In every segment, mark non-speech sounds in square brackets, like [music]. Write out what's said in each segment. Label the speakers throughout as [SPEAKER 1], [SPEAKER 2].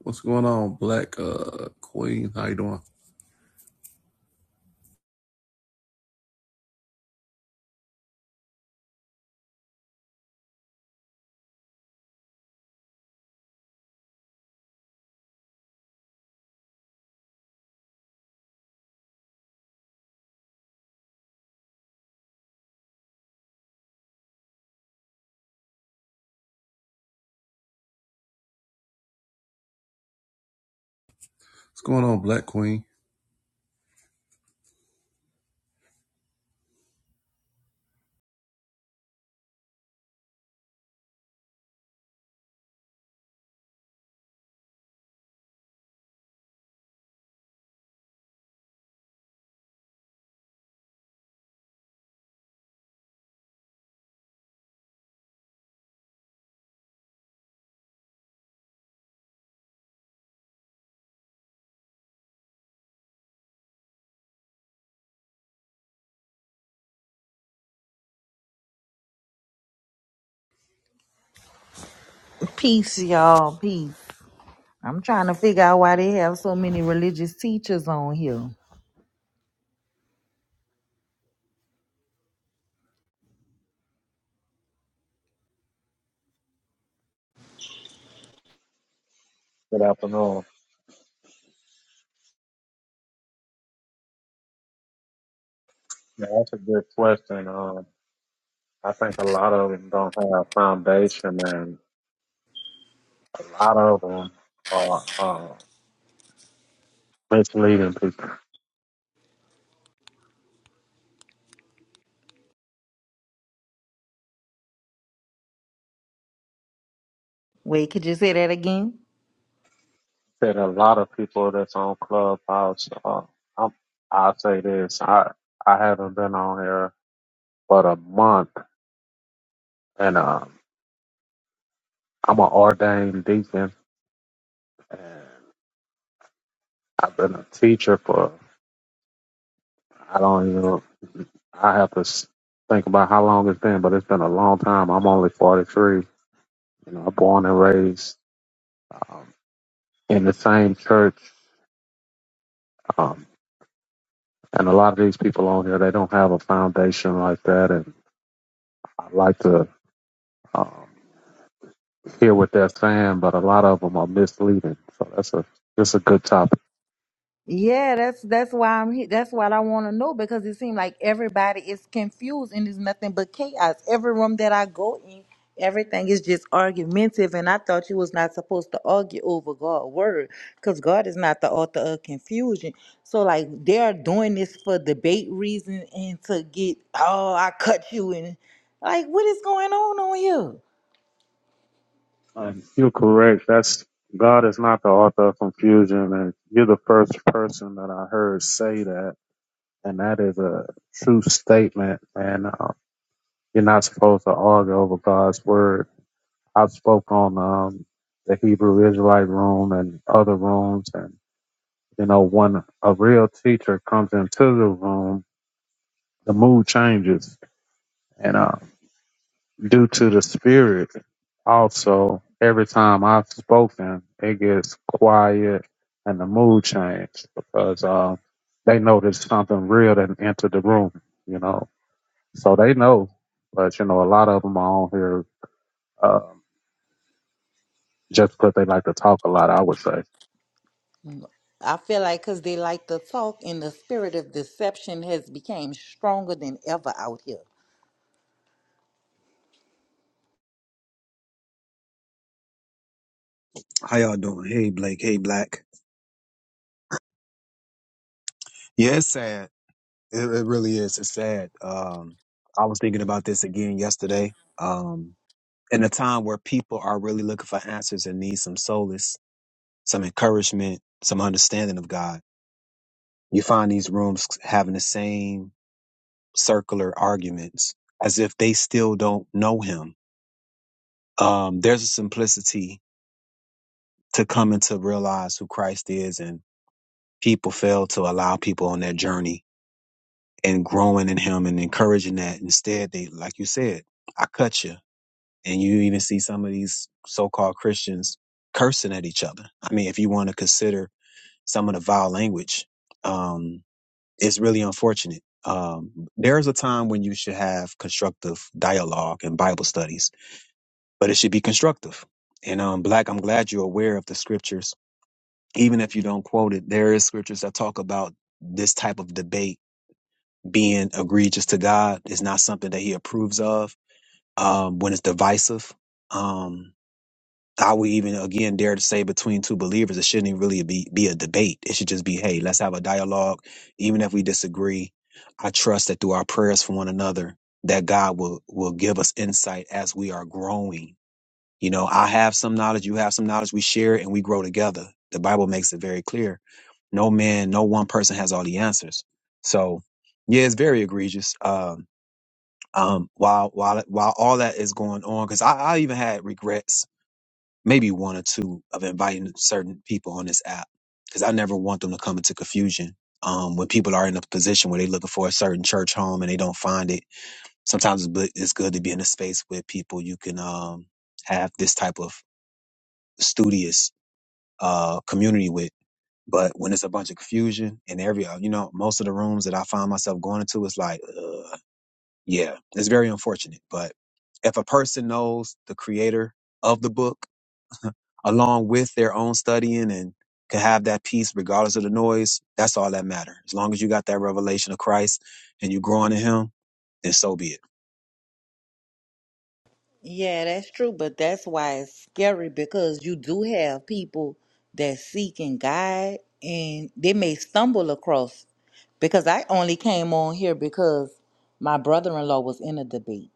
[SPEAKER 1] What's going on, Black uh Queen? How you doing? What's going on, Black Queen?
[SPEAKER 2] Peace, y'all. Peace. I'm trying to figure out why they have so many religious teachers on here.
[SPEAKER 3] Good afternoon. Yeah, that's a good question. Um, I think a lot of them don't have foundation, and a lot of them are uh, misleading people.
[SPEAKER 2] Wait, could you say that again?
[SPEAKER 3] That a lot of people that's on Clubhouse. Uh, I'm, I'll say this: I I haven't been on here but a month, and uh, I'm an ordained deacon, and I've been a teacher for I don't even. I have to s- think about how long it's been, but it's been a long time. I'm only 43. You know, I'm born and raised. um, in the same church. Um, and a lot of these people on here, they don't have a foundation like that. And I like to um, hear what they're saying, but a lot of them are misleading. So that's a that's a good topic.
[SPEAKER 2] Yeah, that's that's why I'm here. That's what I want to know because it seems like everybody is confused and there's nothing but chaos. Every room that I go in, everything is just argumentative, and I thought you was not supposed to argue over God's word because God is not the author of confusion. So like they are doing this for debate reason and to get oh I cut you and like what is going on on here?
[SPEAKER 3] Um, you're correct. That's God is not the author of confusion, and you're the first person that I heard say that, and that is a true statement. And uh, you're not supposed to argue over God's word. I've spoke on um, the Hebrew Israelite room and other rooms, and you know, when a real teacher comes into the room, the mood changes, and uh, due to the spirit, also every time I've spoken, it gets quiet and the mood changes because uh, they notice something real that entered the room, you know, so they know. But you know, a lot of them are on here uh, just because they like to talk a lot. I would say.
[SPEAKER 2] I feel like because they like to talk, and the spirit of deception has become stronger than ever out here.
[SPEAKER 4] How y'all doing? Hey Blake, hey Black. Yeah, it's sad. It, it really is. It's sad. Um, I was thinking about this again yesterday. Um, in a time where people are really looking for answers and need some solace, some encouragement, some understanding of God, you find these rooms having the same circular arguments as if they still don't know Him. Um, there's a simplicity to coming to realize who Christ is, and people fail to allow people on that journey and growing in him and encouraging that. Instead, they, like you said, I cut you. And you even see some of these so called Christians cursing at each other. I mean, if you want to consider some of the vile language, um, it's really unfortunate. Um, there's a time when you should have constructive dialogue and Bible studies, but it should be constructive. And um, Black, I'm glad you're aware of the scriptures. Even if you don't quote it, there is scriptures that talk about this type of debate being egregious to God is not something that he approves of um, when it's divisive. Um, I would even again dare to say between two believers, it shouldn't even really be, be a debate. It should just be, hey, let's have a dialogue. Even if we disagree, I trust that through our prayers for one another, that God will, will give us insight as we are growing you know, I have some knowledge, you have some knowledge, we share it and we grow together. The Bible makes it very clear. No man, no one person has all the answers. So, yeah, it's very egregious. Um, um, while while while all that is going on, because I, I even had regrets, maybe one or two, of inviting certain people on this app, because I never want them to come into confusion. Um, when people are in a position where they're looking for a certain church home and they don't find it, sometimes it's bu- it's good to be in a space where people you can um, have this type of studious uh, community with. But when it's a bunch of confusion and every, uh, you know, most of the rooms that I find myself going into, it's like, uh, yeah, it's very unfortunate. But if a person knows the creator of the book [laughs] along with their own studying and can have that peace regardless of the noise, that's all that matter. As long as you got that revelation of Christ and you growing in Him, then so be it.
[SPEAKER 2] Yeah, that's true, but that's why it's scary because you do have people that seek and guide and they may stumble across because I only came on here because my brother-in-law was in a debate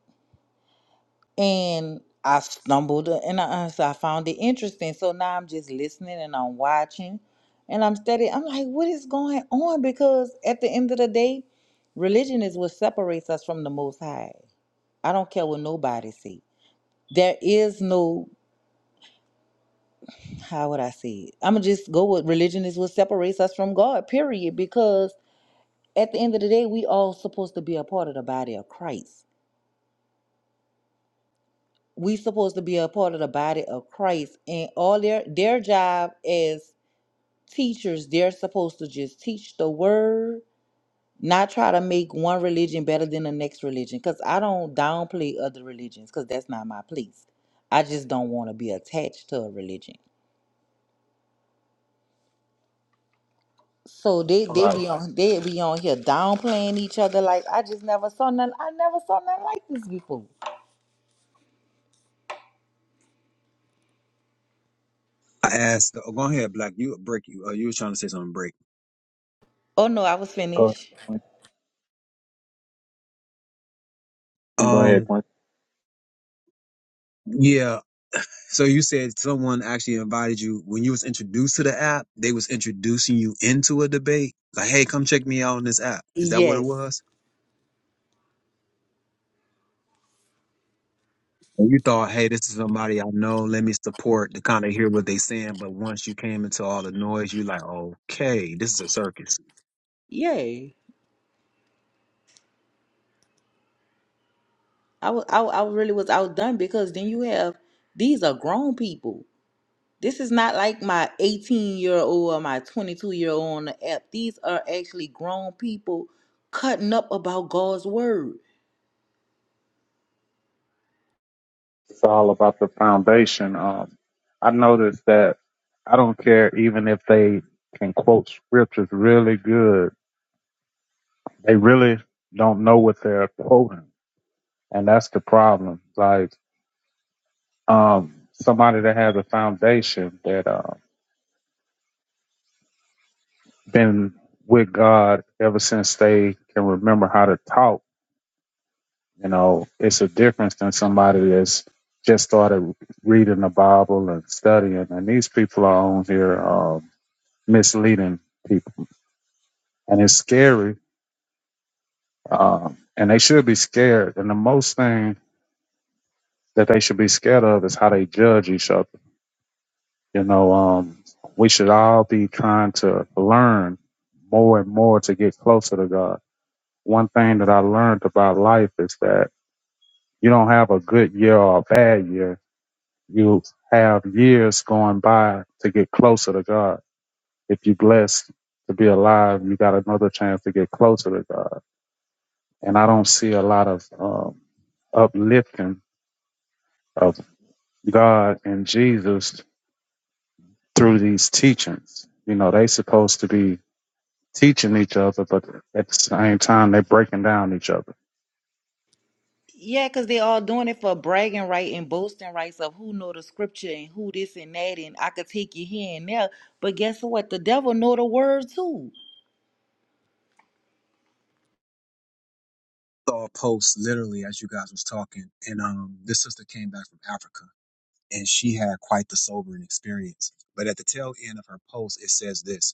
[SPEAKER 2] and I stumbled and I, uh, so I found it interesting. So now I'm just listening and I'm watching and I'm studying. I'm like, what is going on? Because at the end of the day, religion is what separates us from the Most High. I don't care what nobody say. There is no how would I say it? I'm gonna just go with religion is what separates us from God, period. Because at the end of the day, we all supposed to be a part of the body of Christ. We supposed to be a part of the body of Christ, and all their their job as teachers, they're supposed to just teach the word, not try to make one religion better than the next religion. Cause I don't downplay other religions, cause that's not my place. I just don't want to be attached to a religion. So they they be on they be on here downplaying each other like I just never saw none I never saw nothing like this before.
[SPEAKER 4] I asked, oh, go ahead, Black. You break you. Uh, you were trying to say something, break.
[SPEAKER 2] Oh no, I was
[SPEAKER 3] Go
[SPEAKER 2] finished.
[SPEAKER 3] go ahead,
[SPEAKER 4] Um,
[SPEAKER 3] Quinn.
[SPEAKER 4] yeah. So you said someone actually invited you when you was introduced to the app, they was introducing you into a debate. Like, hey, come check me out on this app. Is that what it
[SPEAKER 2] Yes,
[SPEAKER 4] was? And you thought, hey, this is somebody I know, let me support to kind of hear what they saying. But once you came into all the noise, you like, okay, this is a circus.
[SPEAKER 2] yay! I was I, wa- I really was outdone because then you have these are grown people. This is not like my eighteen year old or my twenty two year old on the app. These are actually grown people cutting up about God's word.
[SPEAKER 3] It's all about the foundation. Um, I noticed that I don't care even if they can quote scriptures really good. They really don't know what they're quoting, and that's the problem. Like um, somebody that has a foundation that uh, been with God ever since they can remember how to talk. You know, it's a difference than somebody that's just started reading the Bible and studying. And these people are on here um, misleading people, and it's scary. Um, and they should be scared. And the most thing that they should be scared of is how they judge each other. You know, um, we should all be trying to learn more and more to get closer to God. One thing that I learned about life is that you don't have a good year or a bad year you have years going by to get closer to God. If you're blessed to be alive, you got another chance to get closer to God. And I don't see a lot of um, uplifting of God and Jesus through these teachings. You know, they supposed to be teaching each other, but at the same time, they're breaking down each other.
[SPEAKER 2] Yeah, because they all doing it for bragging right and boasting rights of who know the scripture and who this and that, and I could take you here and there. But guess what? The devil know the word too.
[SPEAKER 4] Saw a post literally as you guys was talking, and um this sister came back from Africa and she had quite the sobering experience. But at the tail end of her post, it says this.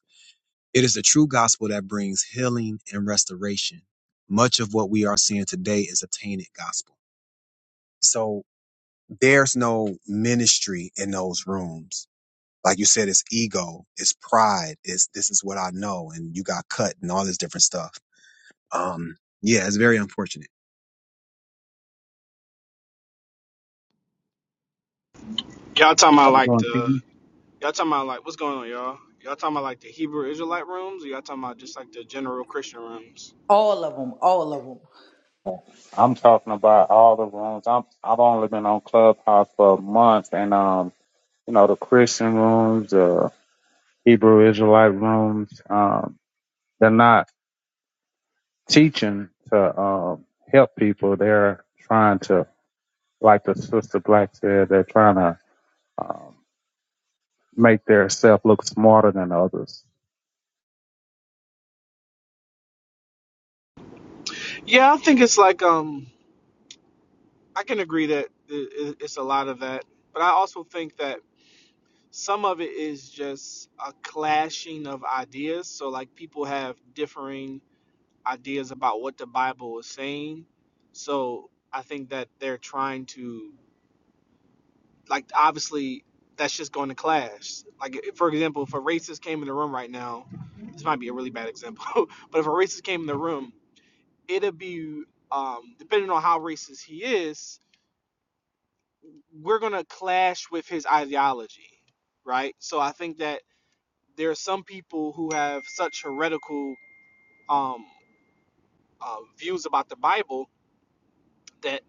[SPEAKER 4] It is the true gospel that brings healing and restoration. Much of what we are seeing today is a tainted gospel. So there's no ministry in those rooms. Like you said, it's ego, it's pride, it's this is what I know, and you got cut and all this different stuff. Um, yeah, it's very unfortunate. [laughs]
[SPEAKER 5] Y'all talking about
[SPEAKER 3] How you
[SPEAKER 5] like
[SPEAKER 3] doing,
[SPEAKER 5] the
[SPEAKER 3] Keaton?
[SPEAKER 5] y'all talking about like what's going on, y'all? Y'all talking about like the Hebrew Israelite rooms, or y'all talking about just like the general Christian rooms?
[SPEAKER 2] All of them, all of them.
[SPEAKER 3] I'm talking about all the rooms. I'm, I've only been on Clubhouse for months, and um, you know, the Christian rooms, the Hebrew Israelite rooms. Um, they're not teaching to um, help people. They're trying to, like the sister Black said, they're trying to um, make their self look smarter than others.
[SPEAKER 5] Yeah, I think it's like um I can agree that it, it- it's a lot of that, but I also think that some of it is just a clashing of ideas. So like people have differing ideas about what the Bible is saying. So I think that they're trying to like obviously that's just going to clash. Like for example, if a racist came in the room right now, this might be a really bad example, [laughs] but if a racist came in the room, it'd be um, depending on how racist he is, we're gonna clash with his ideology, right? So I think that there are some people who have such heretical um, uh, views about the Bible that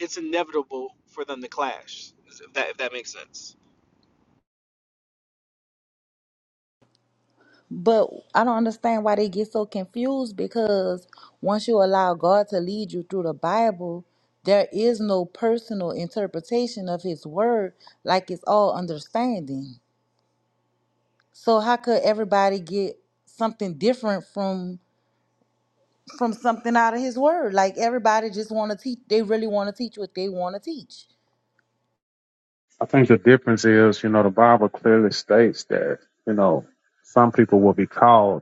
[SPEAKER 5] it's inevitable for them to clash. If that if that makes sense.
[SPEAKER 2] But I don't understand why they get so confused because once you allow God to lead you through the Bible, there is no personal interpretation of his word, like it's all understanding. So how could everybody get something different from from something out of his word. Like everybody just want to teach. They really want to teach what they want to teach.
[SPEAKER 3] I think the difference is, you know, the Bible clearly states that, you know, some people will be called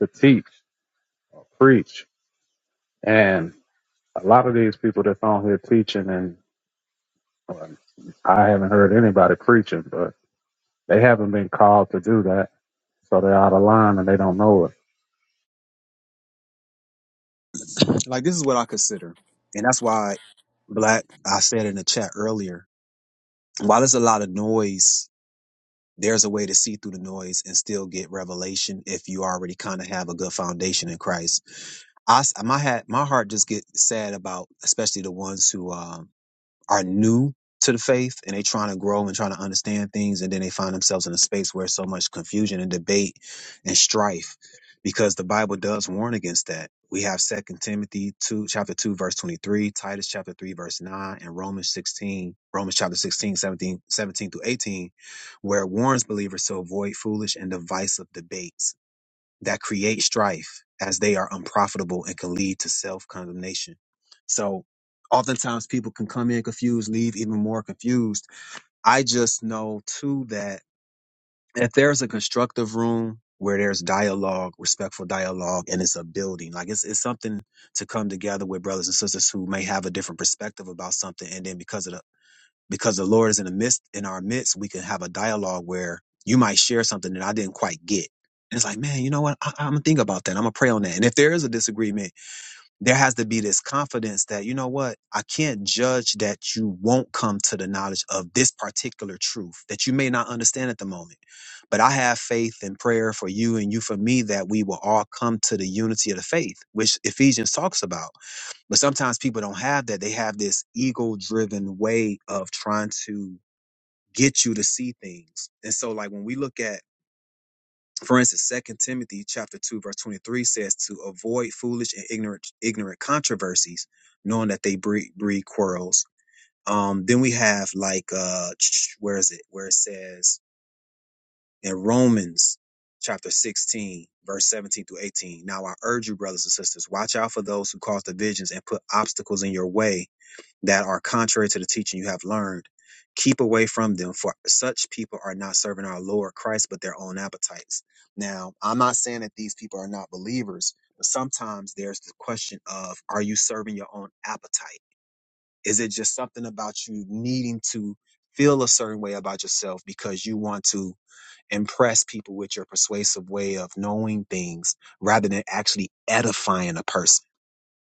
[SPEAKER 3] to teach or preach. And a lot of these people that's on here teaching and well, I haven't heard anybody preaching, but they haven't been called to do that So they're out of line and they don't know it.
[SPEAKER 4] Like this is what I consider. And that's why black I said in the chat earlier, while there's a lot of noise there's a way to see through the noise and still get revelation if you already kind of have a good foundation in Christ. I s- my hat my heart just gets sad about especially the ones who um are new to the faith and they trying to grow and trying to understand things and then they find themselves in a space where so much confusion and debate and strife because the bible does warn against that we have second timothy 2 chapter 2 verse 23 titus chapter 3 verse 9 and romans 16 romans chapter 16, 17, 17 through 18 where it warns believers to avoid foolish and divisive debates that create strife as they are unprofitable and can lead to self condemnation. So, oftentimes people can come in confused, leave even more confused. I just know too that if there's a constructive room where there's dialogue, respectful dialogue, and it's a building, like it's, it's something to come together with brothers and sisters who may have a different perspective about something. And then because of the because the Lord is in the midst in our midst, we can have a dialogue where you might share something that I didn't quite get. And it's like, man, you know what? I, I'm gonna think about that. I'm gonna pray on that. And if there is a disagreement, there has to be this confidence that you know what? I can't judge that you won't come to the knowledge of this particular truth that you may not understand at the moment. But I have faith and prayer for you and you for me that we will all come to the unity of the faith, which Ephesians talks about. But sometimes people don't have that. They have this ego driven way of trying to get you to see things. And so, like, when we look at, for instance, Second Timothy chapter 2, verse 23 says to avoid foolish and ignorant, ignorant controversies, knowing that they breed, breed quarrels. Um, then we have like, uh, [tsk] where is it? Where it says in Romans chapter 16, verse 17 through 18. Now I urge you, brothers and sisters, watch out for those who cause divisions and put obstacles in your way that are contrary to the teaching you have learned. Keep away from them, for such people are not serving our Lord Christ, but their own appetites. Now, I'm not saying that these people are not believers, but sometimes there's the question of are you serving your own appetite? Is it just something about you needing to feel a certain way about yourself because you want to impress people with your persuasive way of knowing things rather than actually edifying a person?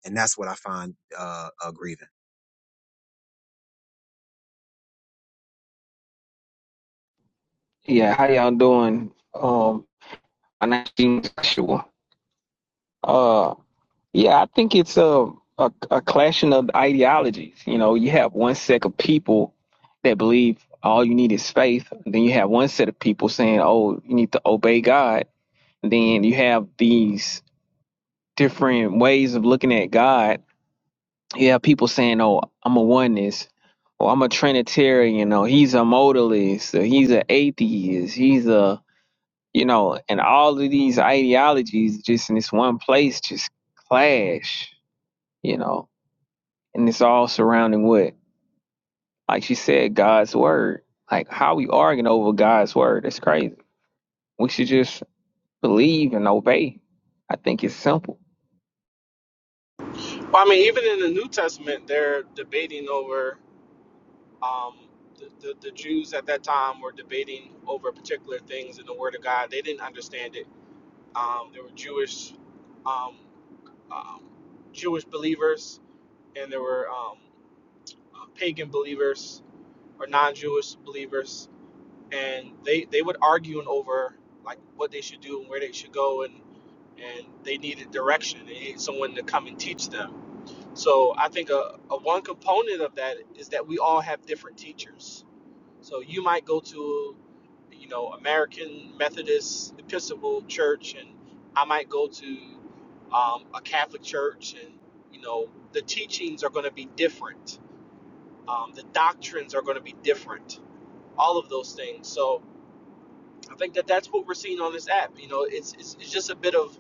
[SPEAKER 4] And that's what I find uh, uh, grieving.
[SPEAKER 6] Yeah, how y'all doing? Um, my name's Gene Joshua. Uh, yeah, I think it's a, a a clashing of ideologies. You know, you have one set of people that believe all you need is faith. And Then you have one set of people saying, "Oh, you need to obey God." And Then you have these different ways of looking at God. You have people saying, "Oh, I'm a oneness." or I'm a Trinitarian, or he's a modalist, or he's an atheist, he's a you know, and all of these ideologies just in this one place just clash, you know, and it's all surrounding what, like she said, God's word. Like how we arguing over God's word, it's crazy. We should just believe and obey. I think it's simple.
[SPEAKER 5] Well, I mean, even in the New Testament, they're debating over um, the, the, the Jews at that time were debating over particular things in the Word of God. They didn't understand it. Um, there were Jewish um, um, Jewish believers, and there were um, uh, pagan believers or non-Jewish believers, and they they would arguing over like what they should do and where they should go, and and they needed direction. They needed someone to come and teach them. So I think a, a one component of that is that we all have different teachers So you might go to, you know, American Methodist Episcopal Church, and I might go to um, a Catholic church, and you know, the teachings are going to be different. Um, the doctrines are going to be different. All of those things. So I think that that's what we're seeing on this app. You know, it's it's, it's just a bit of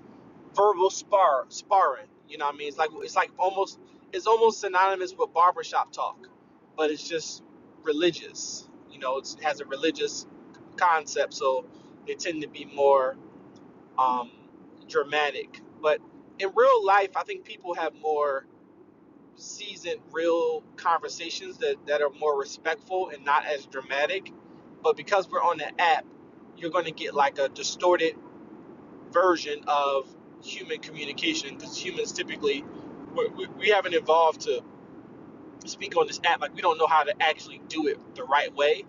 [SPEAKER 5] verbal spar sparring. You know what I mean? It's like it's like almost it's almost synonymous with barbershop talk, but it's just religious. You know, it's, it has a religious concept, so they tend to be more um, dramatic. But in real life, I think people have more seasoned, real conversations that, that are more respectful and not as dramatic. But because we're on the app, you're going to get like a distorted version of human communication because humans typically we, we haven't evolved to speak on this app like we don't know how to actually do it the right way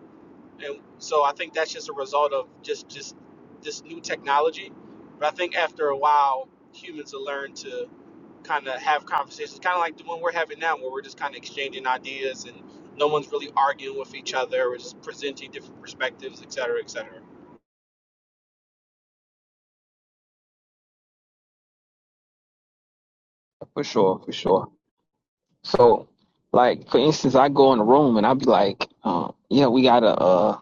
[SPEAKER 5] and so i think that's just a result of just just this new technology but i think after a while humans will learn to kind of have conversations kind of like the one we're having now where we're just kind of exchanging ideas and no one's really arguing with each other we're just presenting different perspectives et cetera et cetera.
[SPEAKER 6] For sure, for sure. So, like for instance, I go in a room and I'll be like, um, "Yeah, we gotta, uh,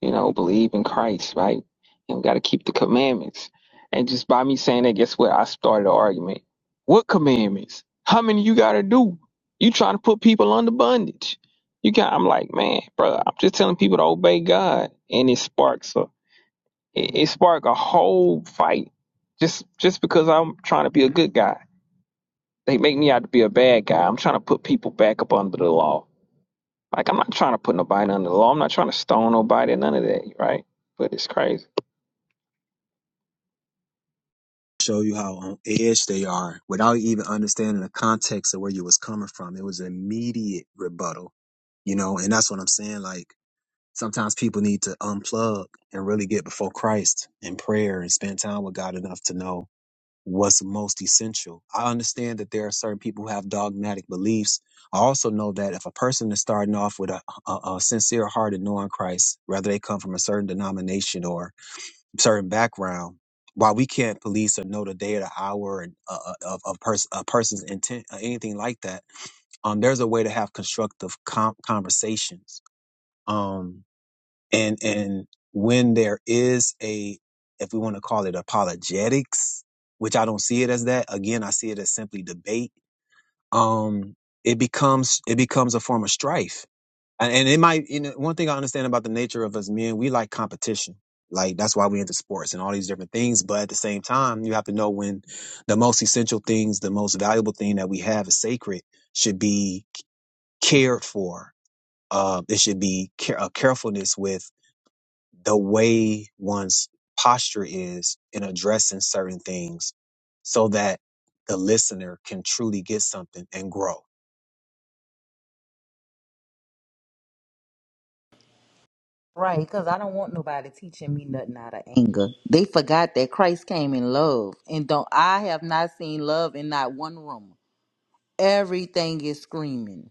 [SPEAKER 6] you know, believe in Christ, right? And we gotta keep the commandments." And just by me saying that, guess what? I started an argument. What commandments? How many you gotta do? You trying to put people under bondage? You got? I'm like, man, brother, I'm just telling people to obey God, and it sparks a, it, it sparked a whole fight just just because I'm trying to be a good guy. They make me out to be a bad guy. I'm trying to put people back up under the law. Like I'm not trying to put nobody under the law. I'm not trying to stone nobody. None of that, right? But it's crazy.
[SPEAKER 4] show you how on edge they are without even understanding the context of where you was coming from. It was an immediate rebuttal, you know, and that's what I'm saying. Like sometimes people need to unplug and really get before Christ in prayer and spend time with God enough to know what's most essential. I understand that there are certain people who have dogmatic beliefs. I also know that if a person is starting off with a, a, a sincere heart in knowing Christ, whether they come from a certain denomination or certain background, while we can't police or know the day or the hour and uh, uh, of of pers- a person's intent or anything like that, um, there's a way to have constructive com- conversations. Um, and and when there is a, if we want to call it apologetics, which I don't see it as that. Again, I see it as simply debate. Um, it becomes it becomes a form of strife and, and it might you know one thing i understand about the nature of us men we like competition like that's why we into sports and all these different things but at the same time you have to know when the most essential things the most valuable thing that we have is sacred should be cared for uh, it should be care- a carefulness with the way one's posture is in addressing certain things so that the listener can truly get something and grow
[SPEAKER 2] Right, because I don't want nobody teaching me nothing out of anger. They forgot that Christ came in love. And don't I have not seen love in not one room. Everything is screaming.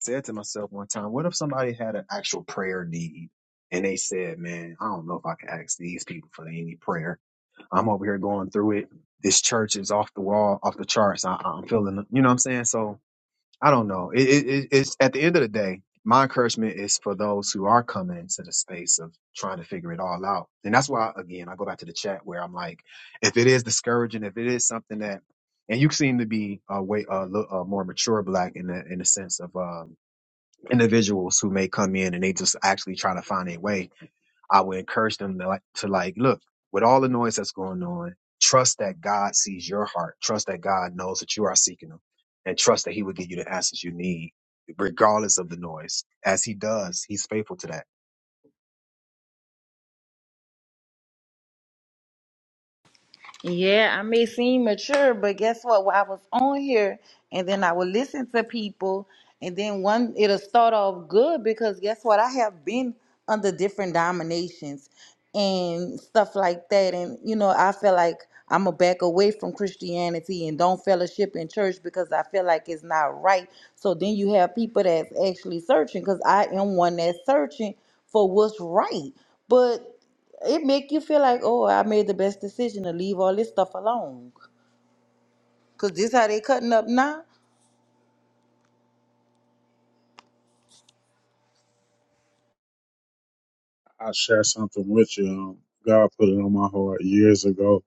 [SPEAKER 4] said to myself one time, what if somebody had an actual prayer need and they said, man, I don't know if I can ask these people for any prayer. I'm over here going through it. This church is off the wall, off the charts. I, I'm feeling, you know what I'm saying? So I don't know. It, it, it- it's at the end of the day, my encouragement is for those who are coming into the space of trying to figure it all out. And that's why, again, I go back to the chat where I'm like, if it is discouraging, if it is something that, and you seem to be a way, a, little uh more mature black in the, in the sense of, um, individuals who may come in and they just actually trying to find their way, I would encourage them to like, to like look with all the noise that's going on. Trust that God sees your heart. Trust that God knows that you are seeking Him, and trust that He will give you the answers you need, regardless of the noise. As He does, He's faithful to that.
[SPEAKER 2] Yeah, I may seem mature, but guess what? When I was on here and then I would listen to people and then one it'll start off good because guess what? I have been under different dominations and stuff like that. And you know, I feel like I'm gonna back away from Christianity and don't fellowship in church because I feel like it's not right. So then you have people that's actually searching because I am one that's searching for what's right. But it make you feel like, oh, I made the best decision to leave all this stuff alone. Cause this how they cutting up now.
[SPEAKER 3] I share something with you. Um, God put it on my heart years ago,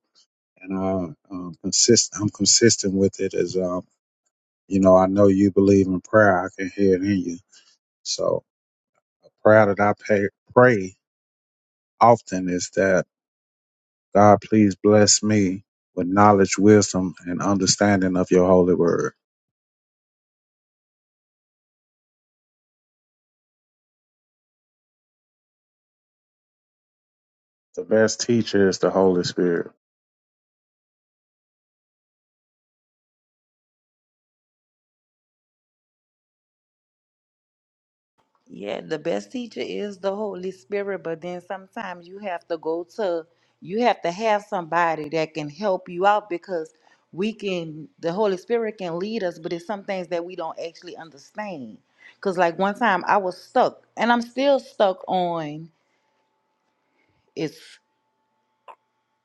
[SPEAKER 3] and I um, consist. I'm consistent with it. As um, you know, I know you believe in prayer. I can hear it in you. So, a prayer that I pay, pray often is that God, please bless me with knowledge, wisdom, and understanding of Your holy word. The best teacher is the Holy Spirit.
[SPEAKER 2] Yeah, the best teacher is the Holy Spirit, but then sometimes you have to go to you have to have somebody that can help you out because we can the Holy Spirit can lead us, but it's some things that we don't actually understand. Cause like one time I was stuck and I'm still stuck on it's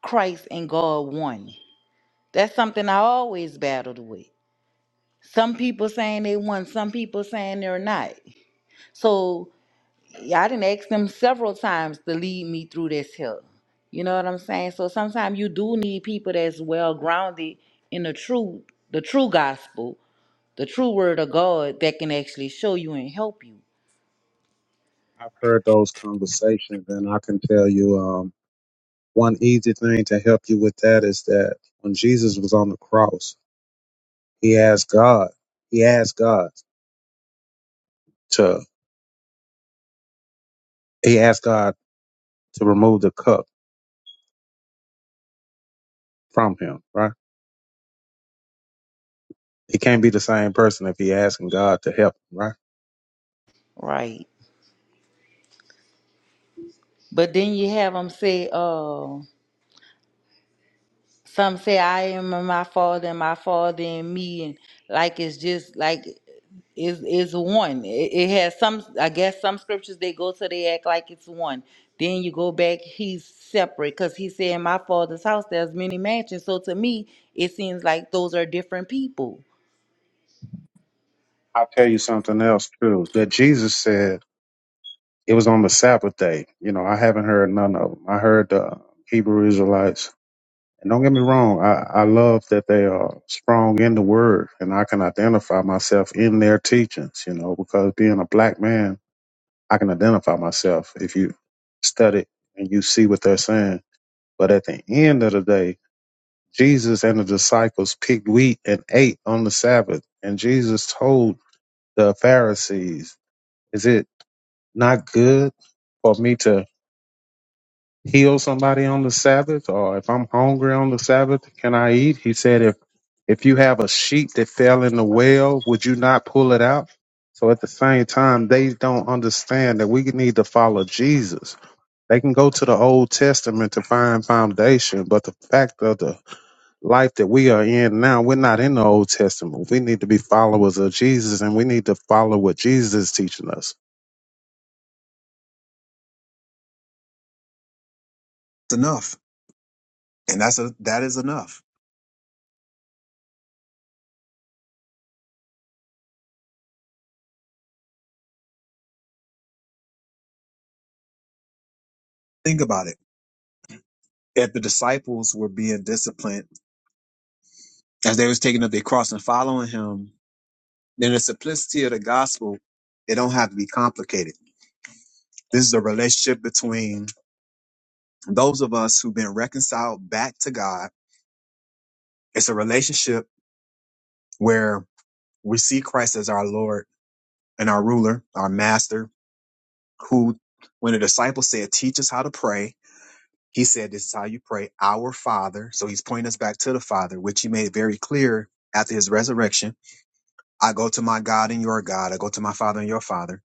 [SPEAKER 2] Christ and God one. That's something I always battled with. Some people saying they won, some people saying they're not. So yeah, I didn't ask them several times to lead me through this hill. You know what I'm saying? So sometimes you do need people that's well grounded in the true, the true gospel, the true word of God that can actually show you and help you.
[SPEAKER 3] I've heard those conversations, and I can tell you. um, One easy thing to help you with that is that when Jesus was on the cross, he asked God, he asked God to, he asked God to remove the cup from him, right? He can't be the same person if he asking God to help him, right?
[SPEAKER 2] Right. But then you have them say, uh, Some say I am in my father and my father in me and like it's just like is is one. It, it has some I guess some scriptures they go to they act like it's one. Then you go back, he's separate because he said in my father's house there's many mansions. So to me, it seems like those are different people.
[SPEAKER 3] I'll tell you something else too, that Jesus said it was on the Sabbath day. You know, I haven't heard none of them. I heard the Hebrew Israelites And don't get me wrong, I, I love that they are strong in the word and I can identify myself in their teachings, you know, because being a black man, I can identify myself if you study and you see what they're saying. But at the end of the day, Jesus and the disciples picked wheat and ate on the Sabbath. And Jesus told the Pharisees, Is it not good for me to heal somebody on the Sabbath, or if I'm hungry on the Sabbath, can I eat? He said, if if you have a sheep that fell in the well, would you not pull it out? So at the same time, they don't understand that we need to follow Jesus. They can go to the Old Testament to find foundation, but the fact of the life that we are in now, we're not in the Old Testament. We need to be followers of Jesus, and we need to follow what Jesus is teaching us.
[SPEAKER 4] It's enough, and that's a, that is enough. Think about it. If the disciples were being disciplined as they was taking up their cross and following Him, In the simplicity of the gospel, it don't have to be complicated. This is a relationship between those of us who've been reconciled back to God. It's a relationship where we see Christ as our Lord and our ruler, our master, who when the disciples said, teach us how to pray, he said, this is how you pray, our Father. So he's pointing us back to the Father, which he made very clear after his resurrection. I go to my God and your God. I go to my Father and your Father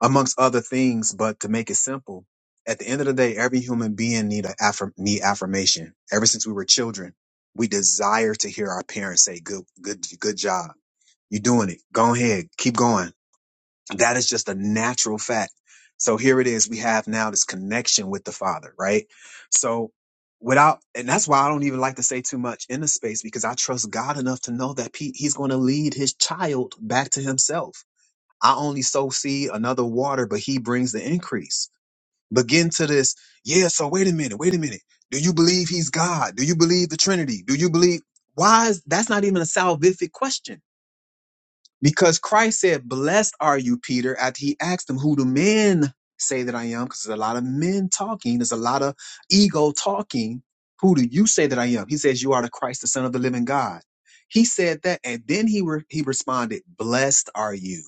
[SPEAKER 4] amongst other things. But to make it simple, at the end of the day, every human being need a affirm, need affirmation. Ever since we were children, we desire to hear our parents say, "Good, good, good job. You're doing it. Go ahead. Keep going." That is just a natural fact. So here it is. We have now this connection with the Father, right? So without, and that's why I don't even like to say too much in the space because I trust God enough to know that he, He's going to lead His child back to Himself I only sow seed, another water, but he brings the increase. But get into this, yeah, so wait a minute, wait a minute. Do you believe he's God? Do you believe the Trinity? Do you believe why is that's not even a salvific question? Because Christ said, Blessed are you, Peter, after he asked him who do men say that I am, because there's a lot of men talking, there's a lot of ego talking. Who do you say that I am? He says, You are the Christ, the Son of the living God. He said that, and then he re- he responded, Blessed are you.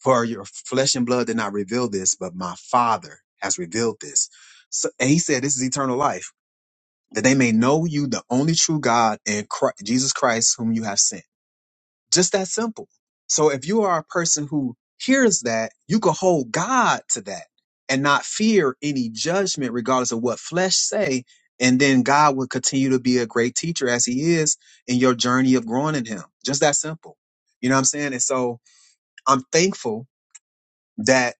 [SPEAKER 4] For your flesh and blood did not reveal this, but my Father has revealed this. So, and he said, This is eternal life, that they may know you, the only true God, and Christ, Jesus Christ, whom you have sent. Just that simple. So if you are a person who hears that, you can hold God to that and not fear any judgment, regardless of what flesh say. And then God will continue to be a great teacher as he is in your journey of growing in him. Just that simple. You know what I'm saying? And so I'm thankful that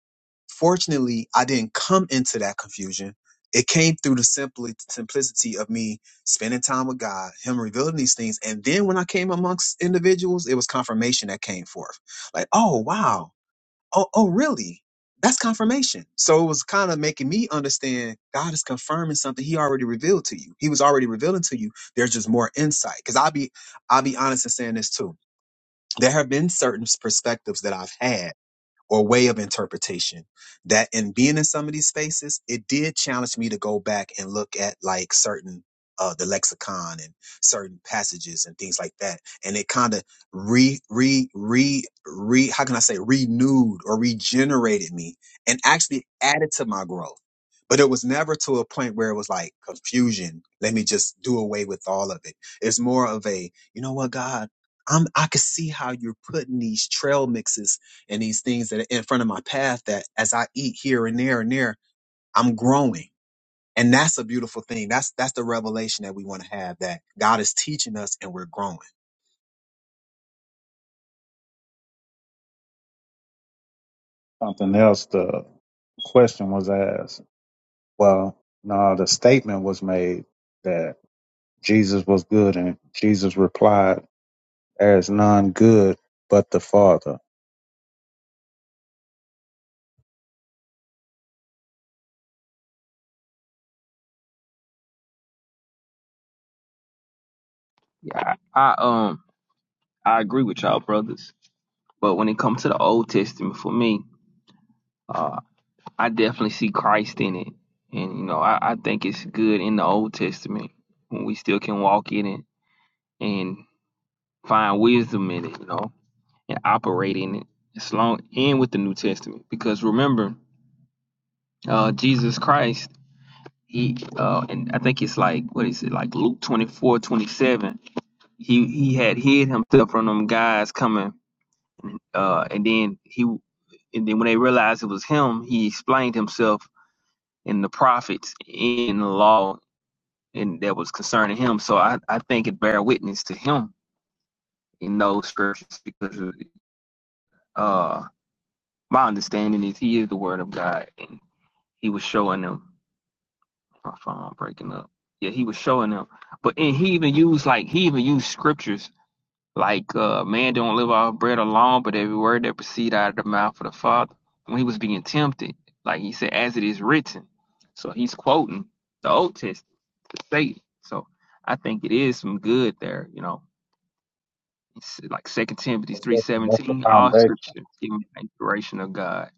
[SPEAKER 4] fortunately i didn't come into that confusion it came through the simply simplicity of me spending time with god him revealing these things and then when i came amongst individuals it was confirmation that came forth like oh wow oh, oh really that's confirmation so it was kind of making me understand god is confirming something he already revealed to you he was already revealing to you there's just more insight because i'll be i'll be honest in saying this too there have been certain perspectives that i've had or way of interpretation that in being in some of these spaces it did challenge me to go back and look at like certain uh the lexicon and certain passages and things like that and it kind of re re re re how can i say renewed or regenerated me and actually added to my growth but it was never to a point where it was like confusion let me just do away with all of it it's more of a you know what god i'm i can see how you're putting these trail mixes and these things that are in front of my path that as I eat here and there and there, I'm growing. And that's a beautiful thing. That's that's the revelation that we want to have that God is teaching us and we're growing.
[SPEAKER 3] Something else. The question was asked. Well, no, the statement was made that Jesus was good, and Jesus replied, There is none good but the Father.
[SPEAKER 6] Yeah, I, I um I agree with y'all, brothers. But when it comes to the Old Testament, for me, uh, I definitely see Christ in it, and you know I, I think it's good in the Old Testament when we still can walk in it and find wisdom in it, you know, and operate in it as long and with the New Testament. Because remember, uh, Jesus Christ he uh and I think it's like what is it like Luke 24 27. he he had hid himself from them guys coming uh and then he and then when they realized it was him he explained himself in the prophets in the law and that was concerning him so I I think it bear witness to him in those scriptures because uh my understanding is he is the word of God and he was showing them My phone breaking up. Yeah, he was showing them. But and he even used like he even used scriptures like uh man don't live off bread alone, but every word that proceed out of the mouth of the Father. When he was being tempted, like he said, as it is written. So he's quoting the Old Testament to Satan. So I think it is some good there, you know. It's like Second Timothy
[SPEAKER 3] That's
[SPEAKER 6] three
[SPEAKER 3] the that's the
[SPEAKER 6] seventeen, all
[SPEAKER 3] foundation.
[SPEAKER 6] scripture is given by inspiration of God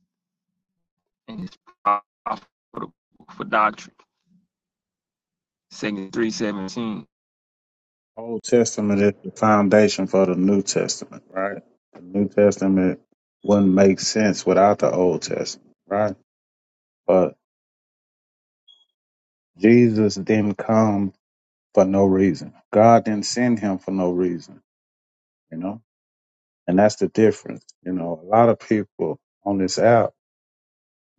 [SPEAKER 6] and it's profitable for doctrine. Second three seventeen.
[SPEAKER 3] Old Testament is the foundation for the New Testament, right? The New Testament wouldn't make sense without the Old Testament, right? But Jesus didn't come for no reason. God didn't send him for no reason, you know? And that's the difference. You know, a lot of people on this app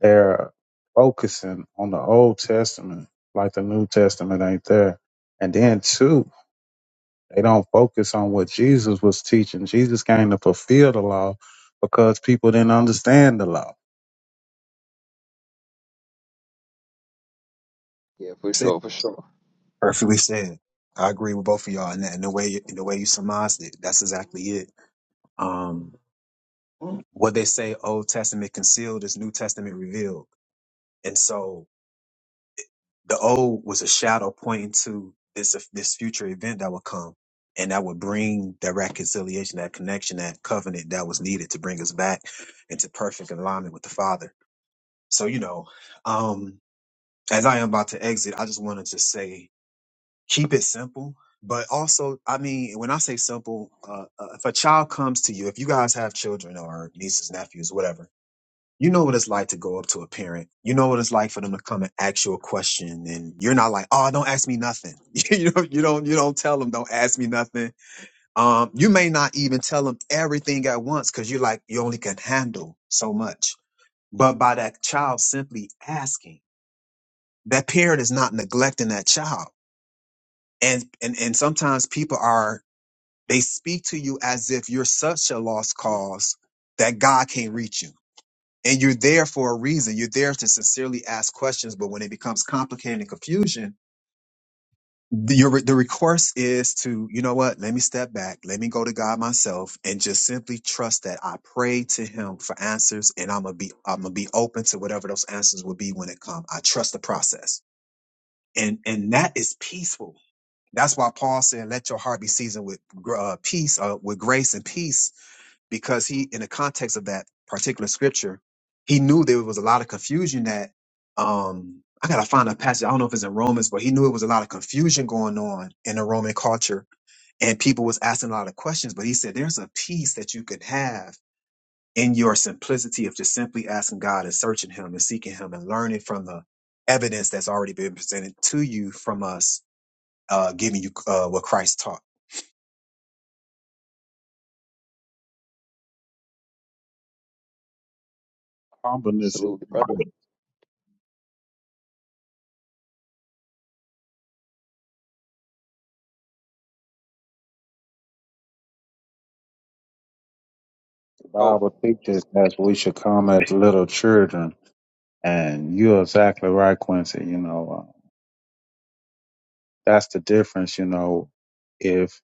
[SPEAKER 3] they're focusing on the Old Testament, like the New Testament ain't there. And then two, they don't focus on what Jesus was teaching. Jesus came to fulfill the law because people didn't understand the law.
[SPEAKER 6] Yeah, for
[SPEAKER 4] Said-
[SPEAKER 6] sure, for sure.
[SPEAKER 4] Perfectly said. I agree with both of y'all, and, that, and the way in the way you surmised it, that's exactly it. Um, what they say, Old Testament concealed is New Testament revealed, and so the old was a shadow pointing to this this future event that would come and that would bring that reconciliation that connection that covenant that was needed to bring us back into perfect alignment with the father so you know um as i am about to exit i just want to just say keep it simple but also i mean when i say simple uh, uh, if a child comes to you if you guys have children or nieces nephews whatever you know what it's like to go up to a parent. You know what it's like for them to come and ask you a question, and you're not like, "Oh, don't ask me nothing." [laughs] you know, you don't you don't tell them, "Don't ask me nothing." Um, you may not even tell them everything at once because you're like, you only can handle so much. But by that child simply asking, that parent is not neglecting that child, and and and sometimes people are they speak to you as if you're such a lost cause that God can't reach you And you're there for a reason. You're there to sincerely ask questions. But when it becomes complicated and confusion, the, your, the recourse is to, you know what? Let me step back. Let me go to God myself and just simply trust that I pray to him for answers and I'm going to be, I'm going to be open to whatever those answers will be when it comes. I trust the process. And, and that is peaceful. That's why Paul said, let your heart be seasoned with gr- uh, peace, uh, with grace and peace because he, in the context of that particular scripture, he knew there was a lot of confusion that, um, I gotta find a passage. I don't know if it's in Romans, but he knew it was a lot of confusion going on in the Roman culture and people was asking a lot of questions, but he said, there's a peace that you could have in your simplicity of just simply asking God and searching him and seeking him and learning from the evidence that's already been presented to you from us, uh, giving you, uh, what Christ taught.
[SPEAKER 3] Humbleness is
[SPEAKER 6] Absolutely, brother.
[SPEAKER 3] the key. The
[SPEAKER 6] Oh,
[SPEAKER 3] Bible teaches that we should come as little children. And you're exactly right, Quincy. You know, uh, that's the difference. You know, if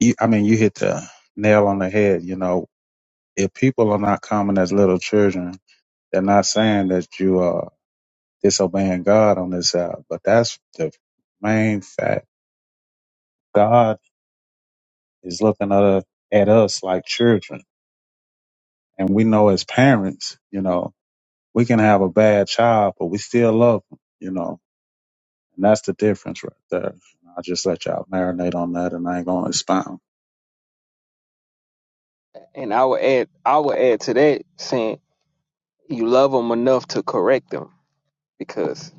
[SPEAKER 3] you, I mean, you hit the nail on the head. You know, if people are not coming as little children, They're not saying that you are disobeying God on this app, but that's the main fact. God is looking at, us- at us like children, and we know as parents, you know, we can have a bad child, but we still love them, you know, and that's the difference right there. I just let y'all marinate on that, and I ain't gonna expound.
[SPEAKER 6] and I would add, I would add to that saying you love them enough to correct them because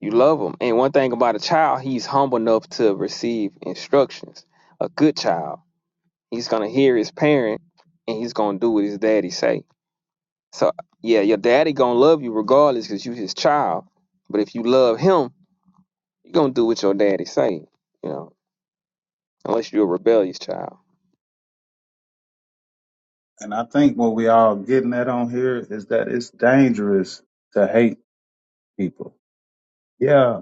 [SPEAKER 6] you love them. And one thing about a child, he's humble enough to receive instructions. A good child, he's gonna hear his parent and he's gonna do what his daddy say. So yeah, your daddy gonna love you regardless because you his child. But if you love him, you're gonna do what your daddy say. You know, unless you're a rebellious child.
[SPEAKER 3] And I think what we all getting at on here is that it's dangerous to hate people. Yeah,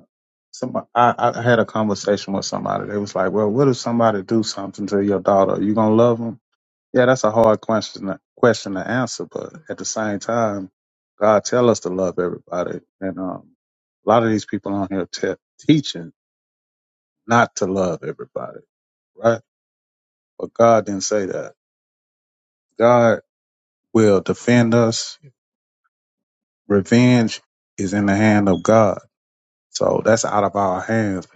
[SPEAKER 3] Some I, I had a conversation with somebody. They was like, "Well, what if somebody do something to your daughter? Are you gonna love them?" Yeah, that's a hard question to- question to answer, but at the same time, God tell us to love everybody, and um, a lot of these people on here te- teaching not to love everybody, right? But God didn't say that. God will defend us. Revenge is in the hand of God. So that's out of our hands.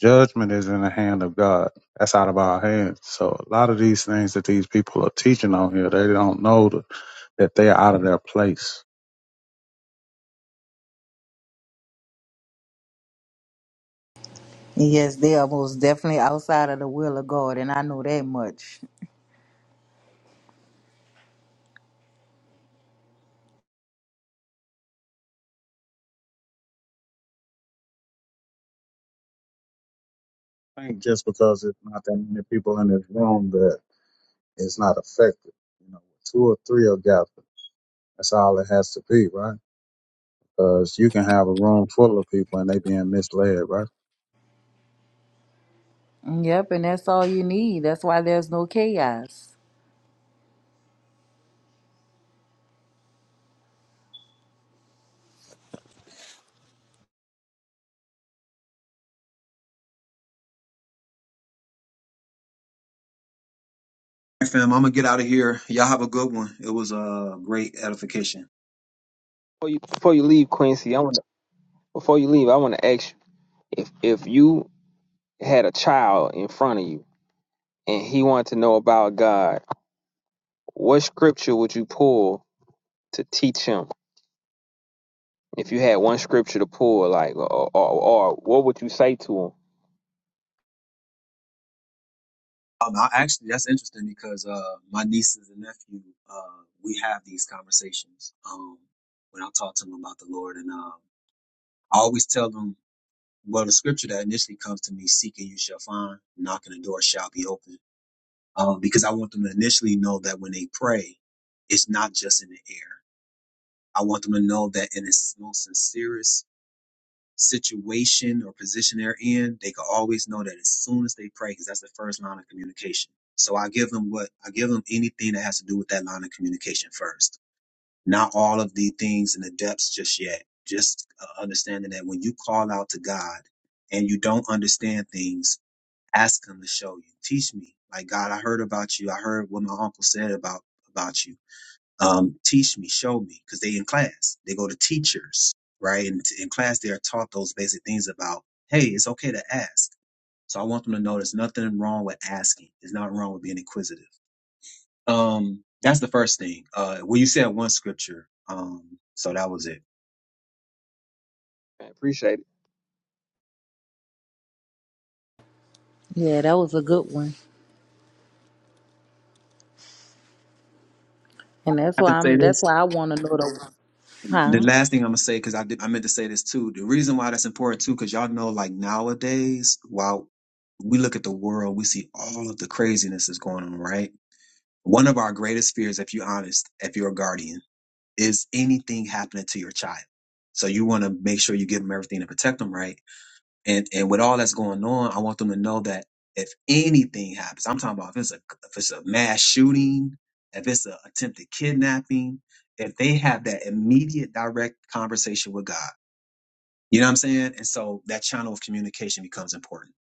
[SPEAKER 3] Judgment is in the hand of God. That's out of our hands. So a lot of these things that these people are teaching on here, they don't know th- that they're out of their place.
[SPEAKER 2] Yes, they are most definitely outside of the will of God, and I know that much.
[SPEAKER 3] I think just because it's not that many people in this room that it's not affected. You know, two or three are gathered. That's all it has to be, right? Because you can have a room full of people and they being misled, right?
[SPEAKER 2] Yep, and that's all you need. That's why there's no chaos.
[SPEAKER 4] All right, fam, I'm gonna get out of here. Y'all have a good one. It was a uh, great edification.
[SPEAKER 6] Before you before you leave, Quincy, I want Before you leave, I want to ask you if if you had a child in front of you and he wanted to know about God, what scripture would you pull to teach him? If you had one scripture to pull, like or or, or what would you say to him?
[SPEAKER 4] Um, I actually, that's interesting because uh, my nieces and nephew, uh, we have these conversations um, when I talk to them about the Lord, and um, I always tell them, well, the scripture that initially comes to me, "Seek and you shall find; knocking the door shall be open," um, because I want them to initially know that when they pray, it's not just in the air. I want them to know that in its most sincerest situation or position they're in, they can always know that as soon as they pray, because that's the first line of communication. So I give them what I give them anything that has to do with that line of communication first. Not all of the things in the depths just yet. Just uh, understanding that when you call out to God and you don't understand things, ask Him to show you. Teach me, like God, I heard about you. I heard what my uncle said about about you um, teach me, show me, because they in class, they go to teachers, right? And in class, they are taught those basic things about, hey, it's okay to ask. So I want them to know there's nothing wrong with asking. It's not wrong with being inquisitive. Um, that's the first thing. Uh, well, you said one scripture. Um, so that was it.
[SPEAKER 6] I appreciate it.
[SPEAKER 2] Yeah, that was a good one. And that's
[SPEAKER 4] I have
[SPEAKER 2] why
[SPEAKER 4] to say
[SPEAKER 2] I'm that's
[SPEAKER 4] this.
[SPEAKER 2] why I want to know the
[SPEAKER 4] The
[SPEAKER 2] huh.
[SPEAKER 4] last thing I'm gonna say, because I did, I meant to say this too. The reason why that's important too, because y'all know, like nowadays, while we look at the world, we see all of the craziness that's going on, right? One of our greatest fears, if you're honest, if you're a guardian, is anything happening to your child. So you want to make sure you give them everything to protect them, right? And and with all that's going on, I want them to know that if anything happens, I'm talking about if it's a if it's a mass shooting, if it's an attempted kidnapping, if they have that immediate direct conversation with God, you know what I'm saying? And so that channel of communication becomes important.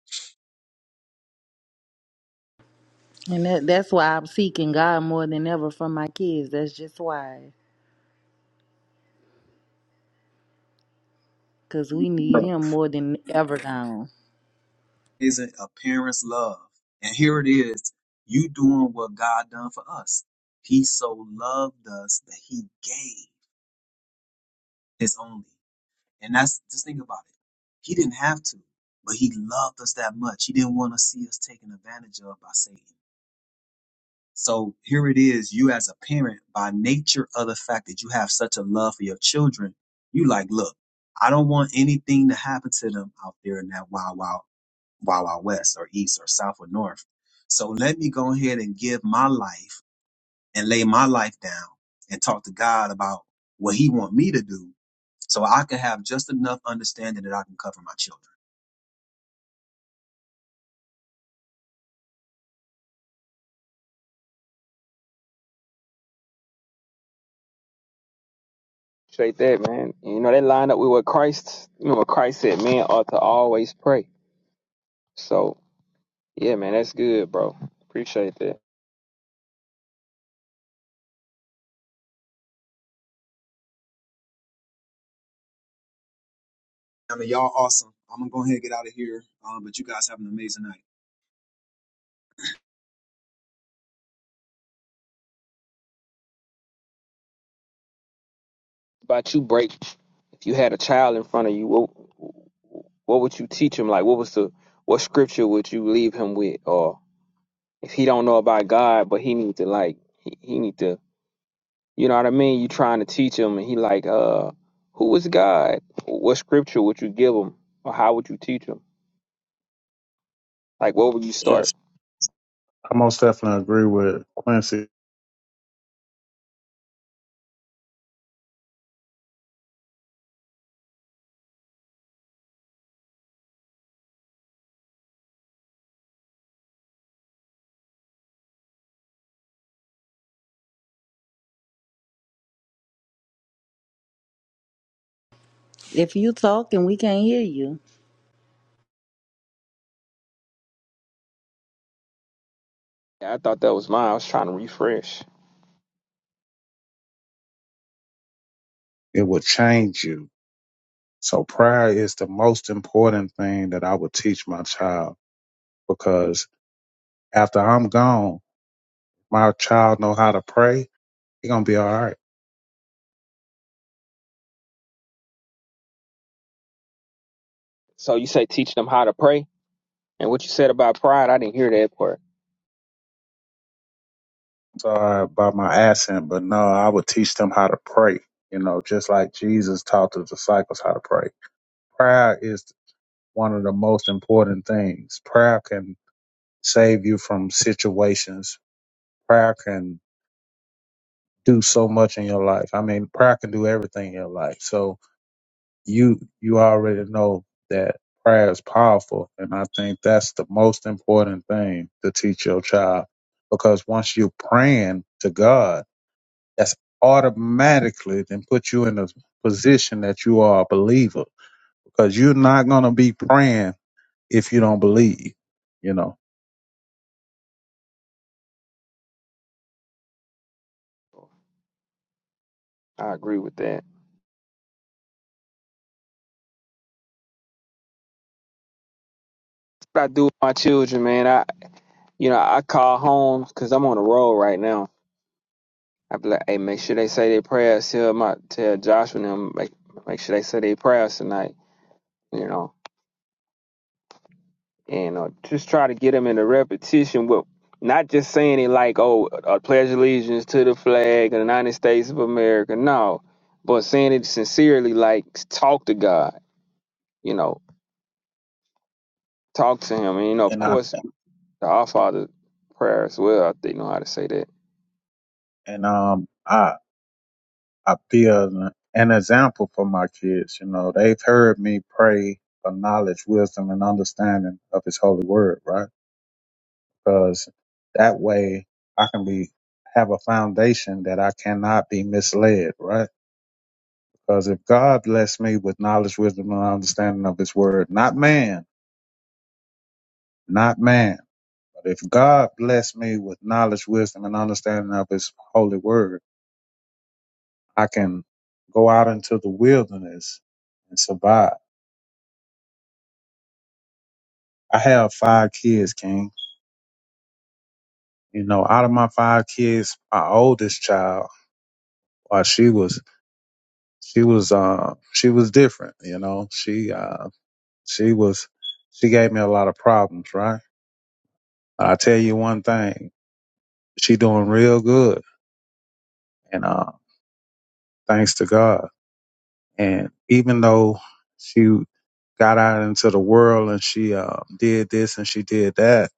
[SPEAKER 2] And that, that's why I'm seeking God more than ever for my kids. That's just why. Cause we need him more than ever now.
[SPEAKER 4] isn't a parent's love. And here it is, you doing what God done for us. He so loved us that he gave his only. And that's just think about it. He didn't have to, but he loved us that much. He didn't want to see us taken advantage of by Satan. So here it is, you as a parent, by nature of the fact that you have such a love for your children, you like, look, I don't want anything to happen to them out there in that wild, wild wild, wild west or east or south or north. So let me go ahead and give my life and lay my life down and talk to God about what He want me to do, so I can have just enough understanding that I can cover my children.
[SPEAKER 6] Appreciate that, man. You know that lined up with what Christ, you know what Christ said, men ought to always pray. So yeah, man, that's good, bro. Appreciate that.
[SPEAKER 4] I mean, y'all awesome. I'm gonna go ahead and get out of here. Um, but you guys have an amazing night.
[SPEAKER 6] about you break if you had a child in front of you what what would you teach him like what was the what scripture would you leave him with or if he don't know about god but he need to like he, he need to you know what i mean you trying to teach him and he like uh who is god what scripture would you give him or how would you teach him like what would you start
[SPEAKER 3] Yes, I most definitely agree with Quincy.
[SPEAKER 2] If you talking, we can't hear you.
[SPEAKER 6] Yeah, i thought that was mine i was trying to refresh
[SPEAKER 3] It will change you So prayer is the most important thing that I would teach my child because after I'm gone, my child know how to pray. He gonna be all right.
[SPEAKER 6] so you say teach them how to pray and what you said about pride i didn't hear that part
[SPEAKER 3] Sorry about my accent, but no, I would teach them how to pray. You know, just like Jesus taught the disciples how to pray. Prayer is one of the most important things. Prayer can save you from situations. Prayer can do so much in your life. I mean, prayer can do everything in your life. So you you already know that prayer is powerful and i think that's the most important thing to teach your child because once you're praying to god that's automatically then put you in a position that you are a believer because you're not going to be praying if you don't believe you know
[SPEAKER 6] i agree with that what i do with my children man You know, I call home because I'm on the road right now. I be like, hey, make sure they say their prayers. Tell my tell Joshua and them make make sure they say their prayers tonight. You know, and uh, just try to get them in a repetition with not just saying it like, oh, I pledge allegiance to the flag of the United States of America. No, but saying it sincerely, like talk to God. You know, talk to Him, and you know, of
[SPEAKER 3] and i
[SPEAKER 6] course, the Our Father prayer as well. They know how to say that.
[SPEAKER 3] and um i i be an, an example for my kids you know they've heard me pray for knowledge wisdom and understanding of his holy word right because that way I can be have a foundation that I cannot be misled, right? Because if God bless me with knowledge, wisdom, and understanding of His Word, not man, not man, but if God bless me with knowledge, wisdom, and understanding of His holy Word, I can go out into the wilderness and survive. I have five kids, King. You know, out of my five kids, my oldest child, while she was she was uh she was different you know she uh she was she gave me a lot of problems right i tell you one thing she doing real good and uh thanks to god and even though she got out into the world and she uh, did this and she did that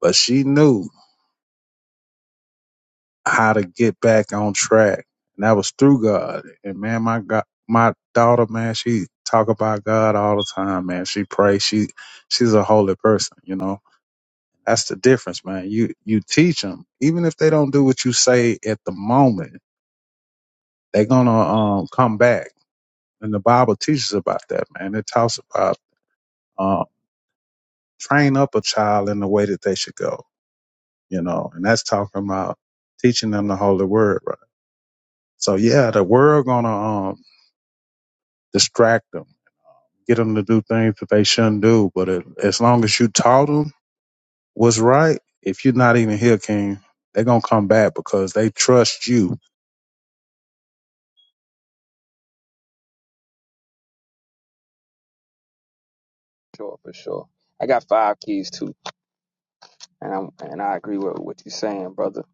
[SPEAKER 3] but she knew how to get back on track and that was through god and man my god my daughter man she talk about god all the time man she pray she she's a holy person you know That's the difference, man. You you teach them, even if they don't do what you say at the moment, they're gonna um come back. And the Bible teaches about that, man. It talks about um train up a child in the way that they should go, you know. And that's talking about teaching them the holy word, right? So yeah, the world gonna um distract them, get them to do things that they shouldn't do. But it, as long as you taught them what's right, if you're not even here, King, they're gonna come back because they trust you
[SPEAKER 6] Sure, for sure. I got five keys too. and I'm and I agree with what you're saying, brother.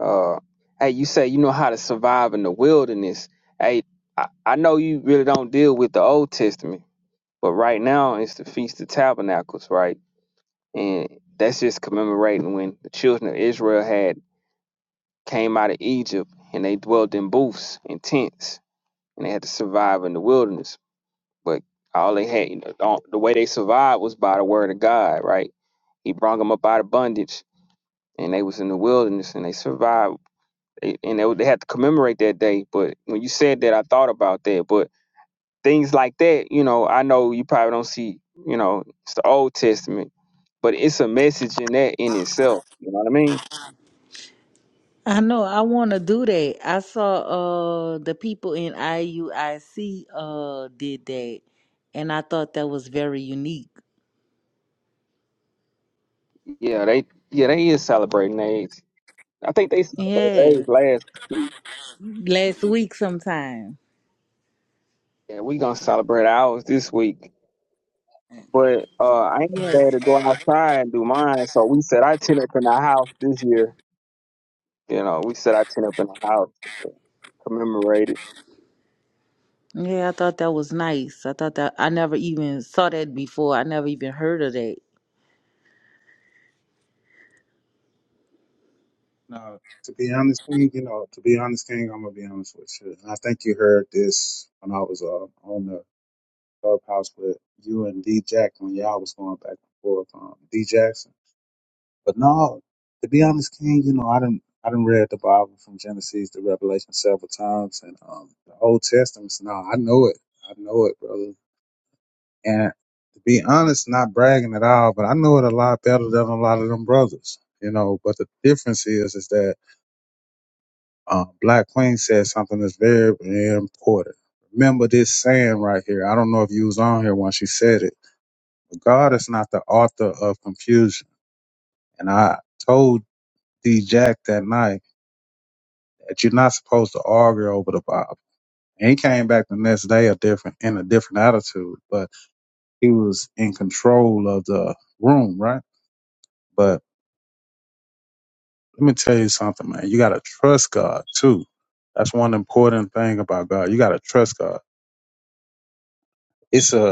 [SPEAKER 6] Uh, hey, you say you know how to survive in the wilderness. Hey, I, I know you really don't deal with the Old Testament, but right now it's the Feast of Tabernacles, right? And that's just commemorating when the children of Israel had came out of Egypt and they dwelt in booths and tents and they had to survive in the wilderness. But all they had, you know, the the way they survived was by the word of God, right? He brought them up out of bondage and they was in the wilderness and they survived They- and they, they had to commemorate that day but when you said that i thought about that but things like that you know i know you probably don't see you know it's the old testament but it's a message in that in itself you know what i mean
[SPEAKER 2] I know I wanna do that. I saw uh the people in IUIC uh did that and I thought that was very unique.
[SPEAKER 6] yeah they yeah they is celebrating their age i think they celebrate their age
[SPEAKER 2] Yeah.
[SPEAKER 6] last
[SPEAKER 2] Last week sometime.
[SPEAKER 6] yeah we gonna celebrate ours this week but uh i ain't
[SPEAKER 2] Yes.
[SPEAKER 6] bad to go outside and do mine so we said i ten up in our house this year You know, we set our tent up in the house, commemorate it.
[SPEAKER 2] Yeah, I thought that was nice. I thought that I never even saw that before. I never even heard of that.
[SPEAKER 3] No, to be honest, King, you know, to be honest, King, I'm gonna be honest with you. And I think you heard this when I was uh, on the clubhouse with you and D Jack when y'all was going back and forth on D Jackson. But no, to be honest, King, you know, I didn't I didn't read the Bible from Genesis to Revelation several times and um the Old Testament. So no, I know it. I know it, brother. And to be honest, not bragging at all, but I know it a lot better than a lot of them brothers. You know, but the difference is is that Uh, Black Queen said something that's very, very important. Remember this saying right here. I don't know if you was on here when she said it. But God is not the author of confusion. And I told D Jack that night that you're not supposed to argue over the Bible. And he came back the next day a different in a different attitude, but he was in control of the room, right? But let me tell you something, man. You gotta trust God too. That's one important thing about God. You gotta trust God. It's a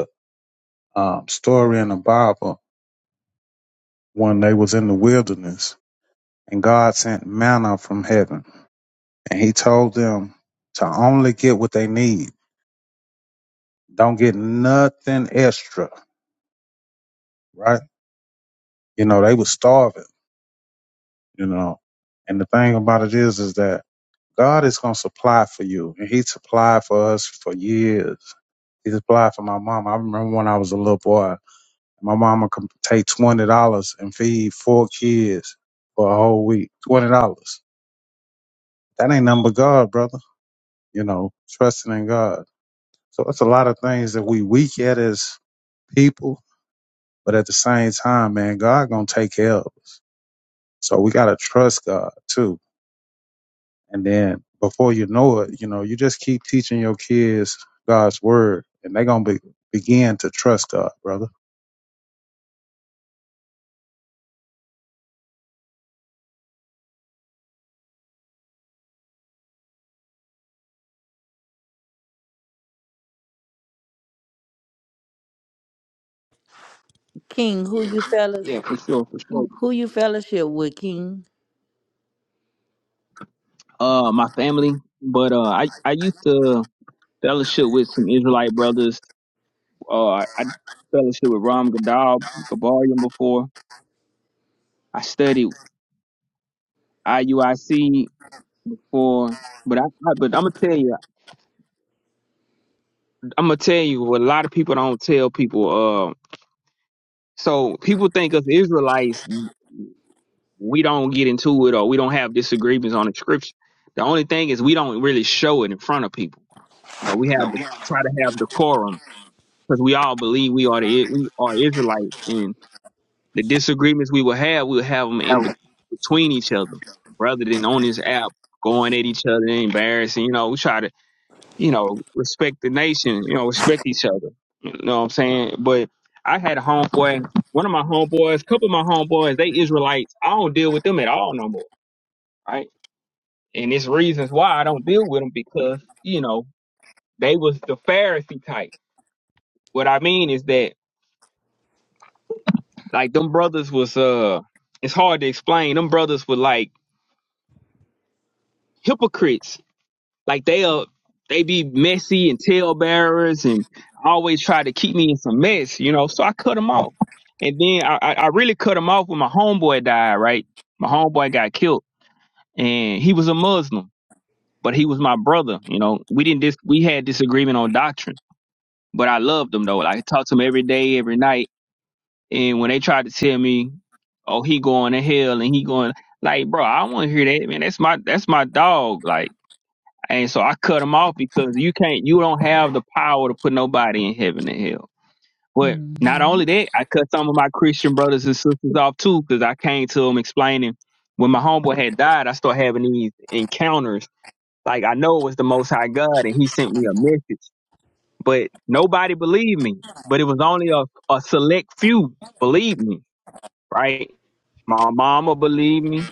[SPEAKER 3] um, story in the Bible when they was in the wilderness and God sent manna from heaven and he told them to only get what they need. Don't get nothing extra, right? You know, they was starving, you know. And the thing about it is, is that God is going to supply for you and he supplied for us for years. He supplied for my mom. I remember when I was a little boy, my mama could take $20 and feed four kids for a whole week. $20 That ain't nothing but God, brother. You know, trusting in God. So it's a lot of things that we weak at as people, but at the same time, man, God gonna take care of us. So we gotta trust God too. And then before you know it, you know, you just keep teaching your kids God's word, and they gonna be, begin to trust God, brother.
[SPEAKER 2] King, who you fellas
[SPEAKER 6] Yeah, for sure, for sure.
[SPEAKER 2] who you fellowship with, King?
[SPEAKER 6] Uh, my family, but uh, I I used to fellowship with some Israelite brothers. Uh, I fellowship with Ram Gadal Gabarian before. I studied IUIC for, but I, I but I'm gonna tell you, I'm gonna tell you what a lot of people don't tell people. Uh, so people think us Israelites, we don't get into it or we don't have disagreements on the scripture. The only thing is we don't really show it in front of people No, we have to try to have decorum because we all believe we are the we are Israelites, and the disagreements we will have, we'll have them in bet- between each other rather than on this app going at each other and embarrassing. You know, we try to you know respect the nation. You know, respect each other. You know what I'm saying? But I had a homeboy, one of my homeboys, couple of my homeboys, they Israelites. I don't deal with them at all no more, right? And it's reasons why I don't deal with them because you know they was the Pharisee type What I mean is that like them brothers was uh it's hard to explain. Them brothers were like hypocrites. Like they'll they be messy and tail bearers and always try to keep me in some mess, you know. So I cut them off. And then I, I I really cut them off when my homeboy died, right? My homeboy got killed and he was a Muslim, but he was my brother, you know. We didn't dis- we had disagreement on doctrine, but I loved him though. Like I talked to him every day, every night And when they tried to tell me, oh, he going to hell and he going, like, bro, I don't want to hear that, man. That's my that's my dog. Like, and so I cut him off because you can't, you don't have the power to put nobody in heaven and hell. But
[SPEAKER 2] hmm
[SPEAKER 6] not only that, I cut some of my Christian brothers and sisters off too because I came to them explaining when my homeboy had died, I started having these encounters. Like, I know it was the Most High God and he sent me a message, but nobody believed me. But it was only a, a select few believed me right? My mama believed me,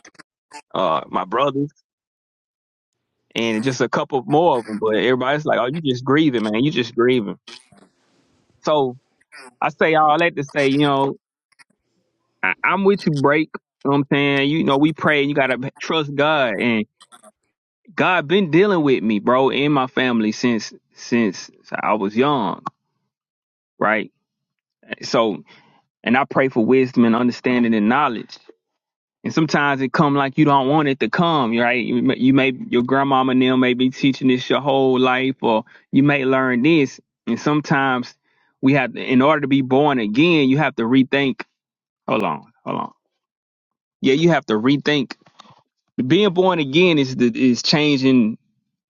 [SPEAKER 6] uh, my brothers, and just a couple more of them. But everybody's like, "Oh, you just grieving, man. You just grieving." So I say all that to say, you know, I, I'm with you, break. You know what I'm saying? You know, we pray. You gotta trust God, and God been dealing with me, bro, and my family since since I was young, right? So, and I pray for wisdom and understanding and knowledge. And sometimes it come like you don't want it to come, right? You may, you may your grandmama and them may be teaching this your whole life, or you may learn this. And sometimes we have, to, in order to be born again, you have to rethink. Hold on, hold on. Yeah, you have to rethink. Being born again is the, is changing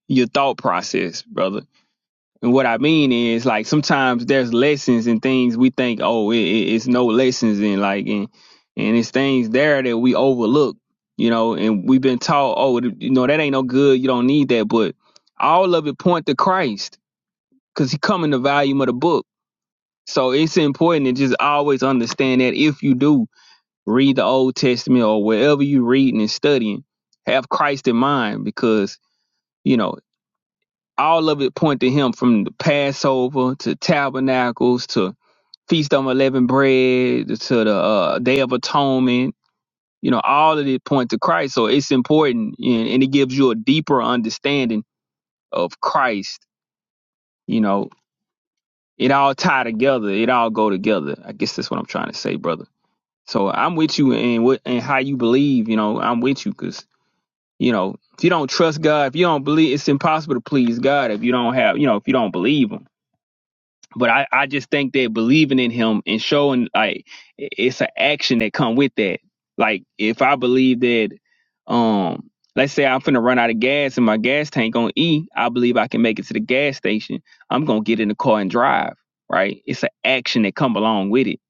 [SPEAKER 6] your thought process, brother. And what I mean is, like, sometimes there's lessons and things we think, oh, it, it, it's no lessons in, like, and and it's things there that we overlook, you know. And we've been taught, oh, th- you know, that ain't no good. You don't need that. But all of it point to Christ, cause He come in the volume of the book. So it's important to just always understand that if you do read the Old Testament or wherever you reading and studying, have Christ in mind, because you know all of it point to him from the Passover to Tabernacles to Feast of Unleavened Bread to the uh, Day of Atonement. You know, all of it point to Christ. So it's important and, and it gives you a deeper understanding of Christ. You know, it all tie together. It all go together. I guess that's what I'm trying to say, brother. So I'm with you in what and how you believe, you know, I'm with you because, you know, if you don't trust God, if you don't believe, it's impossible to please God if you don't have, you know, if you don't believe him but I, I just think that believing in him and showing like i- it's an action that come with that. Like if I believe that, um, let's say I'm finna run out of gas and my gas tank on E, I believe I can make it to the gas station. I'm gonna get in the car and drive. Right? It's an action that come along with it.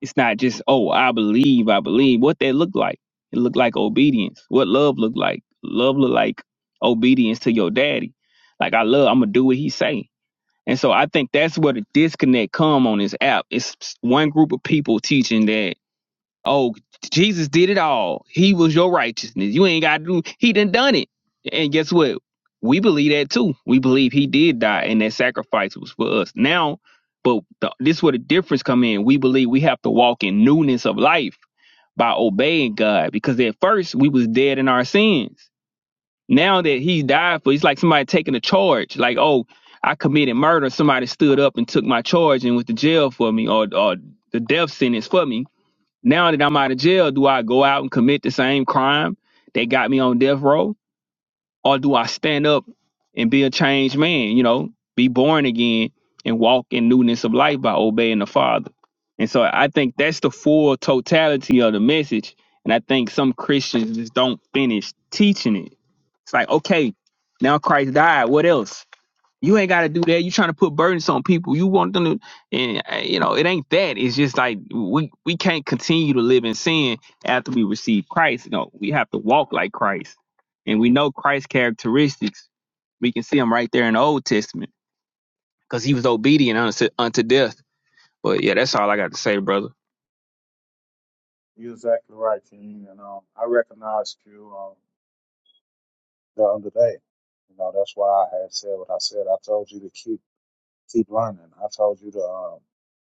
[SPEAKER 6] It's not just oh I believe I believe. What that look like? It look like obedience. What love look like? Love look like obedience to your daddy. Like I love, I'm gonna do what he say. And so I think that's where the disconnect come on this app. It's one group of people teaching that, oh, Jesus did it all. He was your righteousness. You ain't got to do, he done done it. And guess what? We believe that too. We believe he did die and that sacrifice was for us. Now, but the, this is where the difference come in. We believe we have to walk in newness of life by obeying God because at first we was dead in our sins. Now that he died for, it's like somebody taking a charge. Like, oh, I committed murder. Somebody stood up and took my charge and went to jail for me, or or the death sentence for me. Now that I'm out of jail, do I go out and commit the same crime that got me on death row, or do I stand up and be a changed man? You know, be born again and walk in newness of life by obeying the Father. And so I think that's the full totality of the message. And I think some Christians just don't finish teaching it it's like, okay, now Christ died. What else? You ain't got to do that. You trying to put burdens on people. You want them to, and uh, you know, it ain't that. It's just like we we can't continue to live in sin after we receive Christ. No, we have to walk like Christ, and we know Christ's characteristics. We can see them right there in the Old Testament because he was obedient unto, unto death. But yeah, that's all I got to say, brother.
[SPEAKER 3] You're exactly right, King. And um, I recognized you um, the other day. You know, that's why I had said what I said. I told you to keep keep learning. I told you to um,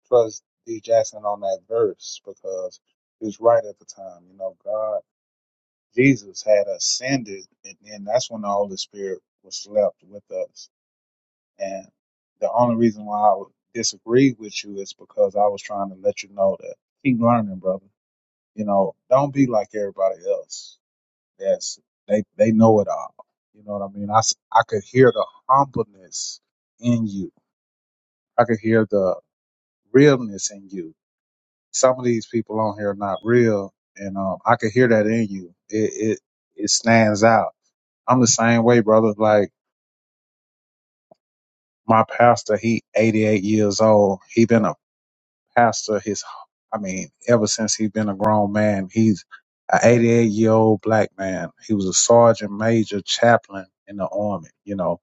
[SPEAKER 3] trust D. Jackson on that verse because he was right at the time. You know, God, Jesus had ascended, and then that's when the Holy Spirit was left with us. And the only reason why I would disagree with you is because I was trying to let you know that keep learning, brother. You know, don't be like everybody else. That's they they know it all. You know what I mean? I s- I could hear the humbleness in you. I could hear the realness in you. Some of these people on here are not real, and um, I could hear that in you. It it it stands out. I'm the same way, brother. Like my pastor, he 88 years old. He been a pastor his, I mean, ever since he been a grown man. He's a 88 year old black man. He was a sergeant major chaplain in the army. You know,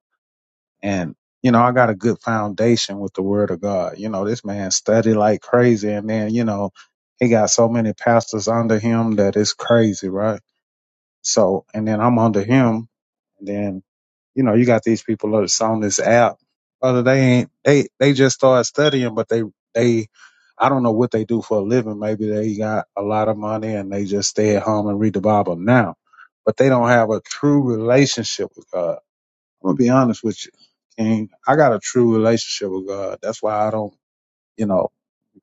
[SPEAKER 3] And, you know, I got a good foundation with the word of God. You know, this man studied like crazy. And then, you know, he got so many pastors under him that it's crazy, right? So, and then I'm under him. And then, you know, you got these people that's on this app. Brother, they ain't, they, they just start studying, but they, they, I don't know what they do for a living. Maybe they got a lot of money and they just stay at home and read the Bible now, but they don't have a true relationship with God I'm gonna be honest with you, King. I got a true relationship with God. That's why I don't, you know,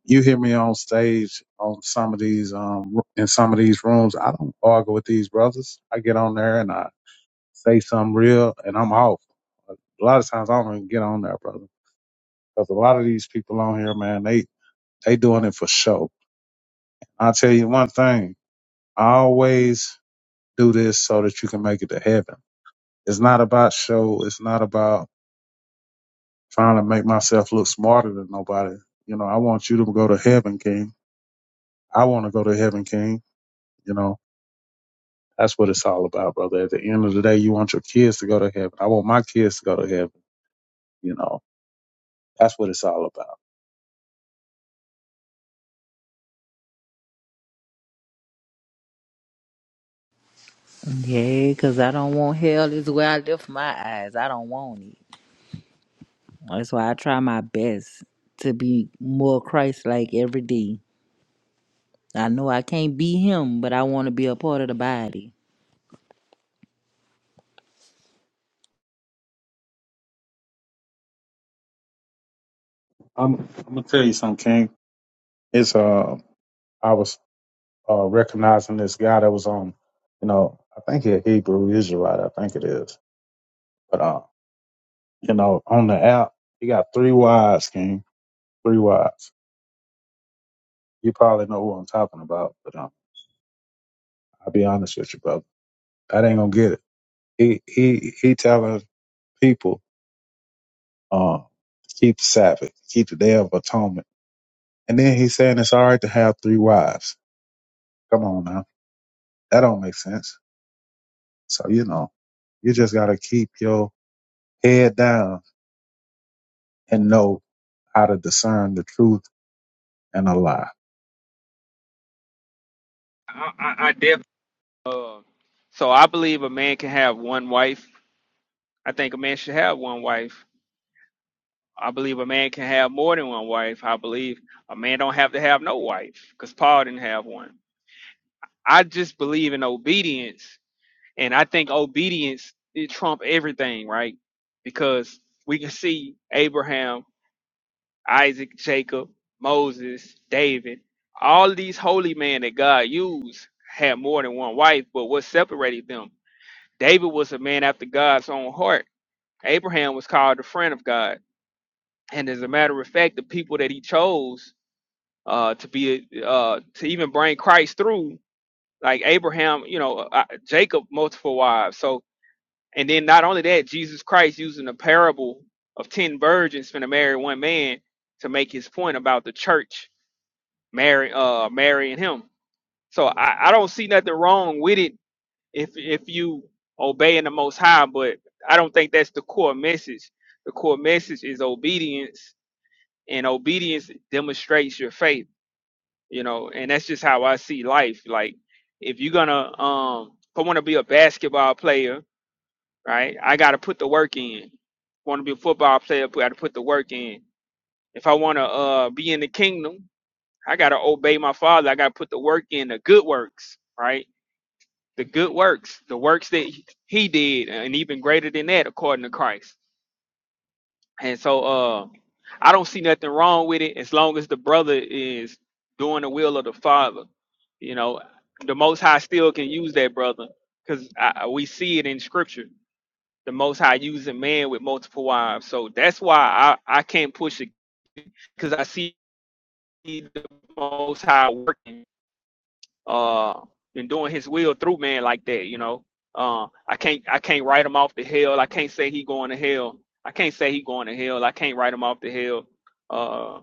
[SPEAKER 3] you hear me on stage on some of these, um, in some of these rooms. I don't argue with these brothers. I get on there and I say something real, and I'm off. A lot of times I don't even get on there, brother, because a lot of these people on here, man, they they doing it for show. I'll tell you one thing. I always do this so that you can make it to heaven. It's not about show. It's not about trying to make myself look smarter than nobody. You know, I want you to go to heaven, King. I want to go to heaven, King. You know, that's what it's all about, brother. At the end of the day, you want your kids to go to heaven. I want my kids to go to heaven. You know, that's what it's all about.
[SPEAKER 2] Yeah, because I don't want hell is where I lift my eyes. I don't want it. That's why I try my best to be more Christ like every day. I know I can't be him, but I want to be a part of the body.
[SPEAKER 3] I'm, I'm gonna tell you something, King. It's uh, I was uh recognizing this guy that was on, you know, I think he a Hebrew Israelite. I think it is, but uh, you know, on the app, he got three wives, King. Three wives. You probably know who I'm talking about, but um I'll be honest with you, brother. That ain't gonna get it. He he he telling people, uh, keep the Sabbath, keep the day of atonement. And then he's saying it's all right to have three wives. Come on now. That don't make sense. So you know, you just gotta keep your head down and know how to discern the truth and a lie.
[SPEAKER 6] I, I, I def- uh, so I believe a man can have one wife. I think a man should have one wife I believe a man can have more than one wife. I believe a man don't have to have no wife because Paul didn't have one. I just believe in obedience, and I think obedience it trump everything, right? Because we can see Abraham, Isaac, Jacob, Moses, David, all these holy men that God used had more than one wife, but what separated them? David was a man after God's own heart. Abraham was called the friend of God. And as a matter of fact, the people that he chose uh, to be uh, to even bring Christ through, like Abraham, you know, uh, Jacob, multiple wives. So, and then not only that, Jesus Christ using the parable of ten virgins finna marry one man to make his point about the church marry uh marrying him. So I, I don't see nothing wrong with it if if you obeying the Most High, but I don't think that's the core message. The core message is obedience, and obedience demonstrates your faith you know and that's just how i see life like if you're gonna um if i want to be a basketball player right i gotta put the work in want to be a football player i gotta put the work in if i want to uh be in the kingdom i gotta obey my father i gotta put the work in the good works right the good works the works that he did and even greater than that according to christ And so uh I don't see nothing wrong with it as long as the brother is doing the will of the father. You know, the most high still can use that brother because we see it in scripture. The most high using man with multiple wives. So that's why I, I can't push it because I see the most high working uh and doing his will through man like that, you know. Uh, I can't I can't write him off the hell. I can't say he going to hell. I can't say he going to hell. I can't write him off the hell. Uh,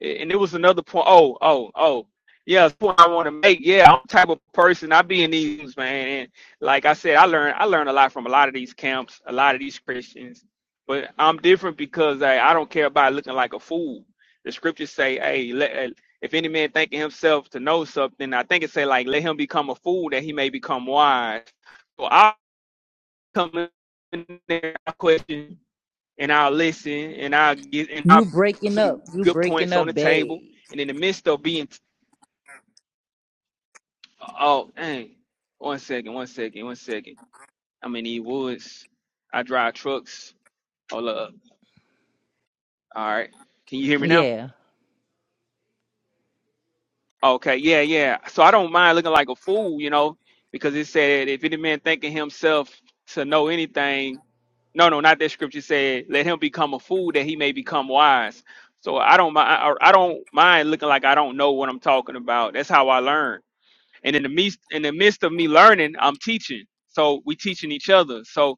[SPEAKER 6] and it was another point. Oh, oh, oh. Yeah, that's what I want to make. Yeah, I'm the type of person. I be in these man. And like I said, I learned I learned a lot from a lot of these camps, a lot of these Christians. But I'm different because I, I don't care about looking like a fool. The scriptures say, "Hey, let, uh, if any man thinking himself to know something, I think it say like, let him become a fool that he may become wise." So I come in there, I question and I'll listen and I'll get and
[SPEAKER 2] You
[SPEAKER 6] I'll put
[SPEAKER 2] breaking up.
[SPEAKER 6] some
[SPEAKER 2] You
[SPEAKER 6] good
[SPEAKER 2] breaking
[SPEAKER 6] points on
[SPEAKER 2] up
[SPEAKER 6] the
[SPEAKER 2] bad.
[SPEAKER 6] table. And in the midst of being, oh, dang, one second, one second, one second. I'm in E Woods. I drive trucks. Hold up. All right. Can you hear me now?
[SPEAKER 2] Yeah.
[SPEAKER 6] Okay, yeah, yeah. So I don't mind looking like a fool, you know, because it said, if any man thinking himself to know anything, no, no, not that scripture said, let him become a fool that he may become wise. So I don't mind. I I don't mind looking like I don't know what I'm talking about. That's how I learn. And in the midst, in the midst of me learning, I'm teaching. So we teaching each other. So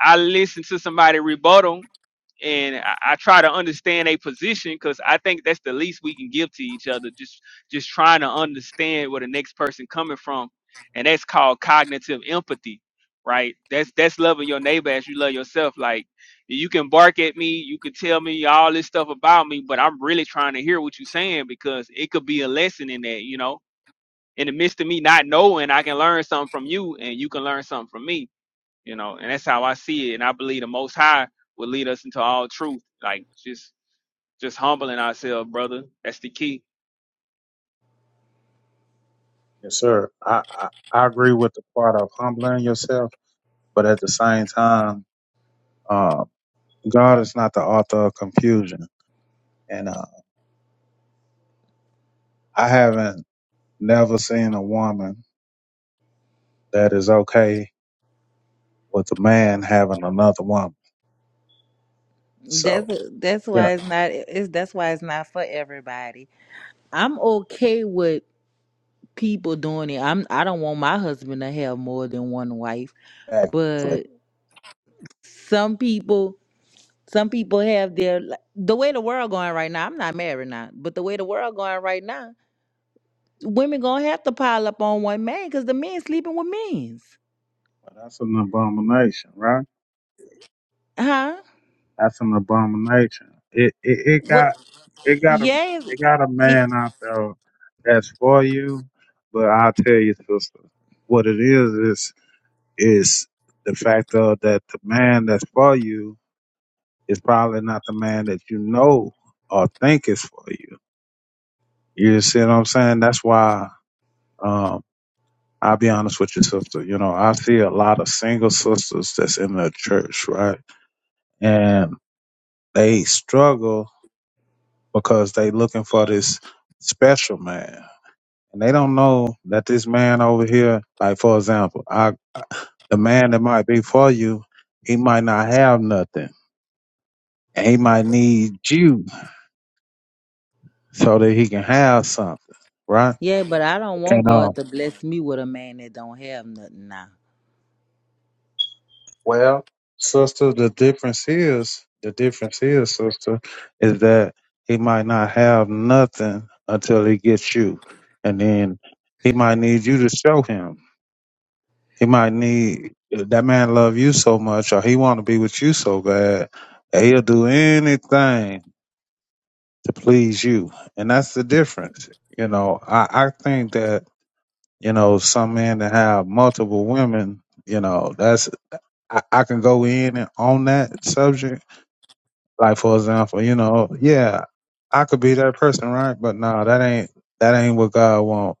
[SPEAKER 6] I listen to somebody rebuttal and I, I try to understand a position because I think that's the least we can give to each other. Just just trying to understand where the next person coming from, and that's called cognitive empathy, right? That's that's loving your neighbor as you love yourself. Like you can bark at me, you can tell me all this stuff about me, but I'm really trying to hear what you're saying because it could be a lesson in that, you know. In the midst of me not knowing, I can learn something from you, and you can learn something from me you know, and that's how I see it. And I believe the Most High will lead us into all truth. Like just just humbling ourselves, brother. That's the key.
[SPEAKER 3] Yes, sir. I, I, I agree with the part of humbling yourself, but at the same time, uh, God is not the author of confusion. And uh, I haven't never seen a woman that is okay with a man having another woman.
[SPEAKER 2] That's
[SPEAKER 3] So
[SPEAKER 2] that's
[SPEAKER 3] yeah,
[SPEAKER 2] why it's not it's that's why it's not for everybody. I'm okay with people doing it. I'm I don't want my husband to have more than one wife,
[SPEAKER 3] exactly.
[SPEAKER 2] but some people some people have their like, the way the world going right now. I'm not married now, but the way the world going right now, women gonna have to pile up on one man because the men sleeping with men's,
[SPEAKER 3] But that's an abomination, right?
[SPEAKER 2] huh?
[SPEAKER 3] That's an abomination. It it, it
[SPEAKER 2] Well,
[SPEAKER 3] got it got a
[SPEAKER 2] yeah,
[SPEAKER 3] it got a
[SPEAKER 2] it-
[SPEAKER 3] man out there that's for you, but I'll tell you, sister, what it is is is the fact of that the man that's for you is probably not the man that you know or think is for you. You see what I'm saying? That's why. Um, I'll be honest with you, sister. You know, I see a lot of single sisters that's in the church, right? And they struggle because they looking for this special man. And they don't know that this man over here, like for example, I the man that might be for you, he might not have nothing. And he might need you so that he can have something, right?
[SPEAKER 2] yeah, but I don't want
[SPEAKER 3] And um
[SPEAKER 2] God to bless me with a man that don't have nothing now.
[SPEAKER 3] Well, sister, the difference is the difference is, sister, is that he might not have nothing until he gets you, and then he might need you to show him. He might need that man love you so much, or he want to be with you so bad that he'll do anything to please you, and that's the difference. You know, I I think that you know some men that have multiple women, you know, that's I, I can go in and on that subject Like for example, you know, yeah, I could be that person, right? But no, that ain't that ain't what God want.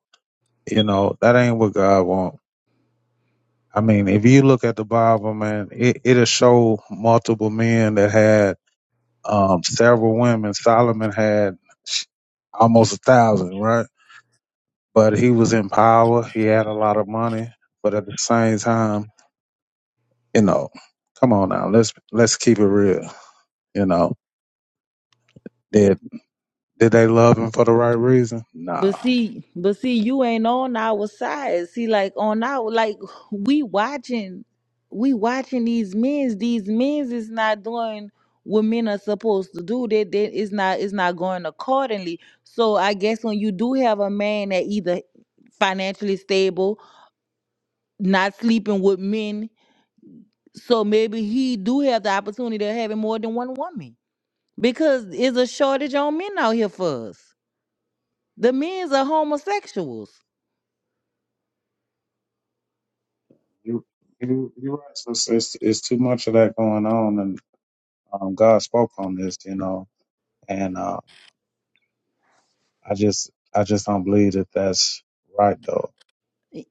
[SPEAKER 3] You know, that ain't what God want. I mean, if you look at the Bible, man, it it'll show multiple men that had um several women. Solomon had sh- almost a thousand, right? But he was in power. He had a lot of money, but at the same time, you know, come on now, let's let's keep it real. You know, did did they love him for the right reason?
[SPEAKER 2] But
[SPEAKER 3] Nah.
[SPEAKER 2] see, but see, you ain't on our side. See, like on our like we watching, we watching these men's. These men's is not doing what men are supposed to do. That that is not it's not going accordingly. So I guess when you do have a man that either financially stable, not sleeping with men, so maybe he do have the opportunity to having more than one woman because it's a shortage on men out here for us. The men's are homosexuals
[SPEAKER 3] You you you're right. So it's, it's it's too much of that going on, and um, God spoke on this, you know. And uh, I just I just don't believe that that's right, though.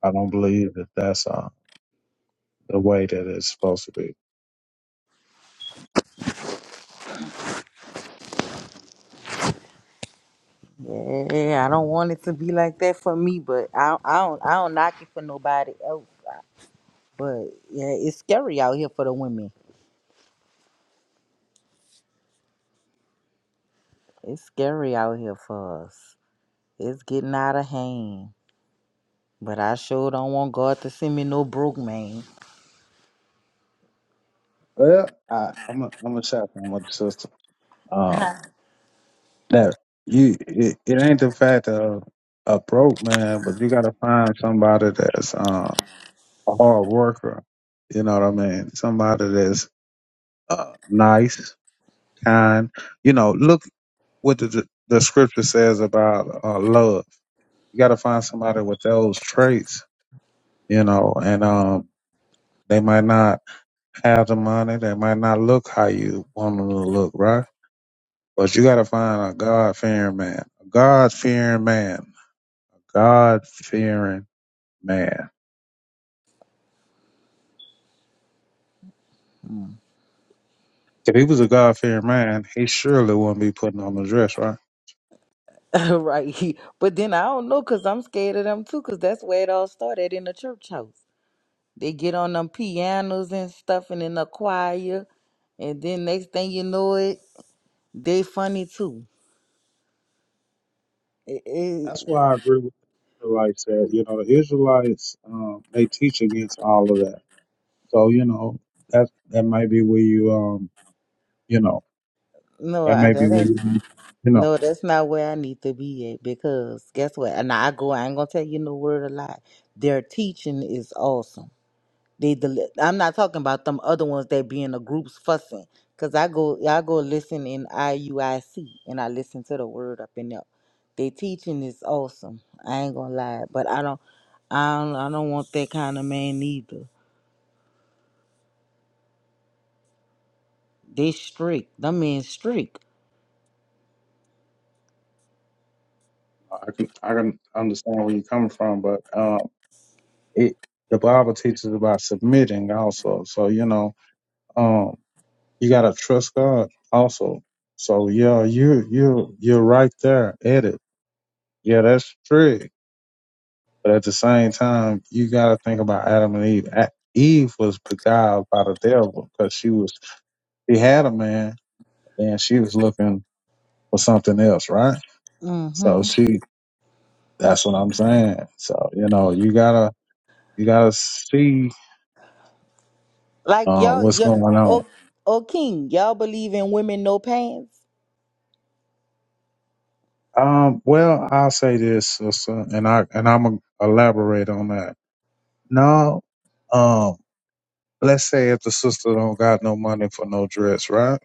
[SPEAKER 3] I don't believe that that's uh, the way that it's supposed to be.
[SPEAKER 2] Yeah, I don't want it to be like that for me, but I, I don't I don't knock it for nobody else. But yeah, it's scary out here for the women. It's scary out here for us. It's getting out of hand. But I sure don't want God to send me no broke man.
[SPEAKER 3] Well, I, I'm a, I'm a chaplain with the sister.
[SPEAKER 2] [laughs]
[SPEAKER 3] Um, that you it, it ain't the fact of a broke man, but you got to find somebody that's um, a hard worker. You know what I mean? Somebody that's uh, nice, kind you know, look. what the the scripture says about uh, love. You got to find somebody with those traits, you know, and um, they might not have the money, they might not look how you want them to look, right? But you got to find a God fearing man, a God fearing man, God fearing man.
[SPEAKER 2] Mm.
[SPEAKER 3] If he was a God fearing man, he surely wouldn't be putting on the dress, right?
[SPEAKER 2] [laughs] right. But then I don't know because I'm scared of them too because that's where it all started in the church house. They get on them pianos and stuff and in the choir. And then next thing you know it, they funny too.
[SPEAKER 3] That's why I agree with the Israelites that you know the Israelites um, they teach against all of that So you know that that might be where you um you know
[SPEAKER 2] No,
[SPEAKER 3] that
[SPEAKER 2] I,
[SPEAKER 3] might be
[SPEAKER 2] that
[SPEAKER 3] where
[SPEAKER 2] ain't.
[SPEAKER 3] you you know
[SPEAKER 2] No, that's not where I need to be at because guess what? And I go. I ain't gonna tell you no word a lie. Their teaching is awesome. They, deli I'm not talking about them other ones that be in the groups fussing. Cause I go, I go listen in IUIC and I listen to the word up in there. Their teaching is awesome. I ain't gonna lie, but I don't, I don't, I don't want that kind of man either. They strict. Them men strict.
[SPEAKER 3] I can I can understand where you're coming from, but um it the Bible teaches about submitting also. So you know um you gotta trust God also. So yeah, you you you're right there at it. Yeah, that's true. But at the same time, you gotta think about Adam and Eve. A- Eve was beguiled by the devil because she was she had a man, and she was looking for something else, right?
[SPEAKER 2] Mm-hmm.
[SPEAKER 3] So she, that's what I'm saying. So you know, you gotta you gotta see
[SPEAKER 2] Like
[SPEAKER 3] um,
[SPEAKER 2] y'all,
[SPEAKER 3] what's
[SPEAKER 2] y'all
[SPEAKER 3] going on.
[SPEAKER 2] oh, oh King, y'all believe in women no pants?
[SPEAKER 3] Um, well, I'll say this, sister, and I and I'm gonna elaborate on that. No, um, let's say if the sister don't got no money for no dress, right?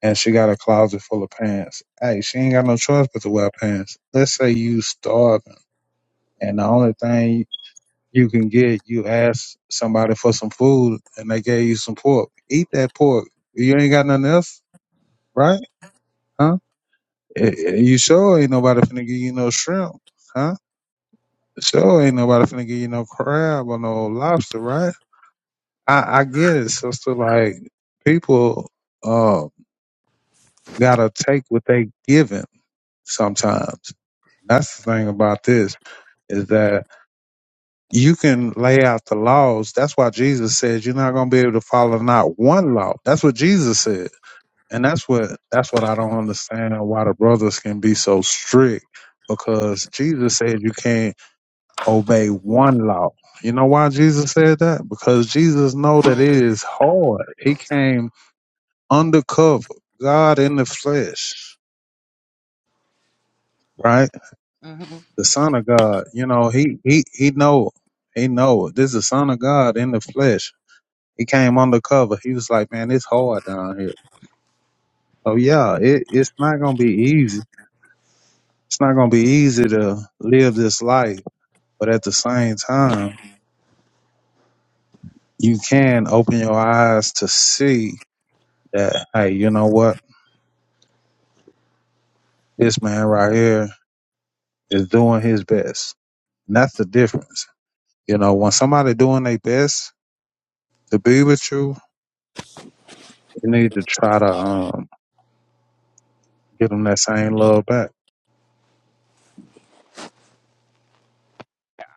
[SPEAKER 3] And she got a closet full of pants. Hey, she ain't got no choice but to wear pants. Let's say you starving, and the only thing you can get you ask somebody for some food and they gave you some pork. Eat that pork. You ain't got nothing else, right? Huh? Eh, eh, You sure ain't nobody finna give you no shrimp, huh? Sure ain't nobody finna give you no crab or no lobster, right? I, I get it, sister. Like people uh gotta take what they given sometimes. That's the thing about this is that you can lay out the laws. That's why Jesus said you're not going to be able to follow not one law. That's what Jesus said. And that's what that's what I don't understand why the brothers can be so strict because Jesus said you can't obey one law. You know why Jesus said that? Because Jesus know that it is hard. He came undercover, God in the flesh, right?
[SPEAKER 2] hmm
[SPEAKER 3] The son of God, you know, he he he know, he know. it. This is the son of God in the flesh He came undercover. He was like, man, it's hard down here. So yeah, it, it's not gonna be easy. It's not gonna be easy to live this life, but at the same time, you can open your eyes to see that, hey, you know what? This man right here is doing his best. And that's the difference. You know, when somebody doing their best to be with you, you need to try to um get them that same love back.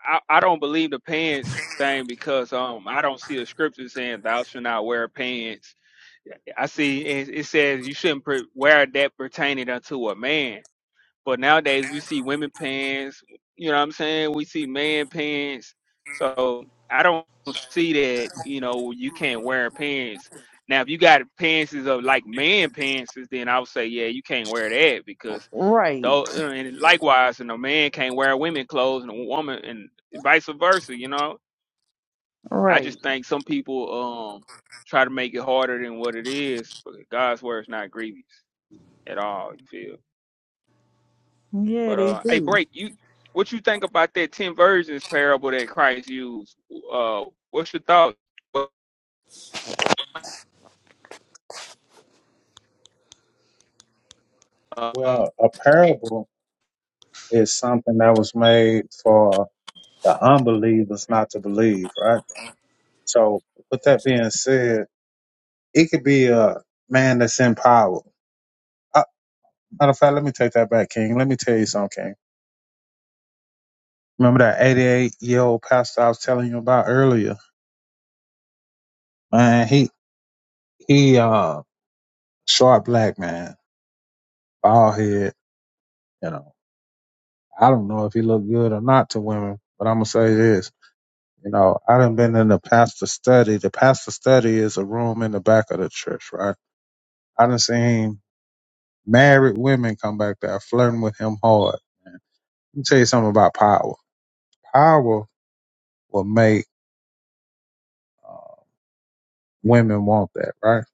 [SPEAKER 6] I, I don't believe the pants thing because um I don't see a scripture saying thou shalt not wear pants. I see it, it says you shouldn't pre- wear that pertaining unto a man. But nowadays we see women pants, you know what I'm saying? We see man pants. So I don't see that, you know, you can't wear pants. Now if you got pants of like man pants, then I would say, yeah, you can't wear that because
[SPEAKER 2] Right,
[SPEAKER 6] though and likewise and a man can't wear women clothes and a woman and vice versa, you know. I
[SPEAKER 2] right.
[SPEAKER 6] just think some people um try to make it harder than what it is, but God's word is not grievous at all, you feel?
[SPEAKER 2] Yeah,
[SPEAKER 6] But
[SPEAKER 2] they
[SPEAKER 6] uh, hey,
[SPEAKER 2] do.
[SPEAKER 6] break you. What you think about that ten virgins parable that Christ used? Uh, what's your thought? Well, Uh,
[SPEAKER 3] Well, a parable is something that was made for the unbelievers not to believe, right? So, with that being said, it could be a man that's in power. Uh, matter of fact, let me take that back, King. Let me tell you something, King. Remember that 88 year old pastor I was telling you about earlier? Man, he, he, uh, short black man, bald head, you know. I don't know if he looked good or not to women, but I'm gonna say this. You know, I done been in the pastor study. The pastor study is a room in the back of the church, right? I done seen Married women come back there flirting with him hard. Man. Let me tell you something about power. Power will make uh, women want that, right?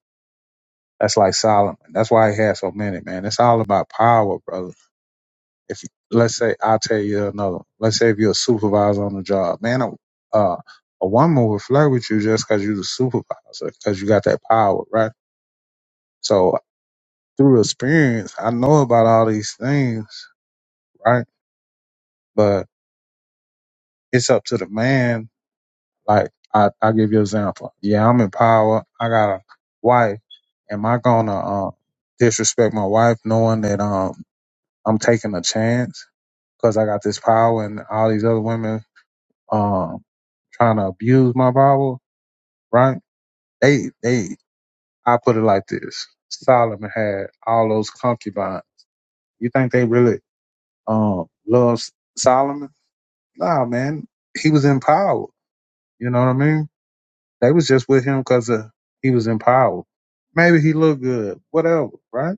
[SPEAKER 3] That's like Solomon. That's why he had so many, man. It's all about power, brother. If you- let's say I tell you another, one. let's say if you're a supervisor on the job, man, a, uh, a woman will flirt with you just because you're the supervisor, because you got that power, right? So through experience, I know about all these things, right? But it's up to the man Like I, I give you an example. Yeah, I'm in power. I got a wife. Am I gonna um, disrespect my wife knowing that um I'm taking a chance because I got this power and all these other women um trying to abuse my power? Right? They they I put it like this. Solomon had all those concubines. You think they really um love Solomon? Nah, man. He was in power. You know what I mean? They was just with him because he was in power. Maybe he looked good, whatever, right?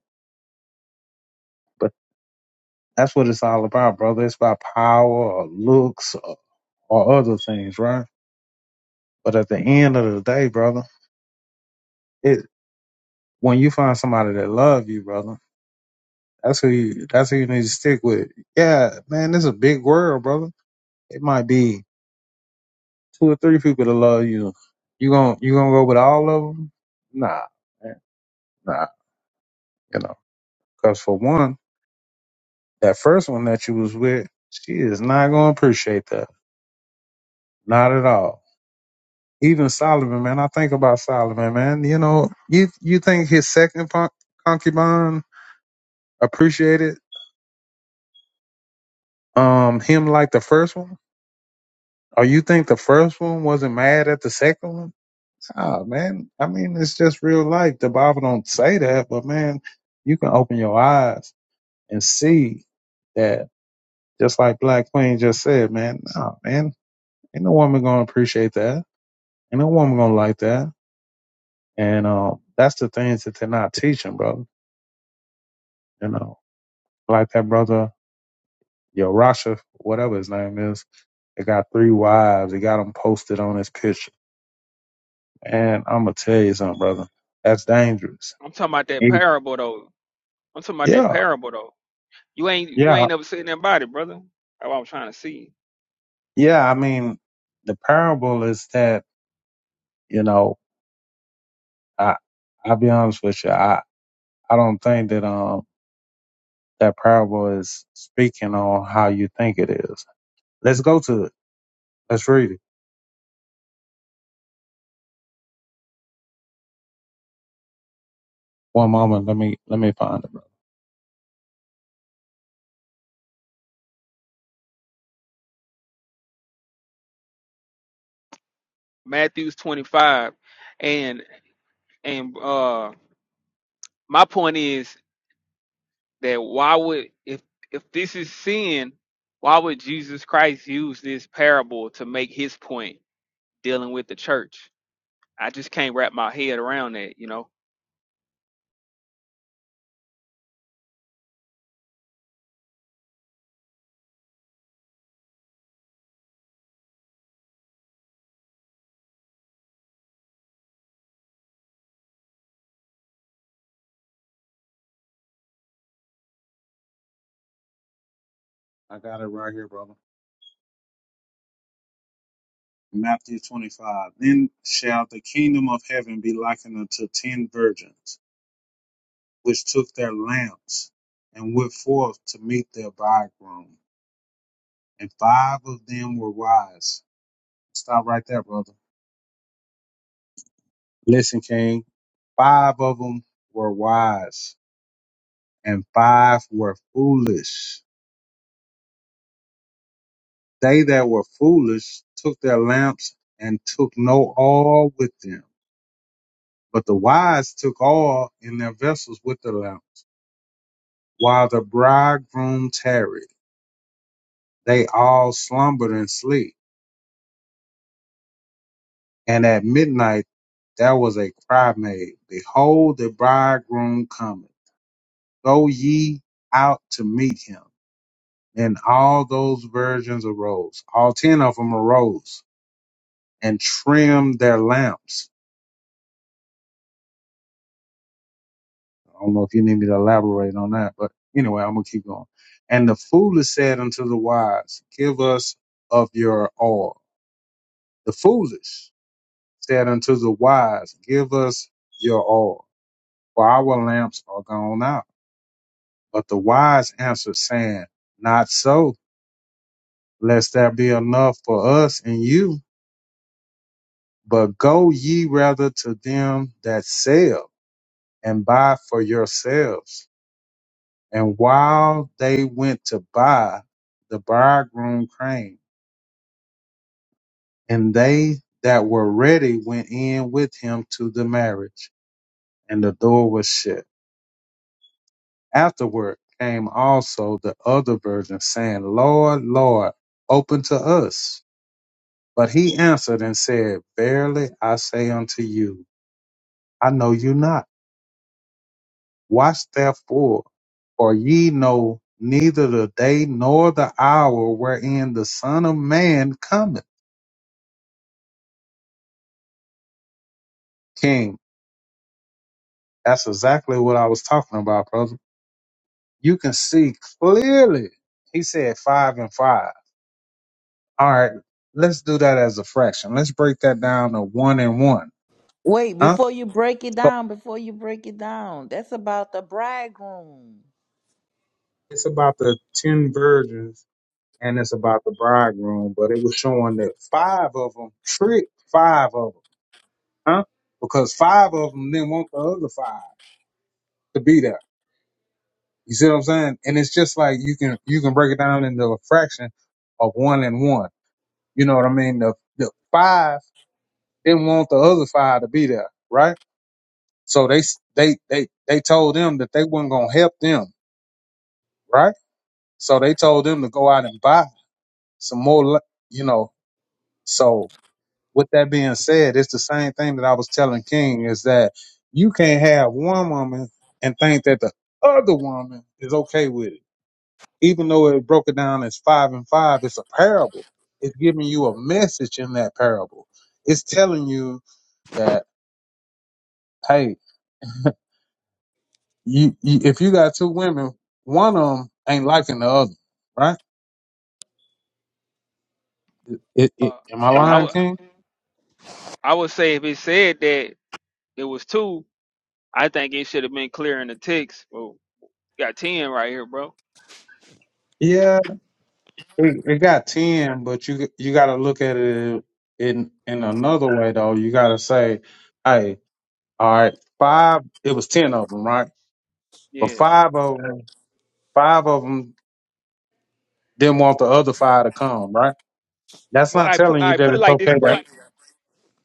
[SPEAKER 3] But that's what it's all about, brother. It's about power or looks or, or other things, right? But at the end of the day, brother, it when you find somebody that love you, brother, that's who you that's who you need to stick with. Yeah, man, this is a big world, brother. It might be two or three people that love you. You gon' you gonna go with all of them? Nah, man, nah, you know. Because for one, That first one that you was with, she is not gonna appreciate that. Not at all. Even Solomon, man, I think about Solomon, man. You know, you you think his second pon- concubine appreciated um him like the first one? Or you think the first one wasn't mad at the second one? Ah, man. I mean, it's just real life. The Bible don't say that, but man, you can open your eyes and see that. Just like Black Queen just said, man. Nah, man. Ain't no woman gonna appreciate that And no woman gonna like that. And um, that's the things that they're not teaching, brother. You know, like that brother, yo, Rasha, whatever his name is, they got three wives. He got them posted on his picture. And I'm gonna tell you something, brother. That's dangerous.
[SPEAKER 6] I'm talking about that
[SPEAKER 3] Mm.
[SPEAKER 6] parable though. I'm talking about that
[SPEAKER 3] Yeah,
[SPEAKER 6] parable though. You ain't you
[SPEAKER 3] yeah,
[SPEAKER 6] ain't ever seen that body, brother. That's what I'm trying to see.
[SPEAKER 3] yeah. I mean, the parable is that you know, I I'll be honest with you. I I don't think that um that parable is speaking on how you think it is. Let's go to it. Let's read it. One moment, let me let me find it, brother.
[SPEAKER 6] Matthew's 25, and and uh, my point is that why would if if this is sin, why would Jesus Christ use this parable to make his point dealing with the church? I just can't wrap my head around that. You know,
[SPEAKER 3] I got it right here, brother. Matthew twenty five. Then shall the kingdom of heaven be likened unto ten virgins, which took their lamps and went forth to meet their bridegroom. And five of them were wise. Stop right there, brother. Listen, King. Five of them were wise, and five were foolish. They that were foolish took their lamps and took no oil with them. But the wise took oil in their vessels with the lamp, while the bridegroom tarried. They all slumbered and sleep. And at midnight there was a cry made, Behold, the bridegroom cometh. Go ye out to meet him. And all those virgins arose. All ten of them arose and trimmed their lamps. I don't know if you need me to elaborate on that, but anyway, I'm gonna keep going. And the foolish said unto the wise, Give us of your oil The foolish said unto the wise, Give us your oil, for our lamps are gone out. But the wise answered, saying, Not so, lest there be enough for us and you. But go ye rather to them that sell and buy for yourselves. And while they went to buy, the bridegroom came, and they that were ready went in with him to the marriage, and the door was shut. Afterward came also the other virgins, saying, Lord, Lord, open to us. But he answered and said, Verily I say unto you, I know you not. Watch therefore, for ye know neither the day nor the hour wherein the Son of Man cometh. King, that's exactly what I was talking about, brother. You can see clearly. He said five and five. All right, let's do that as a fraction. Let's break that down to one and one.
[SPEAKER 2] Wait,
[SPEAKER 3] Huh?
[SPEAKER 2] before you break it
[SPEAKER 3] So
[SPEAKER 2] down, before you break it down, that's about the bridegroom.
[SPEAKER 3] it's about the ten virgins and it's about the bridegroom, but it was showing that five of them tricked five of them, huh? Because five of them didn't want the other five to be there. You see what I'm saying? And it's just like you can you can break it down into a fraction of one and one. You know what I mean? The the five didn't want the other five to be there, right? So they s- they they they told them that they weren't gonna help them, right? So they told them to go out and buy some more, you know, So with that being said, it's the same thing that I was telling King is that you can't have one woman and think that the other woman is okay with it. Even though it broke it down as five and five, it's a parable. It's giving you a message in that parable. It's telling you that, hey, you, you if you got two women, one of them ain't liking the other, right? It, it,
[SPEAKER 6] uh,
[SPEAKER 3] am I
[SPEAKER 6] I
[SPEAKER 3] lying,
[SPEAKER 6] would
[SPEAKER 3] King?
[SPEAKER 6] I would say if it said that it was two, I think it should have been clear in the text. Well, you got ten right here, bro.
[SPEAKER 3] It, it got ten, but you you got to look at it in in another way though. You got to say, hey, all right, five. It was ten of them, right? But
[SPEAKER 6] Yeah.
[SPEAKER 3] five of them, five of them didn't want the other five to come, right? That's
[SPEAKER 6] Well,
[SPEAKER 3] not
[SPEAKER 6] I put
[SPEAKER 3] telling you
[SPEAKER 6] I
[SPEAKER 3] that
[SPEAKER 6] put it
[SPEAKER 3] it's
[SPEAKER 6] like this,
[SPEAKER 3] okay. That
[SPEAKER 6] break.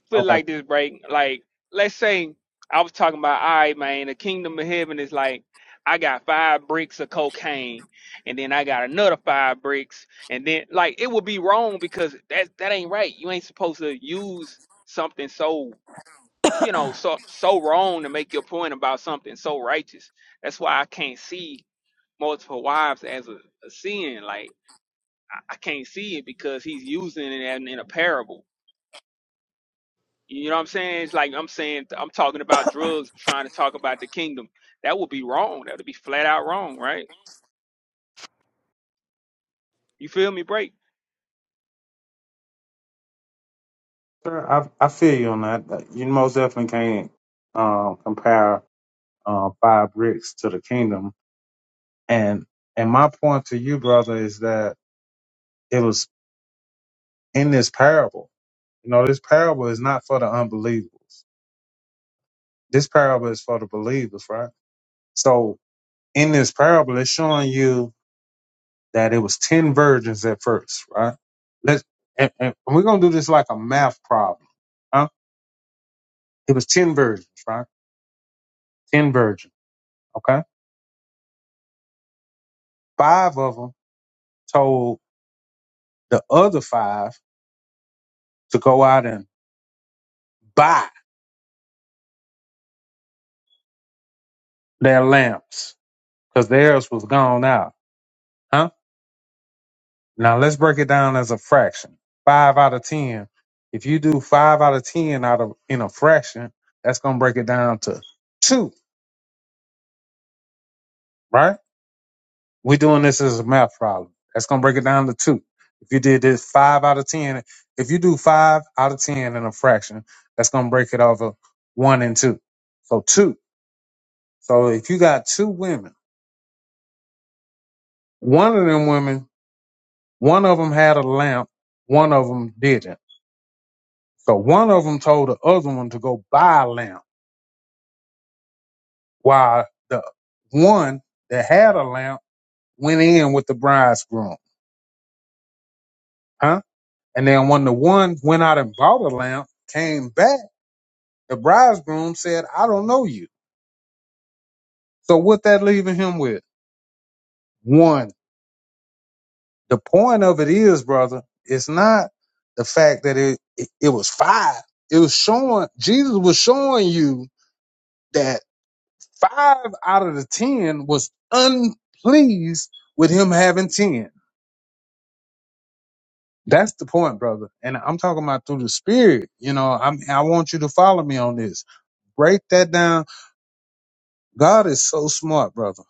[SPEAKER 6] Put it
[SPEAKER 3] okay.
[SPEAKER 6] like this, break. Like let's say I was talking about, all right, man, the kingdom of heaven is like. I got five bricks of cocaine, and then I got another five bricks, and then like it would be wrong because that that ain't right. You ain't supposed to use something so you know so so wrong to make your point about something so righteous that's why i can't see multiple wives as a, a sin like i I can't see it because he's using it in, in a parable you know what i'm saying it's like i'm saying i'm talking about drugs trying to talk about the kingdom that would be wrong that would be flat out wrong right you feel me break
[SPEAKER 3] Sure, I I feel you on that. You most definitely can't um, compare uh, five bricks to the kingdom. And and my point to you, brother, is that it was in this parable. You know, this parable is not for the unbelievers. This parable is for the believers, right? So in this parable, it's showing you that it was 10 virgins at first, right? Let's, and, and we're going to do this like a math problem, huh? It was 10 virgins, right? 10 virgins, okay? Five of them told the other five to go out and buy their lamps because theirs was gone out, huh? Now let's break it down as a fraction. Five out of ten. If you do five out of ten out of in a fraction, that's gonna break it down to two, right? We're doing this as a math problem. That's gonna break it down to two. If you did this five out of ten, if you do five out of ten in a fraction, that's gonna break it over one and two. So two. So if you got two women, one of them women, one of them had a lamp, one of them didn't. So one of them told the other one to go buy a lamp while the one that had a lamp went in with the bridegroom, huh? And then when the one went out and bought a lamp, came back, the bridegroom said, I don't know you. So what that leaving him with? One. The point of it is, brother, it's not the fact that it, it, it was five. It was showing, Jesus was showing you that five out of the ten was unpleased with him having ten That's the point, brother. And I'm talking about through the spirit. You know, I'm, I want you to follow me on this. Break that down. God is so smart, brother,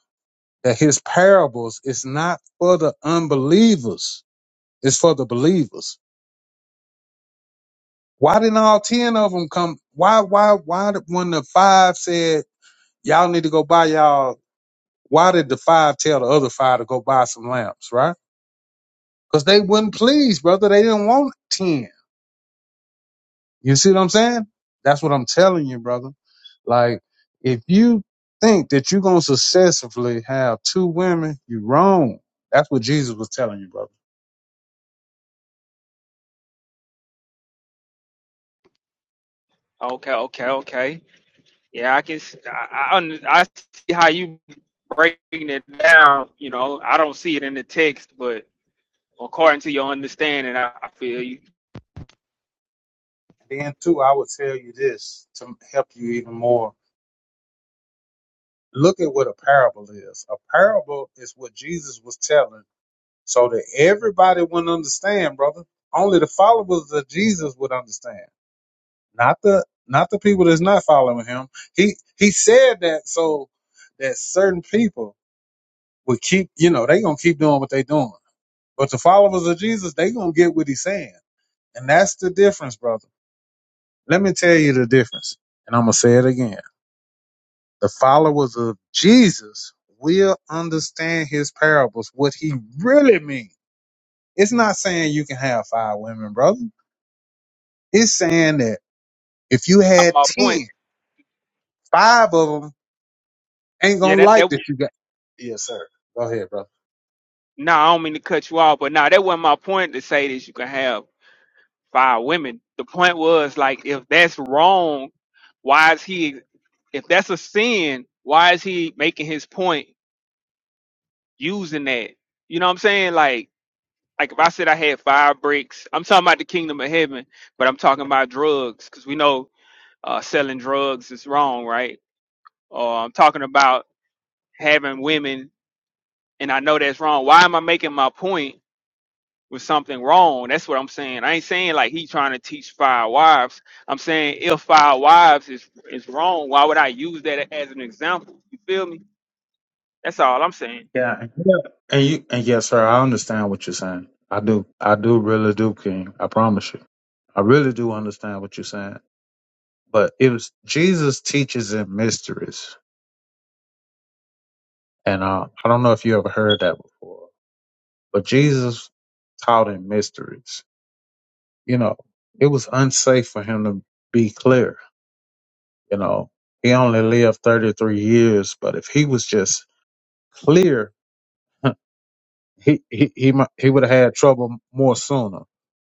[SPEAKER 3] that his parables is not for the unbelievers. It's for the believers. Why didn't all 10 of them come? Why, why, why did when the five said, y'all need to go buy y'all, why did the five tell the other five to go buy some lamps, right? Cause they wouldn't please, brother. They didn't want 10. You see what I'm saying? That's what I'm telling you, brother. Like, if you think that you're gonna successfully have two women, you're wrong. That's what Jesus was telling you, brother.
[SPEAKER 6] okay okay okay yeah i can s- i, I, under- I see how you breaking it down you know i don't see it in the text but. according to your understanding. I, I feel you.
[SPEAKER 3] And then too, I would tell you this to help you even more. Look at what a parable is. A parable is what Jesus was telling so that everybody wouldn't understand, brother. Only the followers of Jesus would understand. Not the not the people that's not following him. He he said that so that certain people Will keep, you know, they gonna keep doing what they doing. But the followers of Jesus, they gonna get what he's saying. And that's the difference, brother. Let me tell you the difference. And I'm gonna say it again. The followers of Jesus will understand his parables, what he really means. It's not saying you can have five women, brother. It's saying that if you
[SPEAKER 6] Uh,
[SPEAKER 3] had
[SPEAKER 6] my point,
[SPEAKER 3] ten, five of them ain't
[SPEAKER 6] yeah,
[SPEAKER 3] gonna
[SPEAKER 6] that that.
[SPEAKER 3] like
[SPEAKER 6] w-
[SPEAKER 3] that you got. Yes, sir. Go ahead, brother.
[SPEAKER 6] Nah, I don't mean to cut you off, but nah, that wasn't my point to say that you can have five women. The point was like, if that's wrong, why is he? If that's a sin, why is he making his point using that? You know what I'm saying? Like, like if I said I had five bricks, I'm talking about the kingdom of heaven, but I'm talking about drugs because we know uh, selling drugs is wrong, right? Or I'm talking about having women and I know that's wrong. Why am I making my point with something wrong? That's what I'm saying. I ain't saying like he trying to teach five wives. I'm saying if five wives is is wrong, why would I use that as an example? You feel me? That's all I'm saying.
[SPEAKER 3] Yeah, and yeah, and you and yes, sir, I understand what you're saying. I do, I do really do, King. I promise you, I really do understand what you're saying. But it was Jesus teaches in mysteries, and uh, I don't know if you ever heard that before. But Jesus taught in mysteries. You know, it was unsafe for him to be clear. You know, he only lived 33 years, but if he was just clear he he he, mi- he would have had trouble more sooner.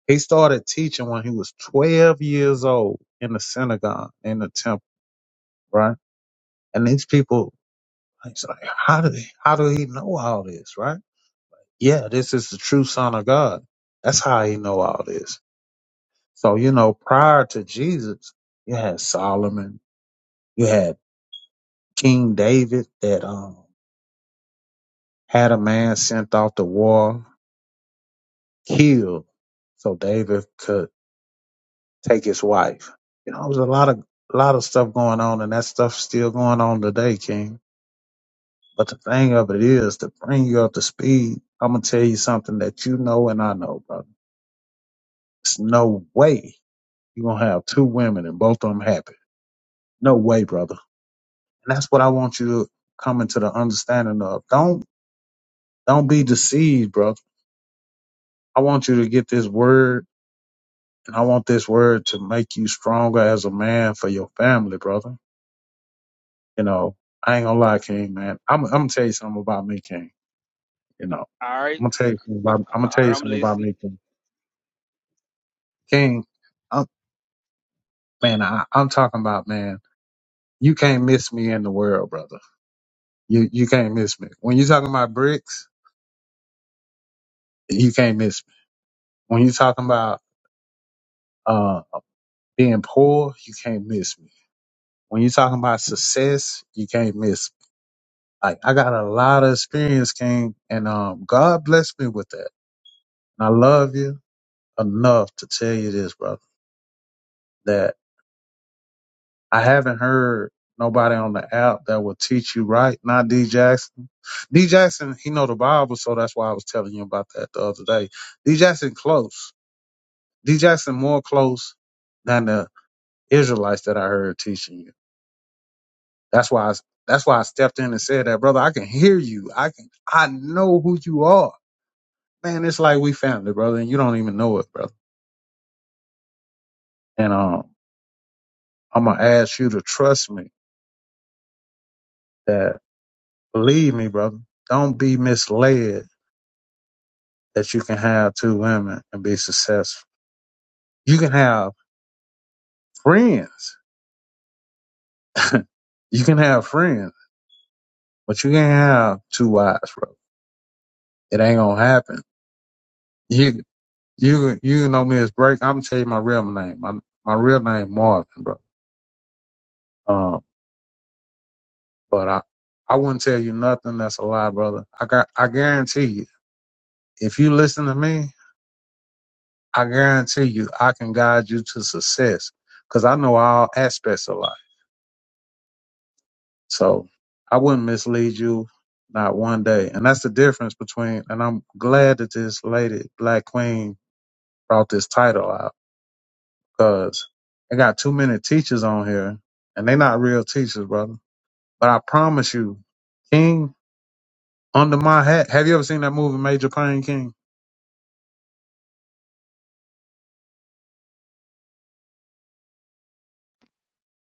[SPEAKER 3] He started teaching when he was 12 years old in the synagogue in the temple, right? And these people, it's like, how do they? how do he know all this, right? Yeah, this is the true Son of God. That's how he know all this. So you know, prior to Jesus, you had Solomon, you had King David that um had a man sent off to war killed, so David could take his wife. You know, it was a lot of a lot of stuff going on, and that stuff's still going on today, King. But the thing of it is, to bring you up to speed, I'm gonna tell you something that you know and I know, brother. It's no way you gonna have two women and both of them happy. No way, brother. And that's what I want you to come into the understanding of. Don't don't be deceived, brother. I want you to get this word, and I want this word to make you stronger as a man for your family, brother You know, I ain't gonna lie, King, man. I'm, I'm gonna tell you something about me, King. You know,
[SPEAKER 6] All right,
[SPEAKER 3] I'm gonna tell you something
[SPEAKER 6] Uh,
[SPEAKER 3] about, I'm
[SPEAKER 6] uh,
[SPEAKER 3] gonna
[SPEAKER 6] all
[SPEAKER 3] tell you
[SPEAKER 6] right, I'm
[SPEAKER 3] something about
[SPEAKER 6] listening.
[SPEAKER 3] me, King. King, I'm, man, I, I'm talking about, man, you can't miss me in the world, brother. You, you can't miss me. When you talking about bricks, you can't miss me. When you talking about, uh, being poor, you can't miss me. When you talking about success, you can't miss me. Like, I got a lot of experience, King, and, um, God blessed me with that. And I love you enough to tell you this, brother that I haven't heard nobody on the app that will teach you right. Not D Jackson. D Jackson, he know the Bible, so that's why I was telling you about that the other day. D Jackson close. D Jackson more close than the Israelites that I heard teaching you. That's why I, that's why I stepped in and said that, brother. I can hear you. I can I know who you are. Man, it's like we family, brother, and you don't even know it, brother. And um I'm gonna ask you to trust me that believe me, brother. Don't be misled that you can have two women and be successful. You can have friends. [laughs] you can have friends, but you can't have two wives, bro. It ain't gonna happen. You you you know me as Break. I'm gonna tell you my real name. My my real name Marvin, bro. Um, but I I wouldn't tell you nothing that's a lie, brother. I got I guarantee you. If you listen to me, I guarantee you I can guide you to success because I know all aspects of life. So I wouldn't mislead you, not one day. And that's the difference between, and I'm glad that this lady, Black Queen, brought this title out because I got too many teachers on here and they not real teachers, brother. But I promise you, King, under my hat, have you ever seen that movie, Major Payne King?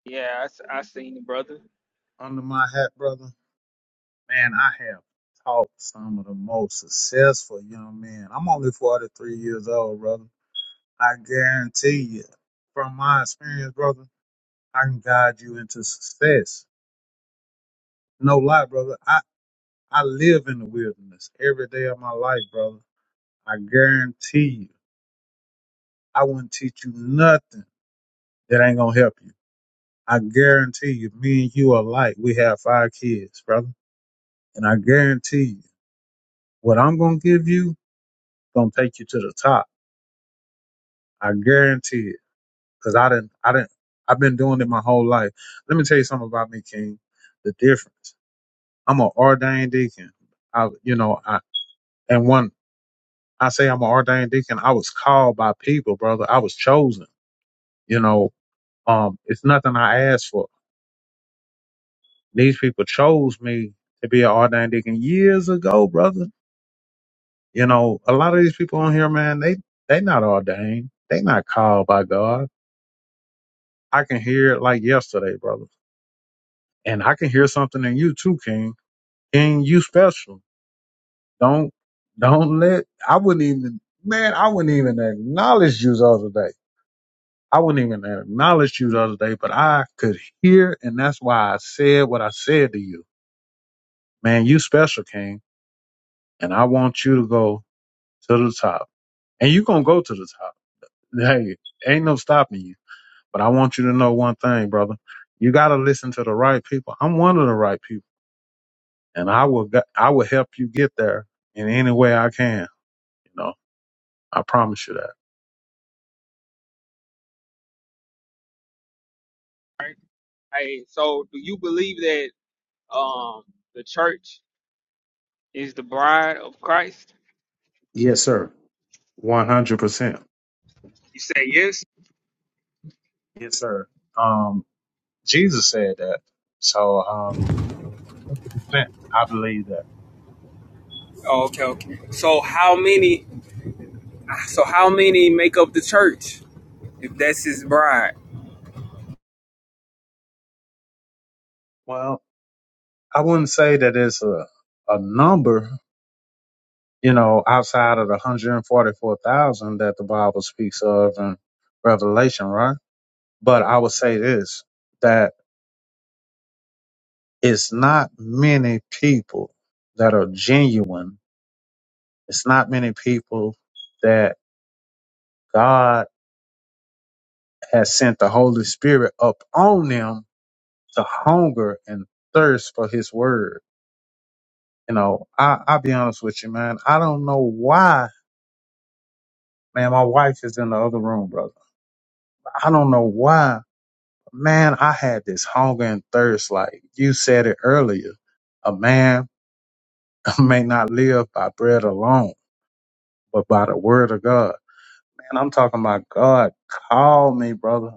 [SPEAKER 6] Yeah, I, s- I seen the brother.
[SPEAKER 3] Under my hat, brother. Man, I have taught some of the most successful young men. I'm only 43 years old, brother. I guarantee you, from my experience, brother I can guide you into success. No lie, brother. I, I live in the wilderness every day of my life, brother. I guarantee you, I wouldn't teach you nothing that ain't gonna help you. I guarantee you, me and you are alike. We have five kids, brother. And I guarantee you, what I'm gonna give you gonna take you to the top. I guarantee it. Cause I didn't I didn't I've been doing it my whole life. Let me tell you something about me, King. The difference. I'm an ordained deacon. I you know, I and one I say I'm an ordained deacon. I was called by people, brother. I was chosen. You know, um, it's nothing I asked for. These people chose me to be an ordained deacon years ago, brother. You know, a lot of these people on here, man, they they not ordained. They not called by God. I can hear it like yesterday, brother. And I can hear something in you too, King. King, you special. Don't don't let I wouldn't even man, I wouldn't even acknowledge you the other day. I wouldn't even acknowledge you the other day, but I could hear, and that's why I said what I said to you. Man, you special, King, and I want you to go to the top. And you going to go to the top. [laughs] Hey, ain't no stopping you. But I want you to know one thing, brother. You got to listen to the right people. I'm one of the right people, and I will, g- I will help you get there in any way I can. You know, I promise you that.
[SPEAKER 6] All right. Hey, so do you believe that um the church is the bride of Christ?
[SPEAKER 3] Yes, sir. 100%.
[SPEAKER 6] You say yes?
[SPEAKER 3] Yes, sir. Um, Jesus said that. So, um, I believe that.
[SPEAKER 6] Oh, okay, okay. So how many? So how many make up the church? If that's his bride.
[SPEAKER 3] Well, I wouldn't say that it's a, a number, you know, outside of the 144,000 that the Bible speaks of in Revelation, right? But I would say this, that it's not many people that are genuine. It's not many people that God has sent the Holy Spirit up on them to hunger and thirst for his word. You know, I, I'll be honest with you, man. I don't know why Man, my wife is in the other room, brother. I don't know why. Man, I had this hunger and thirst. Like you said it earlier, a man [laughs] may not live by bread alone, but by the word of God. Man, I'm talking about God called me, brother.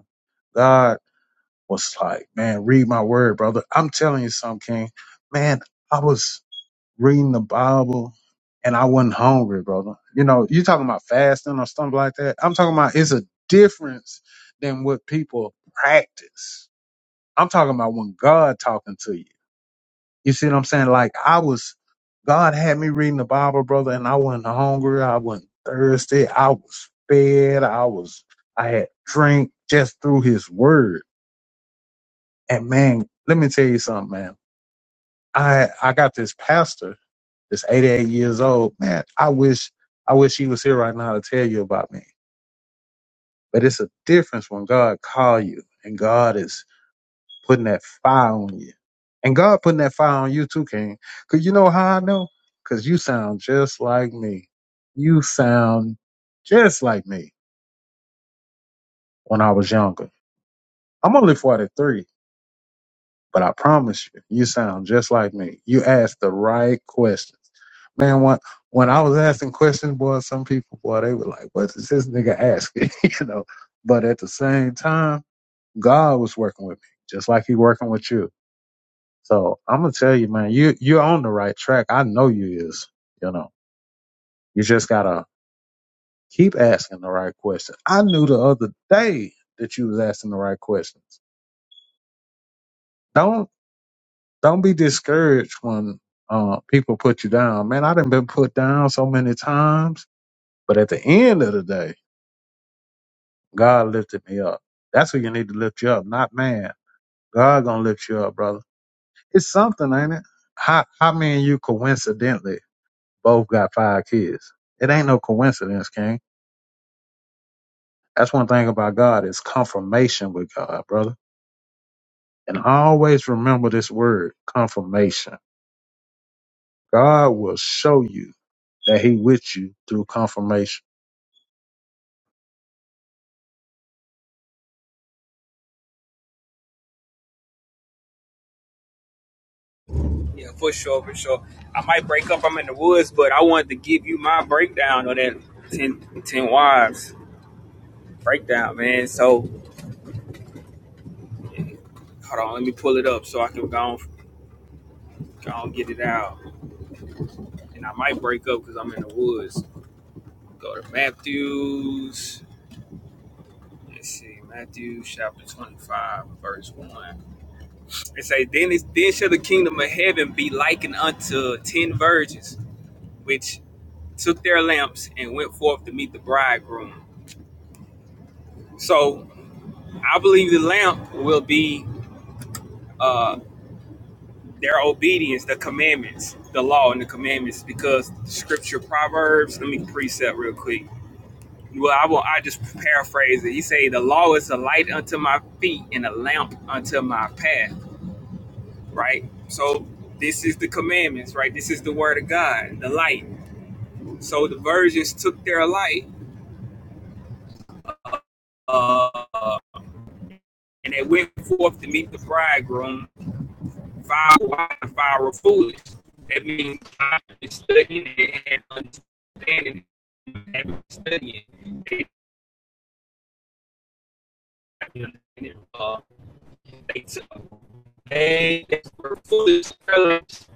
[SPEAKER 3] God was like, man, read my word, brother. I'm telling you something, King. Man, I was reading the Bible, and I wasn't hungry, brother. You know, you talking about fasting or something like that. I'm talking about it's a difference than what people practice. I'm talking about when God talking to you. You see what I'm saying? Like I was, God had me reading the Bible, brother, and I wasn't hungry. I wasn't thirsty. I was fed. I was, I had drink just through his word. And man, let me tell you something, man. I, I got this pastor It's 88 years old. Man, I wish I wish he was here right now to tell you about me. But it's a difference when God call you and God is putting that fire on you. And God putting that fire on you too, King. Cause you know how I know? Cause you sound just like me. You sound just like me when I was younger. I'm only 43. But I promise you, you sound just like me. You ask the right questions. Man, when, when I was asking questions, boy, some people, boy, they were like, what is this nigga asking? [laughs] you know, but at the same time, God was working with me, just like he working with you. So I'm going to tell you, man, you, you're on the right track. I know you is, you know, you just got to keep asking the right questions. I knew the other day that you was asking the right questions. Don't. Don't be discouraged when uh, people put you down. Man, I done been put down so many times, but at the end of the day, God lifted me up. That's who you need to lift you up, not man. God gonna lift you up, brother. It's something, ain't it? How how many and you coincidentally both got five kids? It ain't no coincidence, King. That's one thing about God is confirmation with God, brother. And always remember this word, confirmation. God will show you that He with you through confirmation.
[SPEAKER 6] Yeah, for sure, for sure. I might break up. I'm in the woods, but I wanted to give you my breakdown on that 10 10 wives breakdown, man. So hold on, let me pull it up so I can go on, go on get it out. And I might break up because I'm in the woods. Go to Matthews. Let's see, Matthew chapter 25, verse 1. It say, Then, is, then shall the kingdom of heaven be likened unto ten virgins, which took their lamps and went forth to meet the bridegroom. So I believe the lamp will be uh, their obedience, the commandments, the law and the commandments, because the scripture Proverbs, let me precept real quick. Well, I will I just paraphrase it. He say the law is a light unto my feet and a lamp unto my path. Right? So this is the commandments, right? This is the word of God, the light. So the virgins took their light uh, and they went forth to meet the bridegroom fire wide and fire foolish. That means I'm studying it and understanding it. and studying it. Uh, they took they were foolish fellows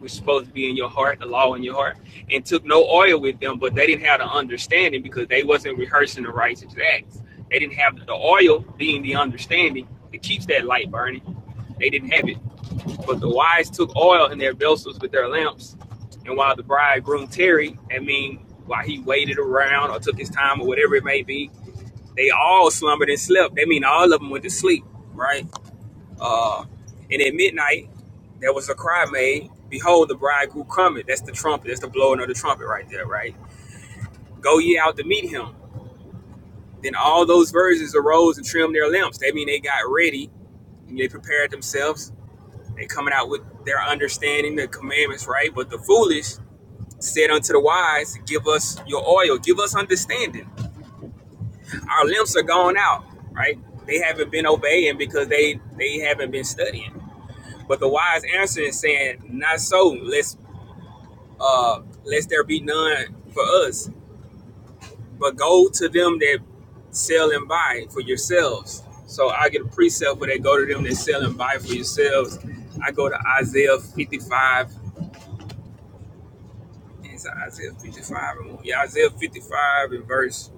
[SPEAKER 6] was supposed to be in your heart, the law in your heart, and took no oil with them, but they didn't have the understanding because they wasn't rehearsing the righteous acts. They didn't have the oil being the understanding that keeps that light burning. They didn't have it. But the wise took oil in their vessels with their lamps, and while the bridegroom tarried, I mean, while he waited around or took his time or whatever it may be, they all slumbered and slept. They mean all of them went to sleep, right? Uh, and at midnight, there was a cry made, Behold, the bridegroom cometh. That's the trumpet. That's the blowing of the trumpet right there, right? Go ye out to meet him. Then all those virgins arose and trimmed their lamps. They mean they got ready and they prepared themselves They coming out with their understanding the commandments, right? But the foolish said unto the wise, Give us your oil, give us understanding. Our limbs are gone out, right? They haven't been obeying because they they haven't been studying. But the wise answer is saying, Not so, lest uh lest there be none for us, but go to them that sell and buy for yourselves. So I get a precept where they go to them that sell and buy for yourselves. I go to Isaiah 55 It's Isaiah 55 and 1. Yeah, Isaiah 55 and verse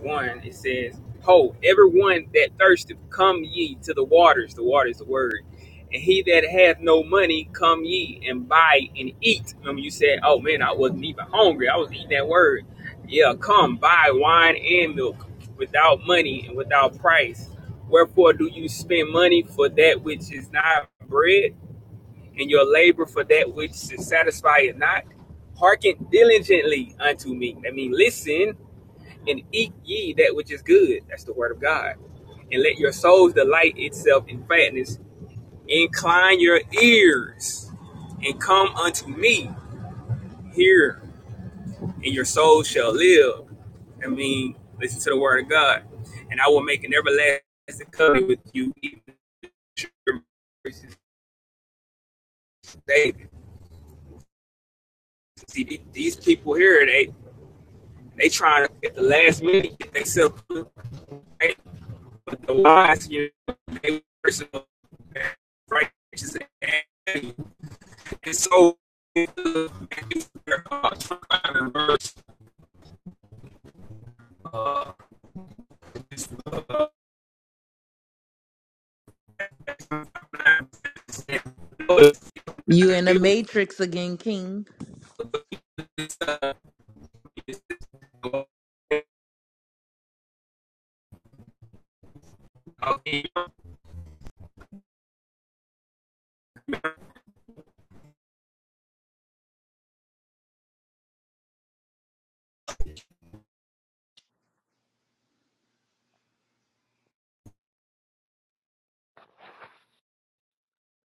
[SPEAKER 6] 1, it says, Ho, everyone that thirsteth, come ye to the waters. The water is the word. And he that hath no money, come ye and buy and eat. Remember you said, oh man, I wasn't even hungry. I was eating that word. Yeah, come, buy wine and milk without money and without price. Wherefore do you spend money for that which is not bread? and your labor for that which is it not. Hearken diligently unto me. I mean, listen and eat ye that which is good. That's the word of God. And let your souls delight itself in fatness. Incline your ears and come unto me here, and your soul shall live. I mean, listen to the word of God. And I will make an everlasting covenant with you, See, these people here, they. They trying to at the last minute get themselves right with the wise, you know, they personal right. and so uh, trying to reverse uh, uh,
[SPEAKER 2] You in the
[SPEAKER 6] you,
[SPEAKER 2] matrix again, King.
[SPEAKER 6] uh,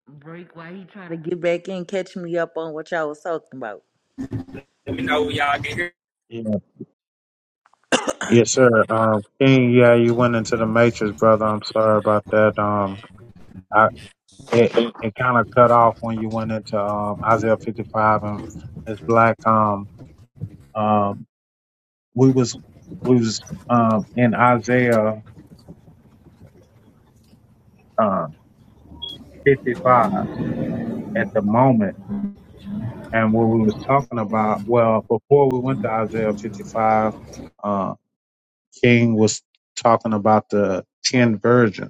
[SPEAKER 2] Break while he try to get back in, catch me up on what y'all was talking about.
[SPEAKER 6] let me know y'all get here.
[SPEAKER 3] Yes, sir. Um, King, yeah, you went into the matrix, brother. I'm sorry about that. Um, I it it kind of cut off when you went into um Isaiah 55 and it's black. Um, um, we was we was um in Isaiah uh 55 at the moment, and what we was talking about. Well, before we went to Isaiah 55, uh, King was talking about the ten virgins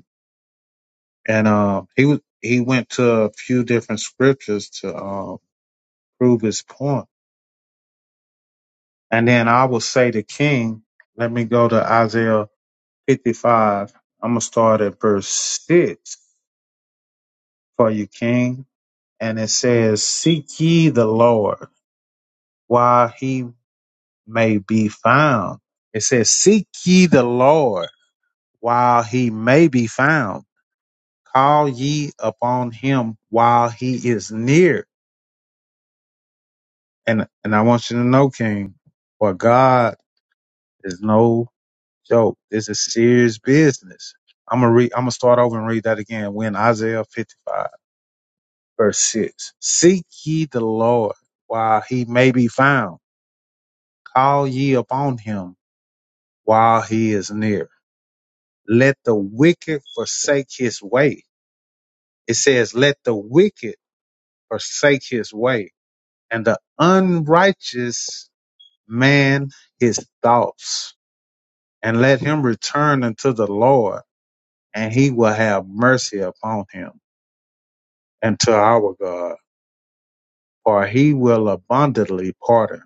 [SPEAKER 3] and um, he was he went to a few different scriptures to um, prove his point. And then I will say to King, let me go to Isaiah 55. I'm gonna start at verse six for you, King. And it says, "Seek ye the Lord while he may be found." It says, "Seek ye the Lord while he may be found. Call ye upon him while he is near." And and I want you to know, King, for God is no joke. This is serious business. I'm gonna read. I'm gonna start over and read that again. When Isaiah 55 verse six, seek ye the Lord while he may be found. Call ye upon him while he is near. Let the wicked forsake his way. It says, let the wicked forsake his way, and the unrighteous man his thoughts and let him return unto the Lord, and he will have mercy upon him, and to our God, for he will abundantly pardon.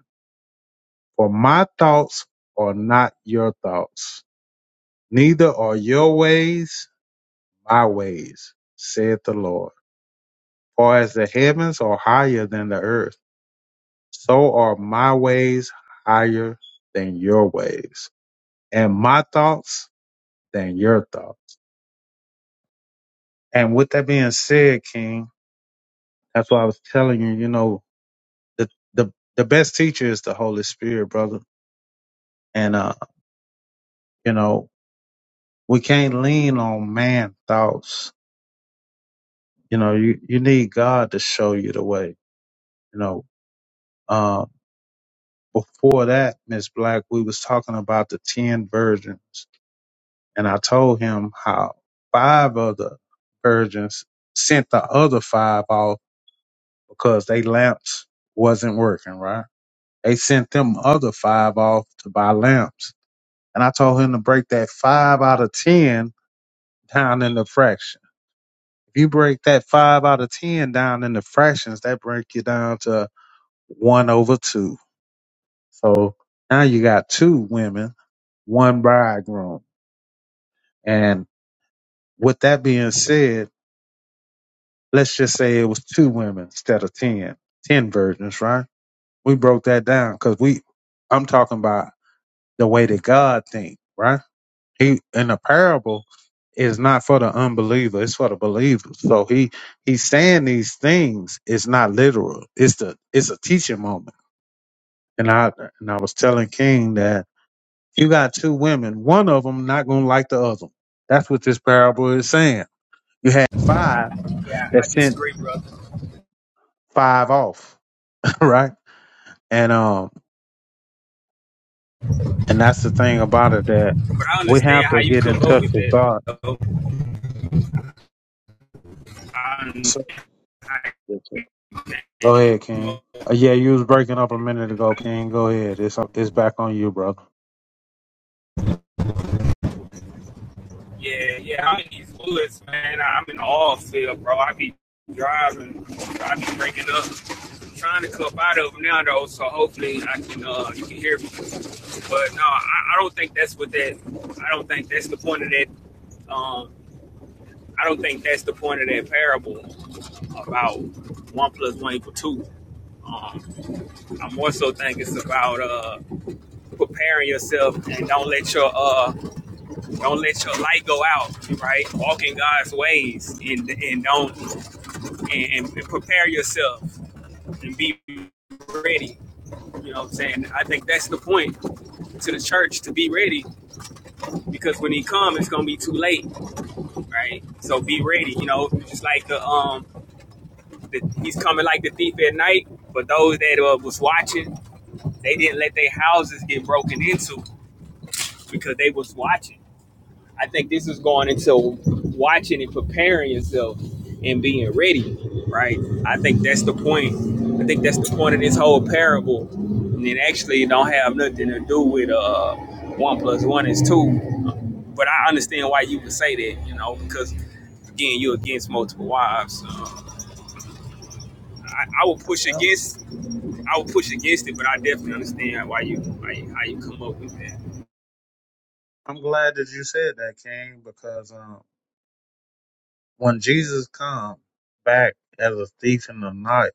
[SPEAKER 3] For my thoughts are not your thoughts, neither are your ways my ways, saith the Lord. For as the heavens are higher than the earth, so are my ways higher than your ways, and my thoughts than your thoughts. And with that being said, King, that's why I was telling you, you know, the the the best teacher is the Holy Spirit, brother. And uh, you know, we can't lean on man thoughts. You know, you you need God to show you the way. You know, uh, before that, Miss Black, we was talking about the ten virgins, and I told him how five of the virgins sent the other five off because they lamps wasn't working. Right? They sent them other five off to buy lamps, and I told him to break that five out of ten down in the fraction. If you break that five out of ten down into fractions, that break you down to one over two. So now you got two women, one bridegroom. And with that being said, let's just say it was two women instead of ten, ten virgins, right? We broke that down because we, I'm talking about the way that God thinks, right? He in a parable is not for the unbeliever, it's for the believer. So he he's saying these things, it's not literal. It's the it's a teaching moment. And I and I was telling King that you got two women, one of them not gonna like the other. That's what this parable is saying. You had five
[SPEAKER 6] Yeah,
[SPEAKER 3] that
[SPEAKER 6] I
[SPEAKER 3] sent
[SPEAKER 6] disagree, brother.
[SPEAKER 3] five off, [laughs] right? And um and that's the thing about it that
[SPEAKER 6] But I
[SPEAKER 3] we
[SPEAKER 6] understand
[SPEAKER 3] have
[SPEAKER 6] how
[SPEAKER 3] to
[SPEAKER 6] you
[SPEAKER 3] get in
[SPEAKER 6] come up
[SPEAKER 3] touch
[SPEAKER 6] with
[SPEAKER 3] with
[SPEAKER 6] it.
[SPEAKER 3] God.
[SPEAKER 6] though. I, I
[SPEAKER 3] Go ahead, King.
[SPEAKER 6] Well,
[SPEAKER 3] Uh, yeah, you was breaking up a minute ago, King. Go ahead. It's it's back on you, brother.
[SPEAKER 6] yeah, yeah, I'm in East Louis, man. I'm in the oil field, bro. I be driving, I be breaking up, trying to come out of them now, though. So hopefully, I can, uh, you can hear me. But no, I, I don't think that's what that. I don't think that's the point of that. Um, I don't think that's the point of that parable about one plus one equal two. Um, I more so think it's about uh preparing yourself and don't let your uh Don't let your light go out, right? Walk in God's ways and and don't and, and prepare yourself and be ready. You know what I'm saying? I think that's the point to the church to be ready because when he comes, it's gonna be too late, right? So be ready. You know, just like the um, the, he's coming like the thief at night. But those that uh, was watching, they didn't let their houses get broken into because they was watching. I think this is going into watching and preparing yourself and being ready, right? I think that's the point. I think that's the point of this whole parable. And it actually don't have nothing to do with uh one plus one is two. But I understand why you would say that, you know, because again, you're against multiple wives. So I, I would push
[SPEAKER 3] Well,
[SPEAKER 6] against I would push against it, but I definitely understand why you why you, how you come up with that.
[SPEAKER 3] I'm glad that you said that, King, because um, when Jesus comes back as a thief in the night,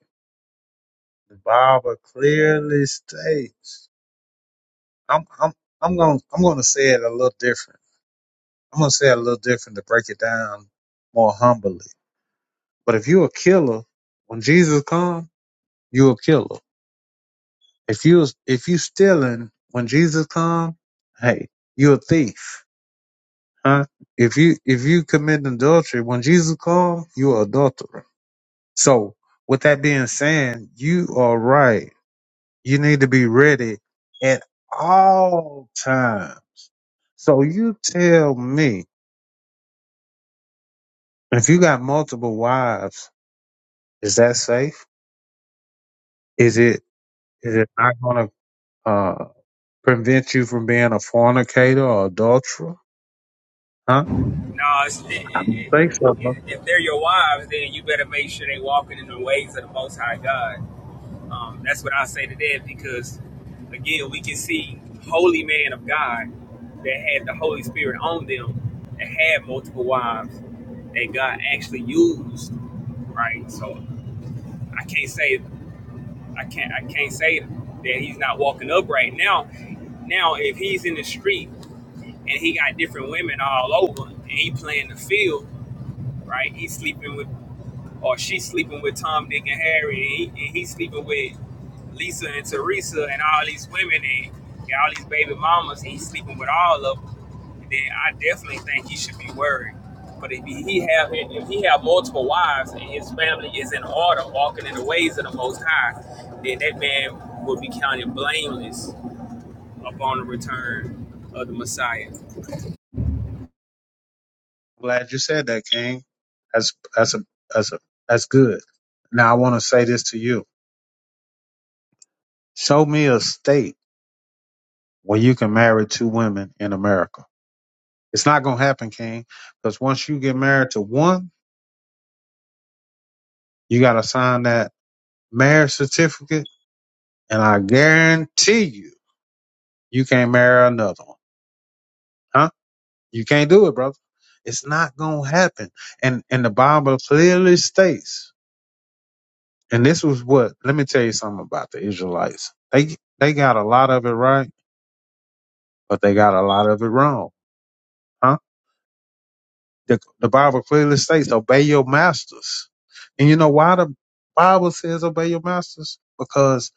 [SPEAKER 3] the Bible clearly states. I'm I'm I'm gonna I'm gonna say it a little different. I'm gonna say it a little different to break it down more humbly. But if you a killer, when Jesus comes, you a killer. If you was- if you stealing when Jesus come, hey, you a thief, huh? If you if you commit adultery when Jesus come, you are adulterer. So with that being said, you are right. You need to be ready at all times. So you tell me, if you got multiple wives, is that safe? Is it is it not going to uh, prevent you from being a fornicator or adulterer? Huh?
[SPEAKER 6] No, it's, it,
[SPEAKER 3] I don't
[SPEAKER 6] it,
[SPEAKER 3] think so. bro.
[SPEAKER 6] it, if they're your wives, then you better make sure they walking in the ways of the Most High God. Um, that's what I say to them because, again, we can see holy man of God that had the Holy Spirit on them that had multiple wives that God actually used, right? So I can't say I can't I can't say that he's not walking upright now. Now, if he's in the street and he got different women all over and he playing the field right? He's sleeping with, or she's sleeping with Tom, Dick, and Harry, and, he, and he's sleeping with Lisa and Teresa and all these women and, and all these baby mamas. And he's sleeping with all of them. And Then I definitely think he should be worried. But if he have if he have multiple wives and his family is in order, walking in the ways of the Most High, then that man will be counted blameless upon the return of the Messiah.
[SPEAKER 3] Glad you said that, King. That's that's a that's a that's good. Now I want to say this to you. Show me a state where you can marry two women in America. It's not gonna happen, King, because once you get married to one, you gotta sign that marriage certificate, and I guarantee you, you can't marry another one. Huh? You can't do it, brother. It's not gonna happen. And and the Bible clearly states And this was what let me tell you something about the Israelites. They they got a lot of it right, but they got a lot of it wrong. Huh? The, the Bible clearly states, "Obey your masters." And you know why the Bible says, "Obey your masters," because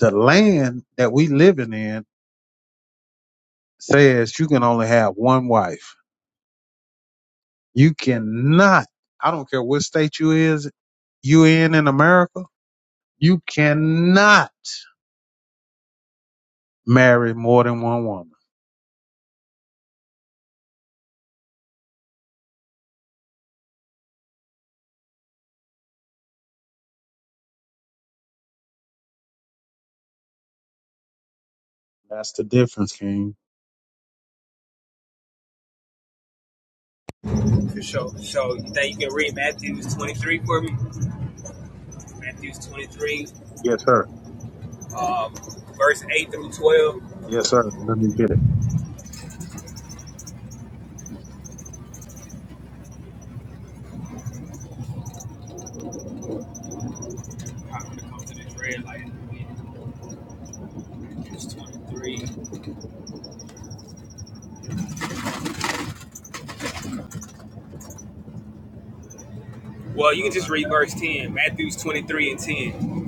[SPEAKER 3] the land that we living in says you can only have one wife. You cannot. I don't care what state you is you in in America. You cannot marry more than one woman. That's the difference, King.
[SPEAKER 6] For sure. So you think you can read Matthew 23 for me? Matthew 23.
[SPEAKER 3] Yes, sir.
[SPEAKER 6] um, verse 8 through 12.
[SPEAKER 3] Yes, sir. Let me get it.
[SPEAKER 6] When it comes to this red light, it's 23. Well, you can
[SPEAKER 3] brother.
[SPEAKER 6] just read
[SPEAKER 3] That's
[SPEAKER 6] verse 10, Matthew's 23 and 10.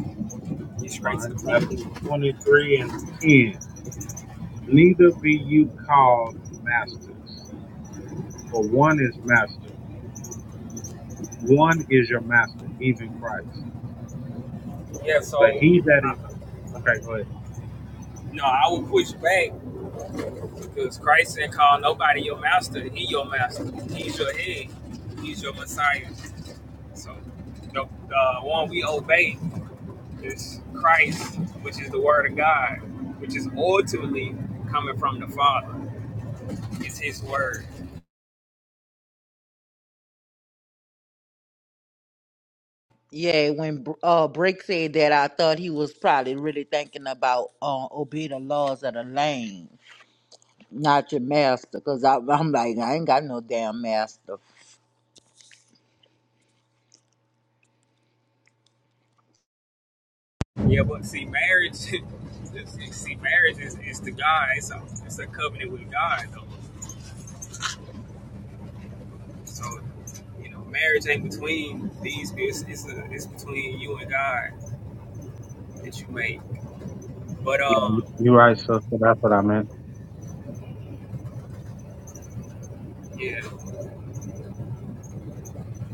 [SPEAKER 6] Get straight to
[SPEAKER 3] fine.
[SPEAKER 6] the
[SPEAKER 3] Matthew
[SPEAKER 6] point.
[SPEAKER 3] 23 and 10. Neither be you called masters, for one is master. One is your master, even Christ.
[SPEAKER 6] Yeah,
[SPEAKER 3] But he
[SPEAKER 6] so,
[SPEAKER 3] that
[SPEAKER 6] I,
[SPEAKER 3] is, okay, go ahead.
[SPEAKER 6] no, I will push back because Christ didn't call nobody your master. He your master. He's your head. He's your Messiah. So, the, the one we obey is Christ, which is the word of God, which is ultimately coming from the Father. It's his word.
[SPEAKER 2] Yeah, when Br- uh Brick said that, I thought he was probably really thinking about uh, obey the laws of the land. Not your master, because I'm like, I ain't got no damn master.
[SPEAKER 6] Yeah, but see, marriage, [laughs] see, marriage is, is the God. It's a, it's a covenant with God, though. So, you know, marriage ain't between these. It's it's, a, it's between you and God that you make. But
[SPEAKER 3] Yeah, you-
[SPEAKER 6] um,
[SPEAKER 3] you're right, sister. That's what I meant.
[SPEAKER 6] yeah,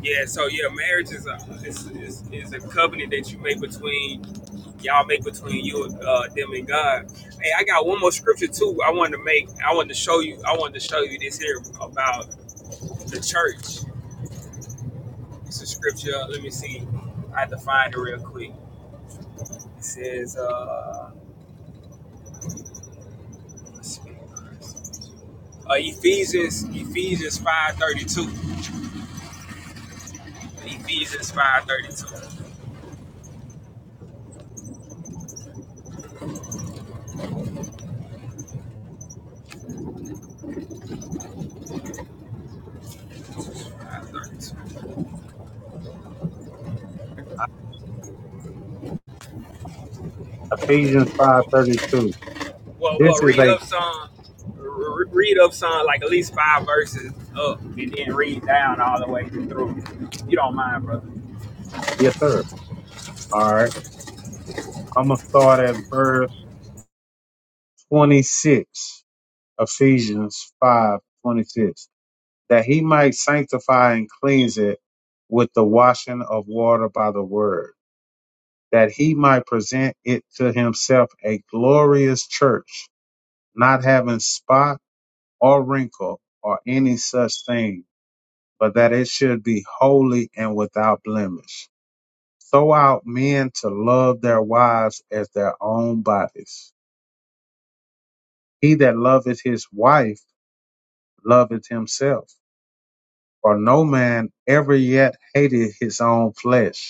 [SPEAKER 6] yeah. So yeah, marriage is a is, is, is a covenant that you make between y'all make between you and uh, them and God. Hey, I got one more scripture too. I wanted to make. I wanted to show you. I wanted to show you this here about the church It's a scripture. Let me see. I have to find it real quick. It says, uh, let's see. Uh, Ephesians, Ephesians five thirty two. Ephesians five thirty two. Five thirty two.
[SPEAKER 3] Ephesians 5.32.
[SPEAKER 6] Well, well,
[SPEAKER 3] This is
[SPEAKER 6] read
[SPEAKER 3] a,
[SPEAKER 6] up some, r- read up some, like at least five verses up, and then read down all the way through. You don't mind, brother.
[SPEAKER 3] yes, sir. All right. I'm going to start at verse 26. Ephesians 5.26. that he might sanctify and cleanse it with the washing of water by the word, that he might present it to himself a glorious church, not having spot or wrinkle or any such thing, but that it should be holy and without blemish. Throw out men to love their wives as their own bodies. He that loveth his wife loveth himself, for no man ever yet hated his own flesh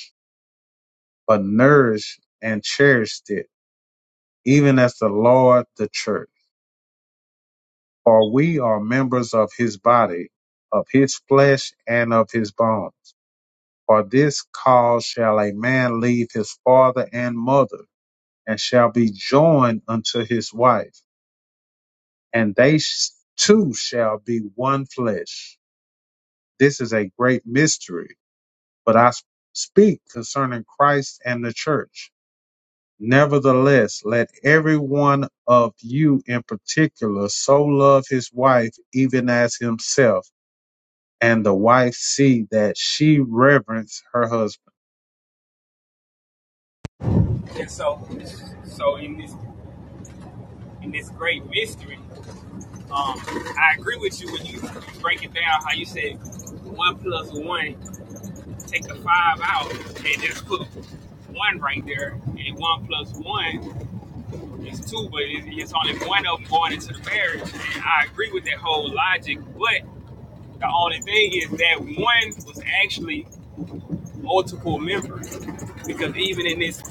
[SPEAKER 3] but nourished and cherished it, even as the Lord the church. For we are members of his body, of his flesh, and of his bones. For this cause shall a man leave his father and mother, and shall be joined unto his wife, and they sh- two shall be one flesh. This is a great mystery, but I s- speak concerning Christ and the church. Nevertheless, let every one of you in particular so love his wife even as himself, and the wife see that she reverence her husband.
[SPEAKER 6] And so, so in this in this great mystery, um, I agree with you when you break it down. How you said one plus one. Take the five out and just put one right there. And one plus one is two, but it's, it's only one of them going into the marriage. And I agree with that whole logic, but the only thing is that one was actually multiple members because even in this,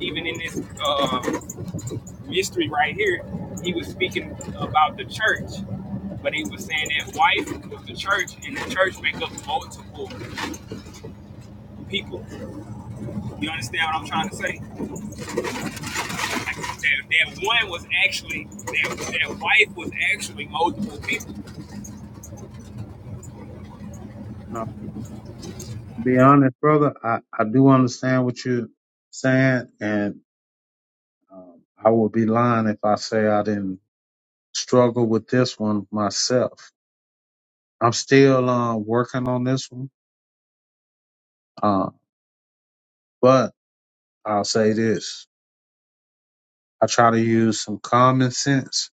[SPEAKER 6] even in this uh, mystery right here, he was speaking about the church but he was saying that wife was the church, and the church make up multiple people. You understand what I'm trying to say? that, that one was actually that, that wife was actually multiple people.
[SPEAKER 3] No, be honest, brother. I, I do understand what you're saying, and um, I would be lying if I say I didn't struggle with this one myself. I'm still uh, working on this one, uh, but I'll say this: I try to use some common sense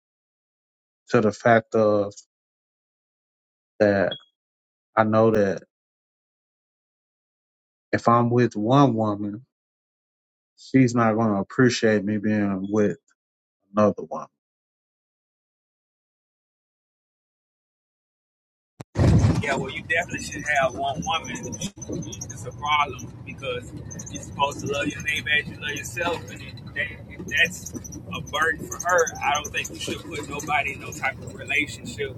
[SPEAKER 3] to the fact of that I know that if I'm with one woman, she's not going to appreciate me being with another woman.
[SPEAKER 6] Yeah, well, you definitely should have one woman. It's a problem because you're supposed to love your neighbor as you love yourself, and if, that, if that's a burden for her, I don't think you should put nobody in no type of relationship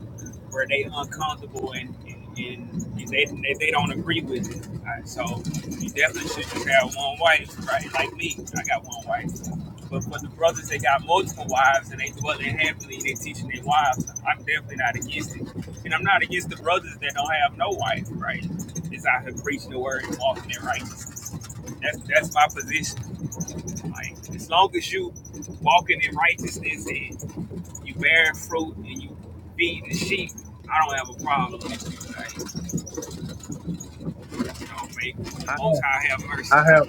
[SPEAKER 6] where they uncomfortable and. and and if they they don't agree with it. Alright, so you definitely should just have one wife, right? Like me, I got one wife. But for the brothers that got multiple wives and they dwelling happily and they teaching their wives, I'm definitely not against it. And I'm not against the brothers that don't have no wife, right? Is out here preaching the word and walking in righteousness. That's that's my position. Like as long as you walking in righteousness and you bearing fruit and you feeding the sheep, I don't have a problem with you. Like, you know, make the
[SPEAKER 3] I,
[SPEAKER 6] Most High have mercy.
[SPEAKER 3] I have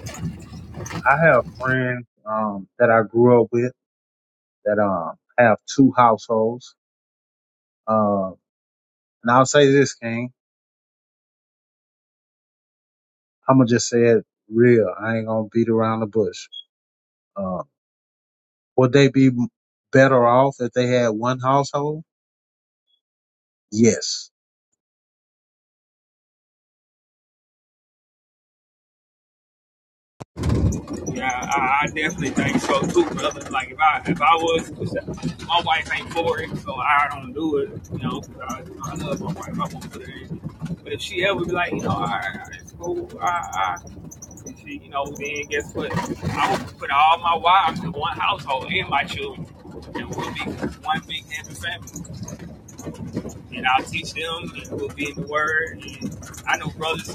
[SPEAKER 3] I have friends um, that I grew up with that um, have two households. Uh, and I'll say this, King. I'm gonna just say it real. I ain't gonna beat around the bush. Uh, would they be better off if they had one household? Yes.
[SPEAKER 6] Yeah, I, I definitely think so too, brother. Like if I if I was, my wife ain't for it, so I don't do it. You know, I, I love my wife. I won't put her in. But if she ever be like, you know, all right, all right, it's cool. I, I, and she, you know, then guess what? I would put all my wives in one household and my children, and we'll be one big happy family. and I'll teach them, and we'll be in the Word. And I know brothers,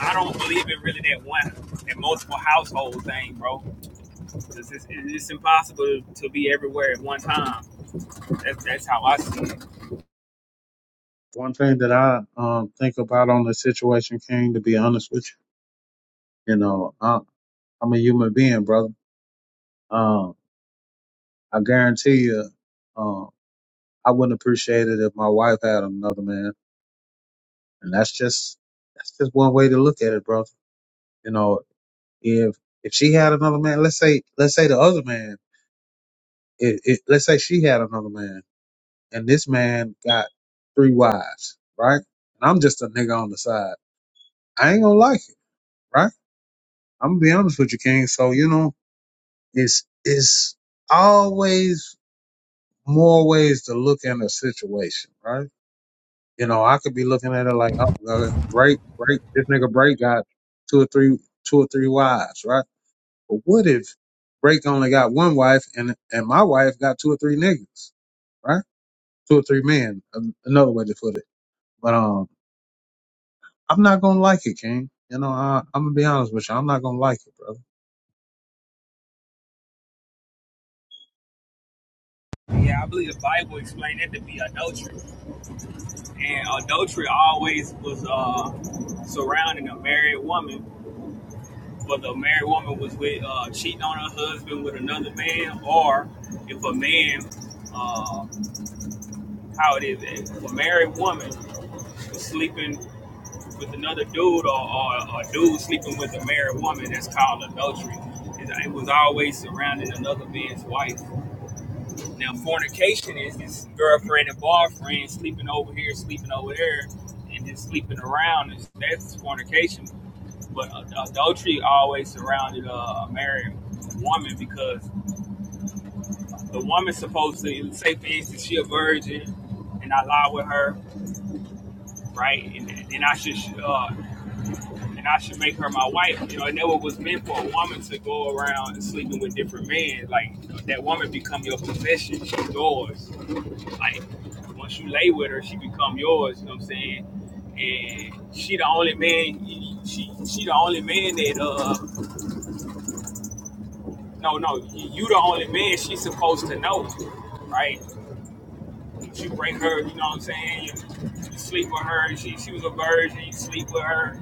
[SPEAKER 6] I don't believe in really that one, that multiple household thing, bro. it's, it's it's impossible to be everywhere at one time. That's that's how I see it.
[SPEAKER 3] One thing that I um, think about on the situation, King, to be honest with you, you know, I. I'm a human being, brother. Um, I guarantee you, um, I wouldn't appreciate it if my wife had another man. And that's just, that's just one way to look at it, brother. You know, if, if she had another man, let's say, let's say the other man, it, it, let's say she had another man and this man got three wives, right? And I'm just a nigga on the side. I ain't gonna like it, right? I'm gonna be honest with you, King. So, you know, it's, it's always more ways to look at a situation, right? You know, I could be looking at it like, oh, uh, Bright, Bright, this nigga Bright got two or three, two or three wives, right? But what if Break only got one wife and and my wife got two or three niggas, right? Two or three men, an- another way to put it. But um, I'm not gonna like it, King. You know, I, I'm gonna be honest with you. I'm not gonna like it, brother.
[SPEAKER 6] Yeah, I believe the Bible explained it to be adultery, and adultery always was uh, surrounding a married woman. Whether a married woman was with uh, cheating on her husband with another man, or if a man, uh, how it is, if a married woman sleeping with another dude or, or, or a dude sleeping with a married woman that's called adultery. It was always surrounding another man's wife. Now, fornication is this girlfriend and boyfriend sleeping over here, sleeping over there, and just sleeping around. It's- That's fornication. But uh, adultery always surrounded uh, a married woman because the woman's supposed to say, for instance, she a virgin, and I lie with her, right? And then I should uh, and I should make her my wife. You know, it never was meant for a woman to go around sleeping with different men. Like that woman become your possession. She's yours. Like once you lay with her, she become yours. You know what I'm saying? And she the only man. She she the only man that uh no no you the only man she's supposed to know, right? you bring her, you know what I'm saying? You, you sleep with her. She she was a virgin. You sleep with her.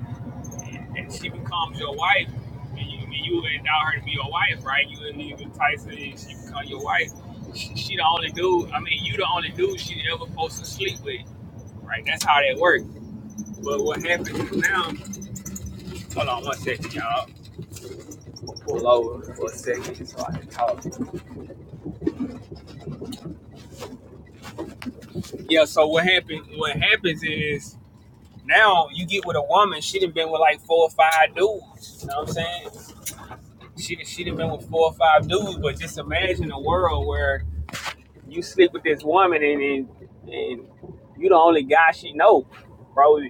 [SPEAKER 6] and she becomes your wife, and you, and you endow her to be your wife, right? You and Levi Tyson, and she becomes your wife. She, she the only dude. I mean, you the only dude she ever supposed to sleep with, right? That's how that works. But what happens is now? Hold on one second, y'all. Pull over for a second so I can talk. Yeah. So what happened? What happens is now you get with a woman. She done been with like four or five dudes. You know what I'm saying? She she done been with four or five dudes. But just imagine a world where you sleep with this woman and and, and you the only guy she know, bro.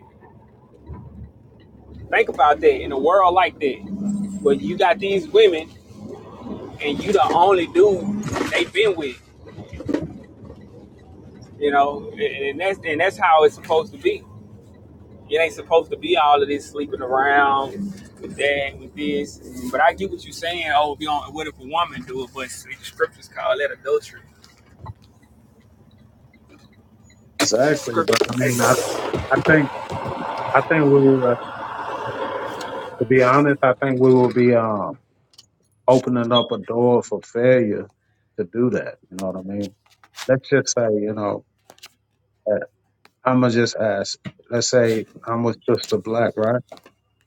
[SPEAKER 6] Think about that in a world like that, but you got these women and you the only dude they been with, you know, and, and that's and that's how it's supposed to be. It ain't supposed to be all of this sleeping around with that, with this. But I get what you're saying. Oh, if you don't, what if a woman do it? But the scriptures call that adultery. The
[SPEAKER 3] Exactly.
[SPEAKER 6] scripture
[SPEAKER 3] But I Hey, mean, I I think I think we will. Uh, to be honest, I think we will be um opening up a door for failure to do that. You know what I mean? let's just say, you know, uh, I'ma just ask. Let's say I'm with Sister Black, right?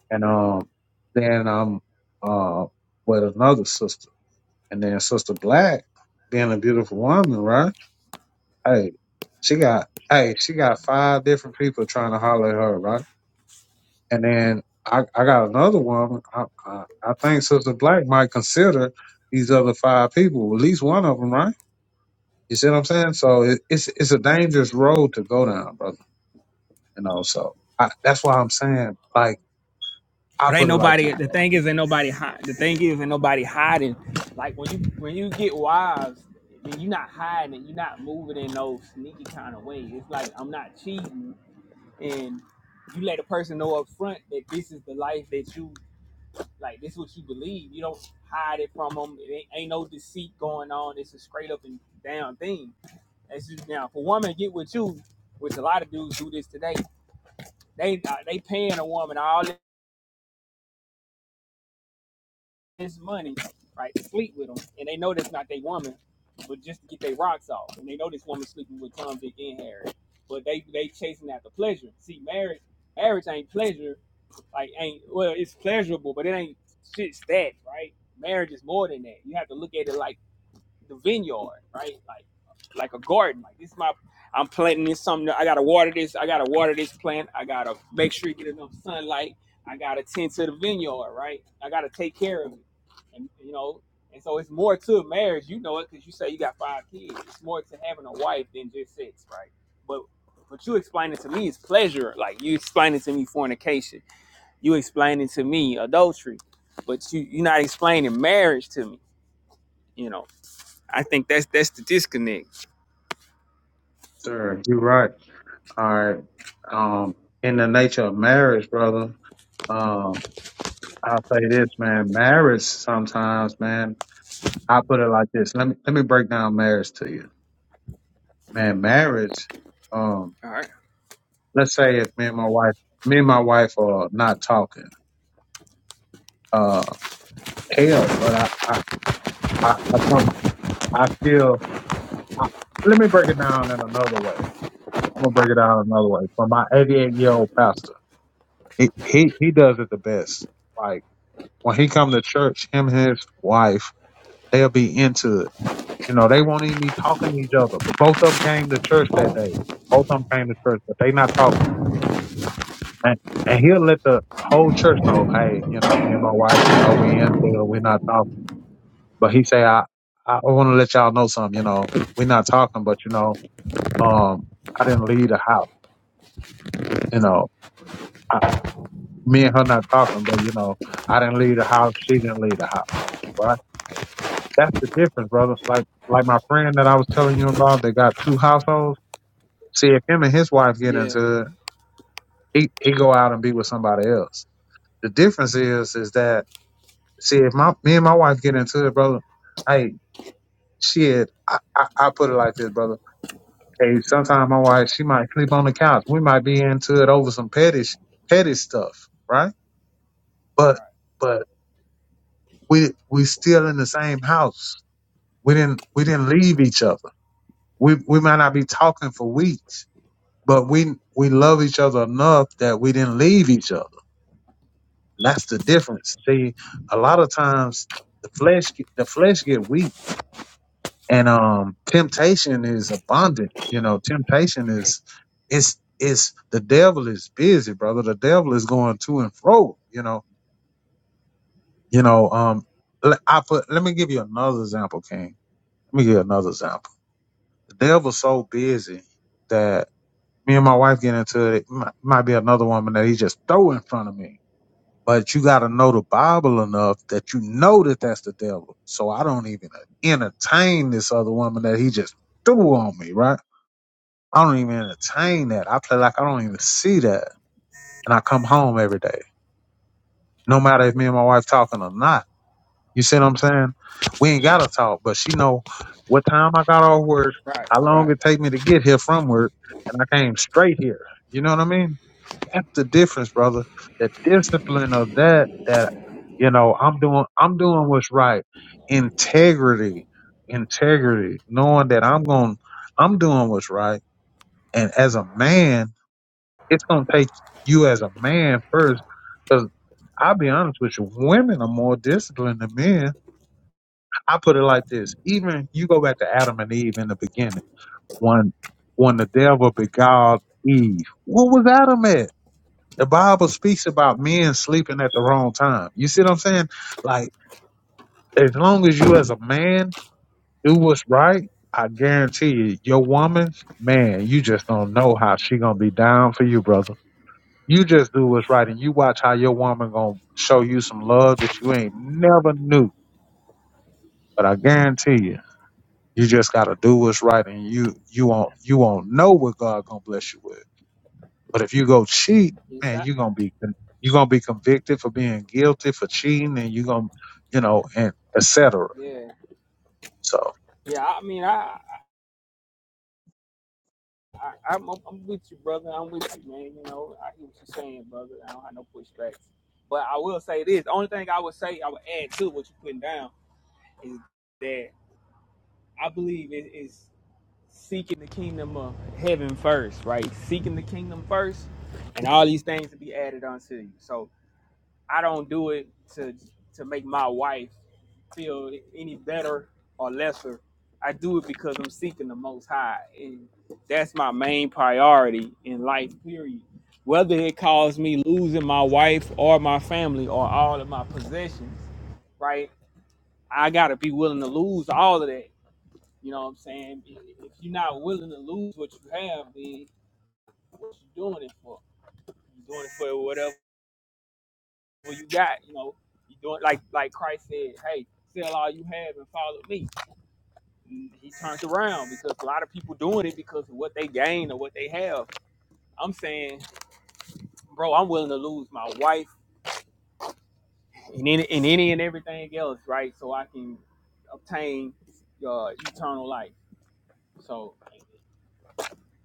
[SPEAKER 3] And um, then I'm uh with another sister, and then Sister Black, being a beautiful woman, right? Hey, she got hey, she got five different people trying to holler at her, right? And then I I got another woman. I I, I think Sister Black might consider these other five people, at least one of them, right? You see what I'm saying? So it, it's it's a dangerous road to go down, bro. You know, so I, that's why I'm saying, like, I
[SPEAKER 6] But ain't
[SPEAKER 3] put it like
[SPEAKER 6] nobody.
[SPEAKER 3] this,
[SPEAKER 6] The
[SPEAKER 3] bro.
[SPEAKER 6] thing is, ain't nobody. Hide, the thing is, ain't nobody hiding. Like when you when you get wives, then you're not hiding. You're not moving in no sneaky kind of way. It's like I'm not cheating, and you let a person know up front that this is the life that you like. This is what you believe. You don't hide it from them. It ain't, ain't no deceit going on. It's a straight up and down thing. That's just now. If a woman get with you, which a lot of dudes do this today, they uh, they paying a woman all this money, right, to sleep with them, and they know that's not their woman, but just to get their rocks off, and they know this woman's sleeping with Tom, Dick, and Harry, but they they chasing after pleasure. See, marriage, marriage ain't pleasure, like ain't well, it's pleasurable, but it ain't shit's that, right? Marriage is more than that. You have to look at it like the vineyard, right? Like like a garden. Like this is my I'm planting this something. I gotta water this. I gotta water this plant. I gotta make sure you get enough sunlight. I gotta tend to the vineyard, right? I gotta take care of it, and you know. And so it's more to marriage. You know it because you say you got five kids. It's more to having a wife than just sex, right? But what you explain it to me is pleasure. Like you explaining to me fornication. You explaining to me adultery. But you you're not explaining marriage to me. You know. I think that's that's the disconnect.
[SPEAKER 3] Sure, you're right. All right. Um, in the nature of marriage, brother, um, I'll say this, man. Marriage sometimes, man, I put it like this. Let me let me break down marriage to you. Man, marriage, um,
[SPEAKER 6] All right.
[SPEAKER 3] let's say if me and my wife me and my wife are not talking, uh, hell, but I I, I, I, come- I still I, let me break it down in another way. I'm gonna break it down another way. For my 88 year old pastor, he, he he does it the best. Like when he come to church, him and his wife, they'll be into it. You know, they won't even be talking to each other. But both of them came to church that day. Both of them came to church, but they not talking. And and he'll let the whole church know, hey, you know, me and my wife, you know, we into it, we not talking. But he say, I I want to let y'all know something. You know, we not talking, but you know, um, I didn't leave the house. You know, me and her not talking, but you know, I didn't leave the house. She didn't leave the house, right? That's the difference, brother. It's like, like my friend that I was telling you about, they got two households. See, if him and his wife get
[SPEAKER 6] Yeah.
[SPEAKER 3] into it, he, he go out and be with somebody else. The difference is, is that, see, if my, me and my wife get into it, brother, hey, shit, I, I, I put it like this, brother. Hey, sometimes my wife, she might sleep on the couch. We might be into it over some petty, sh- petty stuff, right? But,
[SPEAKER 6] Right.
[SPEAKER 3] but we, we still in the same house We didn't we didn't leave each other. We we might not be talking for weeks, but we we love each other enough that we didn't leave each other. That's the difference. See, a lot of times the flesh get- the flesh get weak, and um, temptation is abundant. You know, temptation is it's it's the devil is busy, brother. The devil is going to and fro. You know, you know. Um, l- I put. Let me give you another example, King. Let me give you another example. The devil's so busy that me and my wife get into it. It mi- might be another woman that he just throw in front of me. But you got to know the Bible enough that you know that that's the devil. So I don't even entertain this other woman that he just threw on me, right? I don't even entertain that. I play like I don't even see that. And I come home every day, no matter if me and my wife talking or not. You see what I'm saying? We ain't got to talk, but she know what time I got off work,
[SPEAKER 6] Right.
[SPEAKER 3] how long
[SPEAKER 6] Right.
[SPEAKER 3] it take me to get here from work, and I came straight here. You know what I mean? That's the difference, brother. The discipline of that, that, you know, I'm doing, I'm doing what's right. Integrity, integrity, knowing that I'm going, I'm doing what's right. And as a man, it's going to take you as a man first. Cause I'll be honest with you, women are more disciplined than men. I put it like this. Even you go back to Adam and Eve in the beginning, when, when the devil beguiled Eve, what was Adam at? The Bible speaks about men sleeping at the wrong time. You see what I'm saying? Like, as long as you as a man do what's right, I guarantee you, your woman's man, you just don't know how she gonna be down for you, brother. You just do what's right and you watch how your woman gonna show you some love that you ain't never knew. But I guarantee you, you just gotta do what's right and you you won't you won't know what God gonna bless you with. But if you go cheat,
[SPEAKER 6] Yes.
[SPEAKER 3] man,
[SPEAKER 6] I, I,
[SPEAKER 3] you're gonna be con- you're gonna be convicted for being guilty for cheating, and you're gonna, you know, and etc.
[SPEAKER 6] yeah.
[SPEAKER 3] So
[SPEAKER 6] Yeah. I mean, I, I I'm, I'm with you, brother. I'm with you, man. You know, I hear what you're saying, brother. I don't have no pushback. But I will say this: the only thing I would say, I would add to what you're putting down is that I believe it is seeking the kingdom of heaven first, right? Seeking the kingdom first, and all these things to be added unto you. So I don't do it to to make my wife feel any better or lesser. I do it because I'm seeking the Most High, and that's my main priority in life. Period. Whether it caused me losing my wife or my family or all of my possessions, right? I gotta be willing to lose all of that. You know what I'm saying? If you're not willing to lose what you have, then what you doing it for? You doing it for whatever what you got, you know, you do it like like Christ said, hey, sell all you have and follow me. And he turns around because a lot of people doing it because of what they gain or what they have. I'm saying, bro, I'm willing to lose my wife and any and any and everything else, right? So I can obtain uh, eternal life. So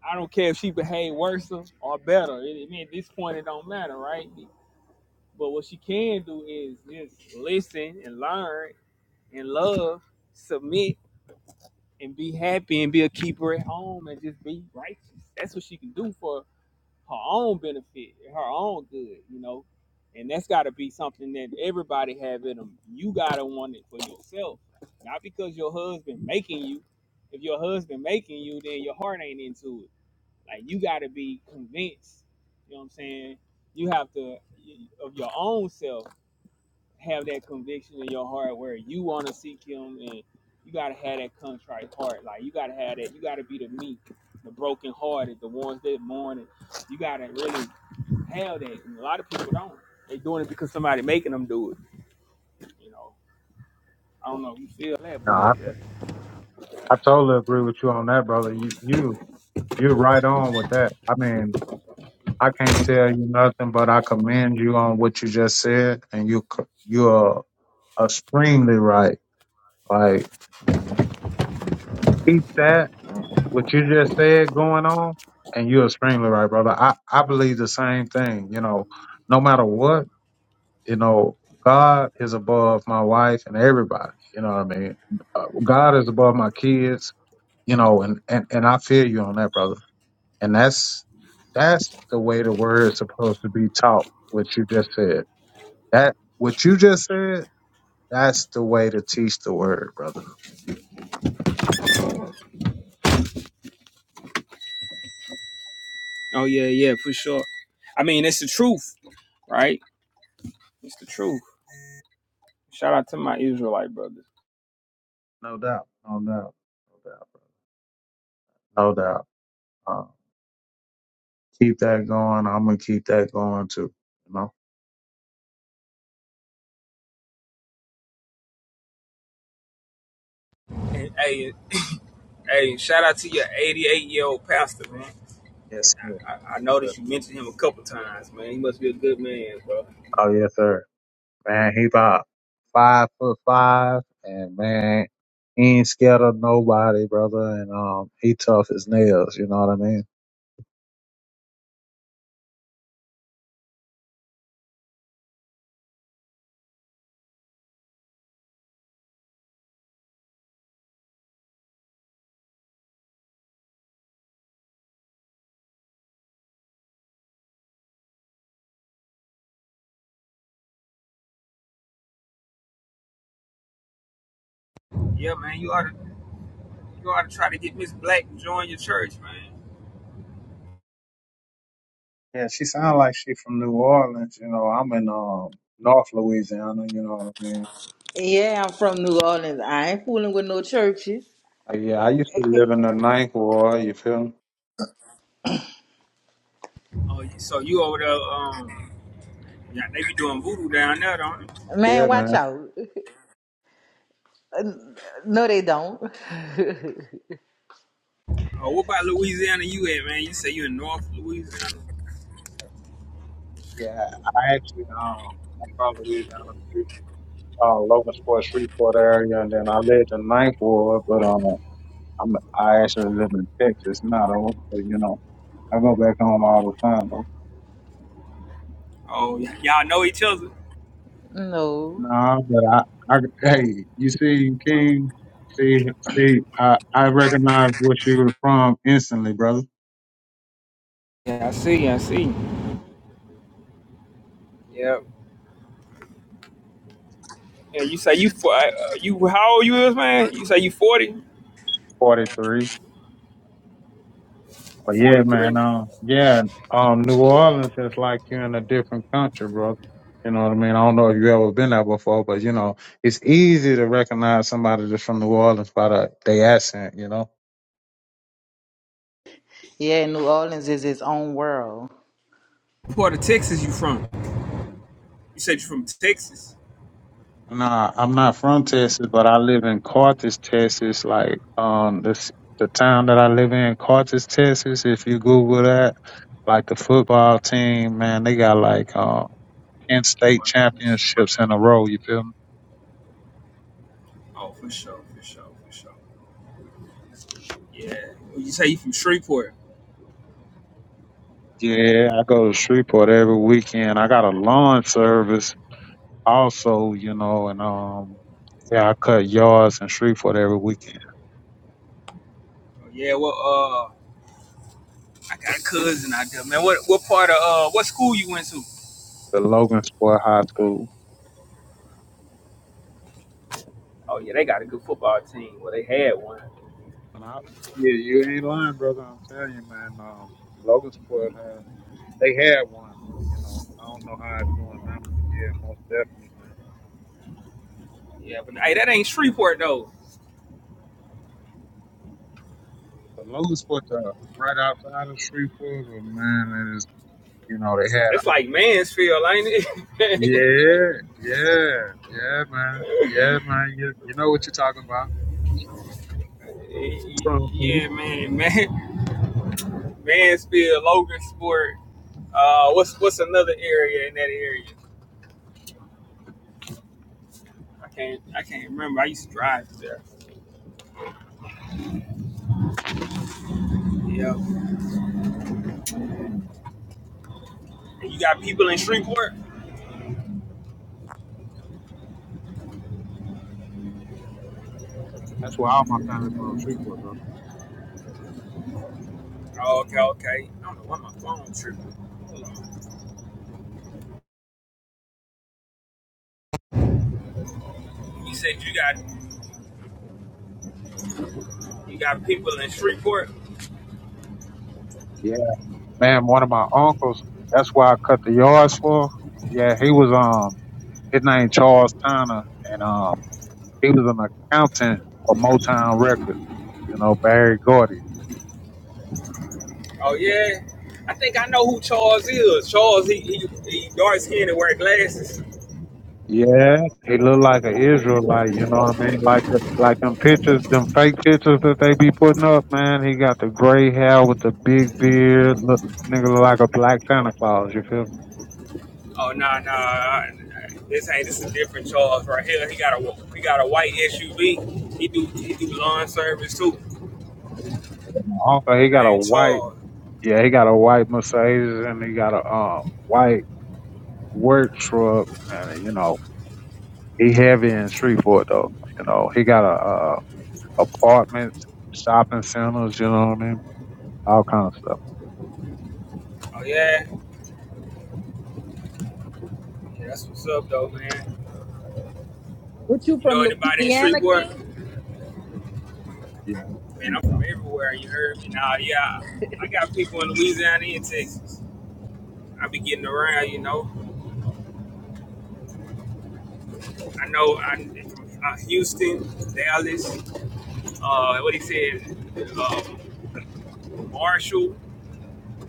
[SPEAKER 6] I don't care if she behave worse or better. It, I mean, at this point, it don't matter, right? But what she can do is just listen and learn and love, submit, and be happy and be a keeper at home and just be righteous. That's what she can do for her own benefit, her own good, you know. And that's got to be something that everybody have in them. You gotta want it for yourself, not because your husband making you. If your husband making you, then your heart ain't into it. Like you gotta be convinced. You know what I'm saying? You have to of your own self have that conviction in your heart where you want to seek him and you got to have that contrite heart like you got to have that you got to be the meek the brokenhearted the ones that mourning you got to really have that and a lot of people don't they doing it because somebody making them do it you know i don't know if you feel that
[SPEAKER 3] No,
[SPEAKER 6] but
[SPEAKER 3] I,
[SPEAKER 6] yeah.
[SPEAKER 3] I totally agree with you on that, brother. You, you you're right on with that. I mean, I can't tell you nothing, but I commend you on what you just said, and you c- you're extremely right. Like keep that what you just said going on, and you're extremely right, brother. I I believe the same thing. You know, no matter what. you know, God is above my wife and everybody. You know what I mean? Uh, God is above my kids. You know, and and and I feel you on that, brother. And that's that's the way the word is supposed to be taught. What you just said. That what you just said. That's the way to teach the word, brother.
[SPEAKER 6] oh yeah yeah for sure i mean it's the truth right it's the truth shout out to my israelite brothers
[SPEAKER 3] No doubt. No doubt. No doubt. Bro. No doubt. Uh, keep that going. I'm gonna keep that going too. You know.
[SPEAKER 6] hey hey, hey shout out to your 88 year old pastor man
[SPEAKER 3] Yes. Sir.
[SPEAKER 6] I, I noticed you mentioned him a couple times, man. He must be a good man, bro.
[SPEAKER 3] Oh yes, sir. Man, he about five foot five, and man, he ain't scared of nobody, brother. And um, he tough as nails. You know what I mean?
[SPEAKER 6] Yeah, man. You ought to you ought to try to get Miss Black to join your church, man.
[SPEAKER 3] Yeah, she sound like she from New Orleans. You know, I'm in um North Louisiana. You know what I mean?
[SPEAKER 2] Yeah, I'm from New Orleans. I ain't fooling with no churches.
[SPEAKER 3] Uh, Yeah, I used to live in the ninth ward. You feel me?
[SPEAKER 6] Oh, you- so you over there? Um, yeah, they be doing voodoo down there, don't they?
[SPEAKER 2] Man,
[SPEAKER 3] Yeah,
[SPEAKER 2] watch
[SPEAKER 3] man.
[SPEAKER 2] out. No, they don't. [laughs]
[SPEAKER 6] Oh, what about Louisiana? You at, man? You say you in North Louisiana?
[SPEAKER 3] Yeah, I actually um I'm from Louisiana, Shreve- uh, Logansport, Shreveport area, and then I lived in Ninth Ward, but um I'm I actually live in Texas now, though. So, you know. I go back home all the time, though.
[SPEAKER 6] Oh, y- y'all know each other?
[SPEAKER 2] no.
[SPEAKER 3] Nah, but I, I hey, you see, King, see, see, I, I recognize what you were from instantly, brother.
[SPEAKER 6] Yeah, I see. I see. Yeah. Yeah, you say you for uh, you how old you is, man? You say you forty?
[SPEAKER 3] Forty three. But yeah,
[SPEAKER 6] Forty three.
[SPEAKER 3] man, um, yeah, um, New Orleans is like you're in a different country, brother. You know what I mean? I don't know if you ever been there before, but you know, it's easy to recognize somebody that's from New Orleans by the, their accent, you know.
[SPEAKER 2] Yeah, New Orleans is its own world.
[SPEAKER 6] What part of Texas you from? You said you from Texas.
[SPEAKER 3] Nah, I'm not from Texas, but I live in Carthage, Texas. Like um, this the town that I live in, Carthage, Texas. If you Google that, like the football team, man, they got like um, ten state championships in a row. You feel me?
[SPEAKER 6] Oh, for sure, for sure, for sure. Yeah. Well, you say you from Shreveport?
[SPEAKER 3] Yeah, I go to Shreveport every weekend. I got a lawn service also, you know, and um, yeah, I cut yards in Shreveport every weekend.
[SPEAKER 6] Oh, yeah. Well, uh, I got a cousin out there, man. What what part of uh what school you went to?
[SPEAKER 3] The Logan Sport High School.
[SPEAKER 6] Oh yeah, they got a good football team. Well, they had one.
[SPEAKER 3] And I, yeah, you ain't lying, brother. I'm telling you, man. Um, Logan Sport, uh, they had one. Well, you know, I don't know how it's doing now, but yeah, most definitely, man.
[SPEAKER 6] Yeah, but hey, that ain't Shreveport though.
[SPEAKER 3] But Logan Sport, uh, right outside of Shreveport, but man, it is, you know, they had a.
[SPEAKER 6] That's like Mansfield, ain't it?
[SPEAKER 3] Yeah, yeah, yeah, man. Yeah, man. You, you know what you're talking about. For sure.
[SPEAKER 6] [laughs]
[SPEAKER 3] From-
[SPEAKER 6] yeah, man, man, Mansfield, Logan Sport. Uh, what's what's another area in that area? I can't I can't remember. I used to drive there. Yeah. And you got people in Shreveport?
[SPEAKER 3] That's where all my family from, Shreveport, brother.
[SPEAKER 6] Oh, okay, okay. I don't know why my phone tripping. Hold on. You said you got you got people in Shreveport.
[SPEAKER 3] Yeah. Man, one of my uncles, that's why I cut the yards for. Yeah, he was, um, His name Charles Tanner, and um, he was an accountant for Motown Records. You know, Barry Gordy.
[SPEAKER 6] Oh yeah, I think I know who Charles is. Charles, he he, he dark skinned and wear glasses.
[SPEAKER 3] Yeah, he looked like an Israelite. You know what I mean? Like the, like them pictures, them fake pictures that they be putting up. Man, he got the gray hair with the big beard. Look, nigga look like a black Santa Claus. You feel me?
[SPEAKER 6] Oh nah nah, I- this ain't this is different Charles right here. He got a he got a white SUV. He do he do lawn service too.
[SPEAKER 3] And my uncle, he got a
[SPEAKER 6] Name
[SPEAKER 3] white.
[SPEAKER 6] Charles.
[SPEAKER 3] Yeah, he got a white Mercedes, and he got a um white work truck. And you know, he heavy in street for it though. You know, he got a uh apartments, shopping centers, you know what I mean? All kind of stuff.
[SPEAKER 6] Oh yeah, yeah. That's what's up though, man.
[SPEAKER 2] What you
[SPEAKER 6] You know
[SPEAKER 2] from
[SPEAKER 6] anybody in
[SPEAKER 2] Louisiana,
[SPEAKER 6] Shreveport?
[SPEAKER 2] King?
[SPEAKER 6] Man, I'm
[SPEAKER 3] Yeah.
[SPEAKER 6] from everywhere. You heard me. Nah, yeah. I got people in Louisiana and Texas. I be getting around, you know. I know I, uh, Houston, Dallas, uh, what he said, uh, Marshall,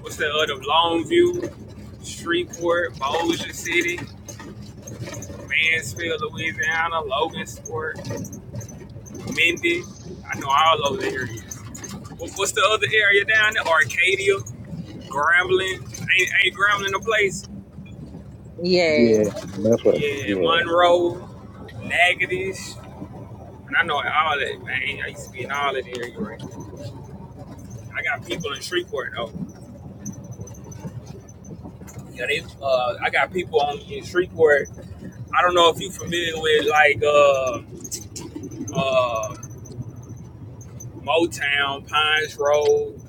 [SPEAKER 6] what's the other, Longview, Shreveport, Bossier City, Mansfield, Louisiana, Logansport, Minden. I know all over the area. What, what's the other area down there? Arcadia, Grambling. Ain't, ain't Grambling a place?
[SPEAKER 2] Yeah.
[SPEAKER 3] Yeah, that's what
[SPEAKER 6] Yeah,
[SPEAKER 3] yeah.
[SPEAKER 6] Monroe, Natchitoches. And I know all that, man. I used to be in all that area. right I got people in Shreveport though. Yeah, they. Uh, I got people on in Shreveport. I don't know if you are familiar with like uh, uh, Motown, Pines Road.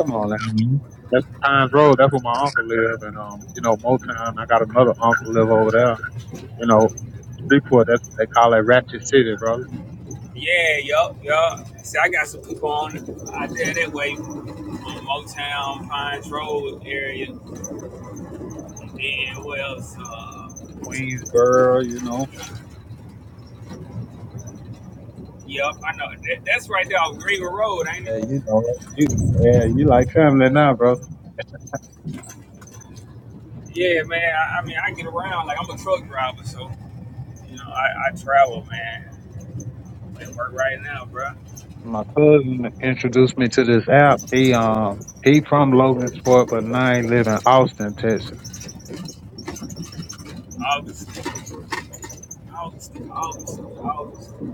[SPEAKER 3] Come on now, man. That's Pines Road, that's where my uncle live and um, you know, Motown, I got another uncle live over there. You know, Freeport, that's they call it Ratchet City, brother.
[SPEAKER 6] Yeah, yup, yup. See, I got some people on out there that way on Motown, Pines Road area. And then what else? Uh,
[SPEAKER 3] Queensboro, you know.
[SPEAKER 6] yup, I know that, that's right there on Greenwood Road, ain't it?
[SPEAKER 3] Yeah, you know you yeah, you like family now, brother.
[SPEAKER 6] Yeah, man. I, I mean, I get around like I'm a truck driver, so you know, I, I travel, man. I work right now, bro.
[SPEAKER 3] My cousin introduced me to this app. He um he from Logansport, but now he live in Austin, Texas.
[SPEAKER 6] August. Austin, Austin, Austin.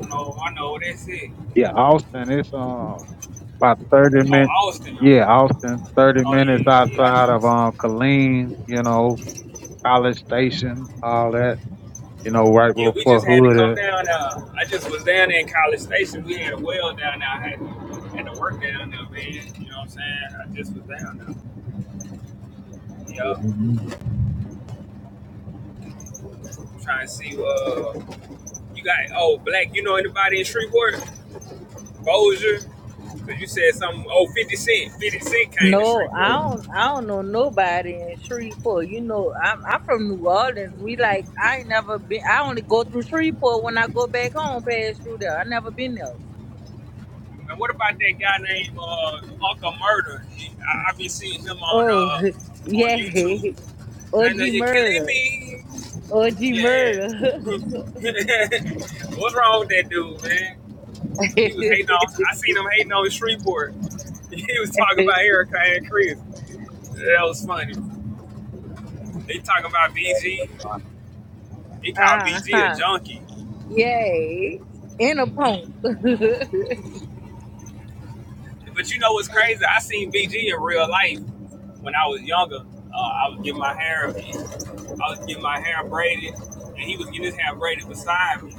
[SPEAKER 6] I know, I know that's it.
[SPEAKER 3] Yeah, Austin. It's um about 30
[SPEAKER 6] Oh,
[SPEAKER 3] minutes.
[SPEAKER 6] Austin.
[SPEAKER 3] Yeah, Austin, 30
[SPEAKER 6] Oh
[SPEAKER 3] minutes
[SPEAKER 6] yeah, yeah, I know
[SPEAKER 3] outside of
[SPEAKER 6] that's it.
[SPEAKER 3] um, Killeen, you know, College Station, all that, you know, right
[SPEAKER 6] Yeah, we
[SPEAKER 3] before
[SPEAKER 6] just had to come
[SPEAKER 3] Hood. is.
[SPEAKER 6] down. Uh, I just was down there in College Station. We had a well down there. I had to, had to work down there, man. You know what I'm saying? I just was down there.
[SPEAKER 3] Yeah.
[SPEAKER 6] Yeah,
[SPEAKER 3] mhm.
[SPEAKER 6] trying to see. Uh, you got oh black. You know anybody in Shreveport? Bozier? Cause you said something. Oh, 50 Cent. 50 Cent came to
[SPEAKER 2] No, I
[SPEAKER 3] Yeah,
[SPEAKER 6] Shreveport.
[SPEAKER 2] don't. I don't know nobody in Shreveport. You know, I'm I'm from New Orleans. We like I ain't never been. I only go through Shreveport when I go back home, pass through there. I never been there.
[SPEAKER 6] And what about that guy named uh, Uncle Murder? I, I been seeing him on
[SPEAKER 2] Oh, [laughs]
[SPEAKER 6] uh on
[SPEAKER 2] yeah.
[SPEAKER 6] YouTube.
[SPEAKER 2] OG
[SPEAKER 6] And uh, you're killing
[SPEAKER 2] murder.
[SPEAKER 6] me.
[SPEAKER 2] OG
[SPEAKER 6] Yeah. [laughs]
[SPEAKER 2] murder.
[SPEAKER 6] What's wrong with that dude, man?
[SPEAKER 2] [laughs]
[SPEAKER 6] He was hating on. I seen him hating on Shreveport. [laughs] He was talking about Erica and Chris. That was funny. They talking about
[SPEAKER 3] well,
[SPEAKER 6] BG.
[SPEAKER 3] that's fine.
[SPEAKER 6] He called BG a
[SPEAKER 2] uh-huh.
[SPEAKER 6] junkie.
[SPEAKER 2] Yay. And a pump. [laughs]
[SPEAKER 6] But you know what's crazy? I seen BG in real life when I was younger. Uh, I was getting my hair. I was getting my hair braided, and he was getting his hair braided beside me.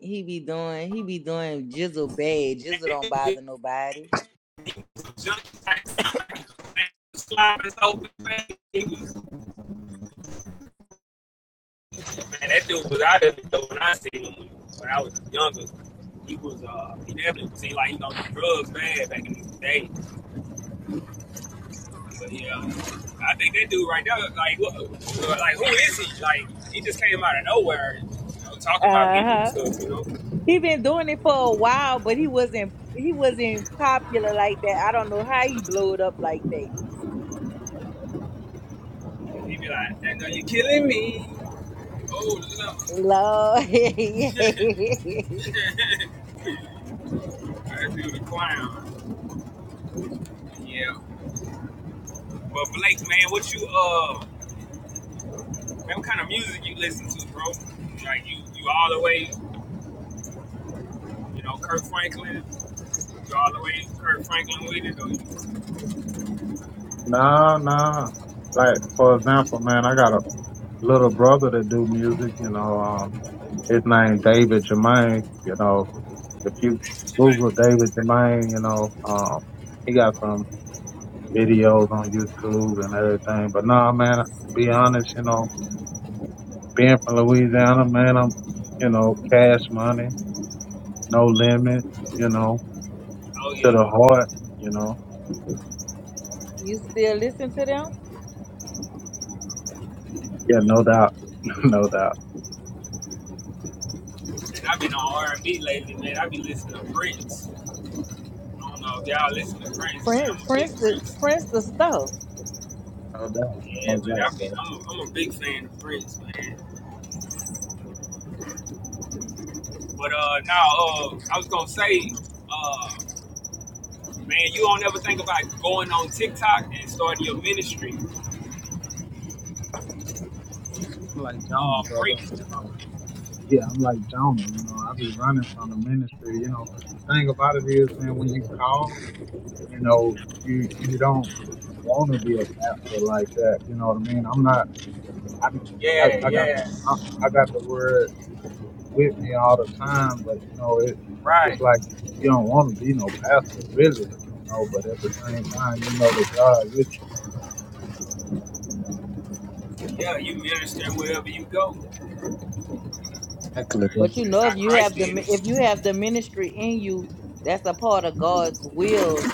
[SPEAKER 2] He be doing, he be doing Jizzle bad.
[SPEAKER 6] And
[SPEAKER 2] Jizzle
[SPEAKER 6] he
[SPEAKER 2] don't
[SPEAKER 6] was
[SPEAKER 2] bother nobody.
[SPEAKER 6] so man, that dude was out of it though when I seen him when, I was younger. He was, uh, he definitely seemed like, you know, drugs bad back in the day. But yeah, I think that dude right there, like, what, like who is he? Like, he just came out of nowhere, you know, talking about people and
[SPEAKER 2] Uh-huh.
[SPEAKER 6] stuff, you know.
[SPEAKER 2] He been doing it for a while, but he wasn't he wasn't popular like that. I don't know how he blew it up like that.
[SPEAKER 6] He'd be like, "Now you're killing me." Oh,
[SPEAKER 2] Lord. [laughs]
[SPEAKER 6] no. [laughs] I do the clown. Yeah. But Blake, man, what you uh man, what kind of music you listen to, bro? Like you you all the way, you know, Kirk Franklin, you all the way Kirk Franklin with it, or you,
[SPEAKER 3] No, no. Like, for example, man, I got a little brother that do music, you know, um, his name David Jermaine, you know, if you Google David Jermaine, you know, um, he got some videos on YouTube and everything. But no, man, to be honest, you know, being from Louisiana, man, I'm, you know, cash money, no limit, you know,
[SPEAKER 6] oh
[SPEAKER 3] to
[SPEAKER 6] yeah.
[SPEAKER 3] the heart, you know.
[SPEAKER 2] you still listen to them?
[SPEAKER 3] Yeah, no doubt. [laughs] no doubt.
[SPEAKER 6] And I've been on R and B lately, man. I have been listening to Prince. I don't know if y'all listen to Prince, man.
[SPEAKER 2] Prince
[SPEAKER 6] I'm a
[SPEAKER 2] Prince
[SPEAKER 6] big
[SPEAKER 2] the
[SPEAKER 6] Prince.
[SPEAKER 2] Prince the stuff.
[SPEAKER 3] No doubt.
[SPEAKER 6] Yeah,
[SPEAKER 3] No
[SPEAKER 6] man, I
[SPEAKER 3] doubt,
[SPEAKER 6] have been,
[SPEAKER 3] bro.
[SPEAKER 6] I'm, a, I'm a big fan of Prince, man. But uh now uh I was gonna say, uh man, you don't ever think about going on TikTok and starting your ministry
[SPEAKER 3] I'm like Jonah,
[SPEAKER 6] uh, break.
[SPEAKER 3] brother, you know. Yeah, I'm like Jonah, you know, I be running from the ministry, you know. The thing about it is, man, when you call, you know, you you don't want to be a pastor like that, you know what I mean? I'm not I I,
[SPEAKER 6] Yeah,
[SPEAKER 3] I got the
[SPEAKER 6] yeah,
[SPEAKER 3] I, I got the word with me all the time, but you know, it it's
[SPEAKER 6] right.
[SPEAKER 3] like you don't want to be no pastor, really, you know. But at the same time, you know that God with you.
[SPEAKER 6] Yeah, you minister wherever you go.
[SPEAKER 3] Exactly,
[SPEAKER 6] Right?
[SPEAKER 3] bro.
[SPEAKER 2] But you
[SPEAKER 6] That's
[SPEAKER 2] know, if
[SPEAKER 6] how
[SPEAKER 2] you
[SPEAKER 6] Christ
[SPEAKER 2] have the
[SPEAKER 6] did
[SPEAKER 2] mi-
[SPEAKER 6] it.
[SPEAKER 2] if you have the ministry in you, that's a part of God's will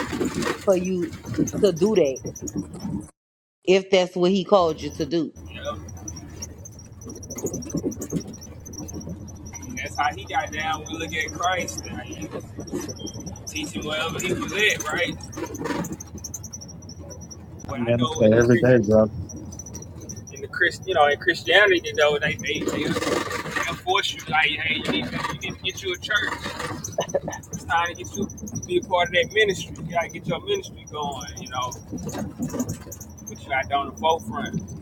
[SPEAKER 2] for you to do that. If that's what He called you to do.
[SPEAKER 6] You know, And that's how he got down. We look at Christ, uh, he was teaching wherever he was at, right?
[SPEAKER 3] I
[SPEAKER 6] But I know
[SPEAKER 3] minister
[SPEAKER 6] in the
[SPEAKER 3] every
[SPEAKER 6] Chris,
[SPEAKER 3] day, brother.
[SPEAKER 6] in the Chris, you know, in Christianity, you know, they they they they'll force you like, hey, you need, to, you need to get you a church. It's time to get you to be a part of that ministry. You gotta get your ministry going. You know, put you out there on the forefront.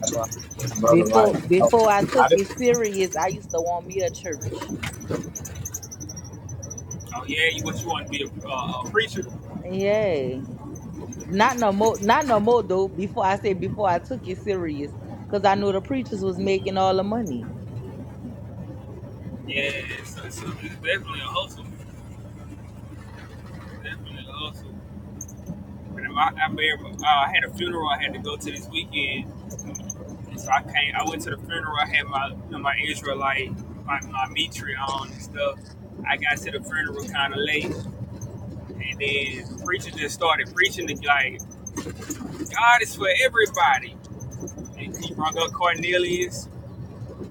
[SPEAKER 3] That's why, I'm saying, brother,
[SPEAKER 2] Before
[SPEAKER 3] like you know,
[SPEAKER 2] before I
[SPEAKER 3] I
[SPEAKER 2] took
[SPEAKER 3] did.
[SPEAKER 2] it serious, I used to want me a church.
[SPEAKER 6] Oh yeah, you what you want to be a, uh, a preacher?
[SPEAKER 2] Yay. Not no more. Not no more though. Before I said before I took it serious, cause I knew the preachers was making all the money.
[SPEAKER 6] Yeah, so, so it's definitely a hustle. Definitely a hustle. But I, I remember uh, I had a funeral I had to go to this weekend, and so I came. I went to the funeral. I had my you know, my Israelite, my my mitra on and stuff. I got to the funeral kind of late, and then the preacher just started preaching to be like God is for everybody, and he brought up Cornelius.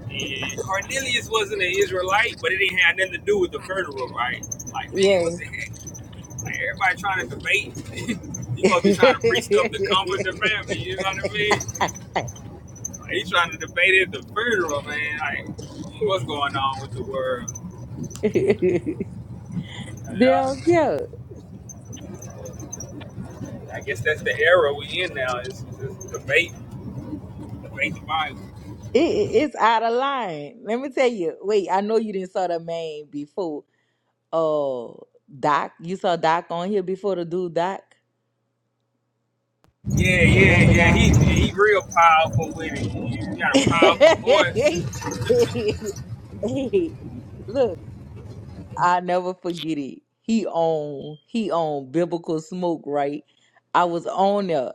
[SPEAKER 6] And Cornelius wasn't an Israelite, but it didn't have nothing to do with the funeral, right? Like, man, what
[SPEAKER 2] Yay.
[SPEAKER 6] the heck? Everybody trying to debate. [laughs] you supposed to
[SPEAKER 2] [laughs]
[SPEAKER 6] be trying to preach stuff to comfort the family. You know what I mean? Like, he trying to debate it at the funeral, man. Like, what's going on with the world?
[SPEAKER 2] they
[SPEAKER 3] I,
[SPEAKER 6] Yeah,
[SPEAKER 2] don't care.
[SPEAKER 6] I guess that's the era we in now. Is is debate, debate the Bible.
[SPEAKER 2] It, it- it's out of line. Let me tell you. Wait, I know you didn't saw the man before. Oh, Doc, you saw Doc on here before the dude Doc,
[SPEAKER 6] Yeah,
[SPEAKER 2] the
[SPEAKER 6] yeah,
[SPEAKER 2] older
[SPEAKER 6] yeah. He
[SPEAKER 2] guy.
[SPEAKER 6] he real powerful with it. You got a powerful voice.
[SPEAKER 2] [laughs] Look, I never forget it. He on he on biblical smoke, right? I was on there.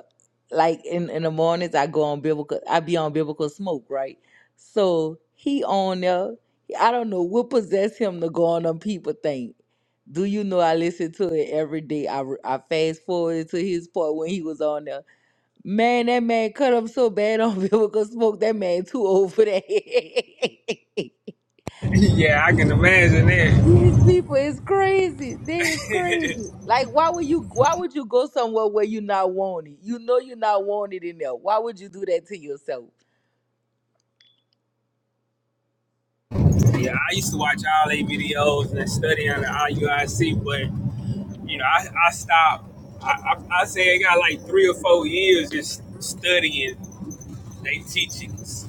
[SPEAKER 2] Like in, in the mornings I go on biblical I be on biblical smoke, right? So he on there. I don't know what possessed him to go on them people thing. Do you know I listen to it every day? I, re- I fast forwarded to his part when he was on there. Man, that man cut up so bad on [laughs] biblical smoke. That man too old for that.
[SPEAKER 6] [laughs] yeah, I can
[SPEAKER 2] [laughs]
[SPEAKER 6] imagine that.
[SPEAKER 2] These people is crazy. They is crazy. Like, why would you? Why would you go somewhere where you not wanted? You know you not wanted in there. Why would you do that to yourself?
[SPEAKER 6] Yeah, I used to watch all their videos and study on the IUIC, but. you know, I, I stopped. I, I, I say I got like three or four years just studying they teachings.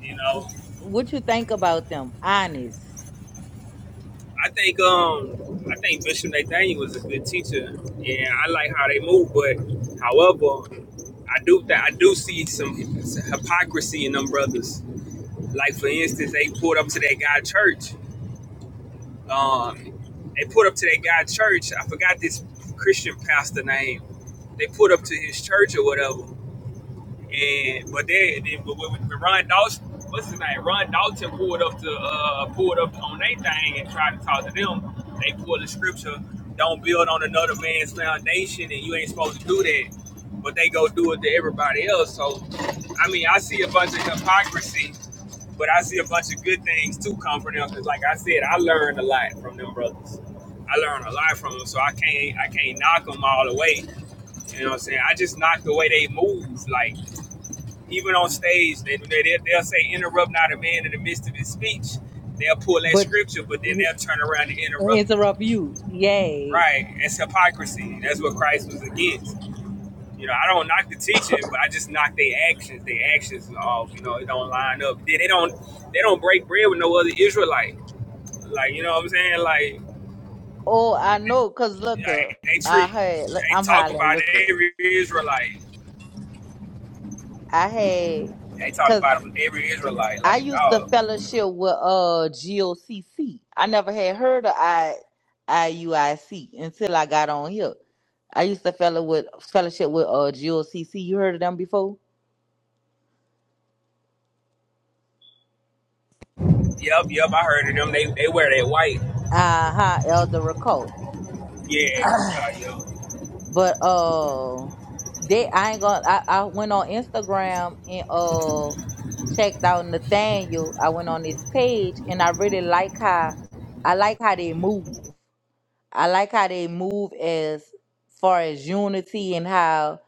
[SPEAKER 6] You know,
[SPEAKER 2] What you think about them? Honest,
[SPEAKER 6] I think um I think Bishop Nathaniel was a good teacher, and I like how they move. But however, I do that I do see some hypocrisy in them brothers. Like for instance, they pulled up to that guy church. Um, they pulled up to that guy church. I forgot this Christian pastor name. They pulled up to his church or whatever, And but they then but when, when Ron Dawson, what's his name? Ron Dalton pulled up to uh pulled up on their thing and tried to talk to them. They pulled the scripture, don't build on another man's foundation, and you ain't supposed to do that. But they go do it to everybody else. So I mean, I see a bunch of hypocrisy, but I see a bunch of good things too come from them. Cause like I said, I learned a lot from them brothers. I learned a lot from them, so I can't I can't knock them all the way. You know what I'm saying? I just knock the way they move, like. Even on stage, they, they, they'll, they'll say, interrupt not a man in the midst of his speech. They'll pull that
[SPEAKER 2] but
[SPEAKER 6] scripture, but then
[SPEAKER 2] you-
[SPEAKER 6] they'll turn around and interrupt you.
[SPEAKER 2] interrupt you. Yay.
[SPEAKER 6] Right. That's hypocrisy. That's what Christ was against. You know, I don't knock the teaching, but I just knock their actions. Their actions, all you know, it don't line up. They, they don't, they don't break bread with no other Israelite. Like you know what I'm saying? Like
[SPEAKER 2] Oh, I know. Cause look, uh,
[SPEAKER 6] like they
[SPEAKER 2] I
[SPEAKER 6] treat,
[SPEAKER 2] had. look,
[SPEAKER 6] they
[SPEAKER 2] I'm
[SPEAKER 6] talk
[SPEAKER 2] hollering.
[SPEAKER 6] about
[SPEAKER 2] Look, uh,
[SPEAKER 6] every Israelite.
[SPEAKER 2] I
[SPEAKER 6] They talk
[SPEAKER 2] had.
[SPEAKER 6] about every Israelite
[SPEAKER 2] I
[SPEAKER 6] like a
[SPEAKER 2] used to
[SPEAKER 6] dog.
[SPEAKER 2] fellowship with uh GOCC. never had heard of I IUIC until I got on here. I used to fellow with fellowship with uh GOCC. You heard of them before?
[SPEAKER 6] Yep, yep, I heard of them. They they wear that white.
[SPEAKER 2] Uh huh, Elder Recall.
[SPEAKER 6] Yeah,
[SPEAKER 2] But uh, they I ain't gonna. I, I went on Instagram and uh checked out Nathaniel. I went on his page and I really like how I like how they move. I like how they move as far as unity and how,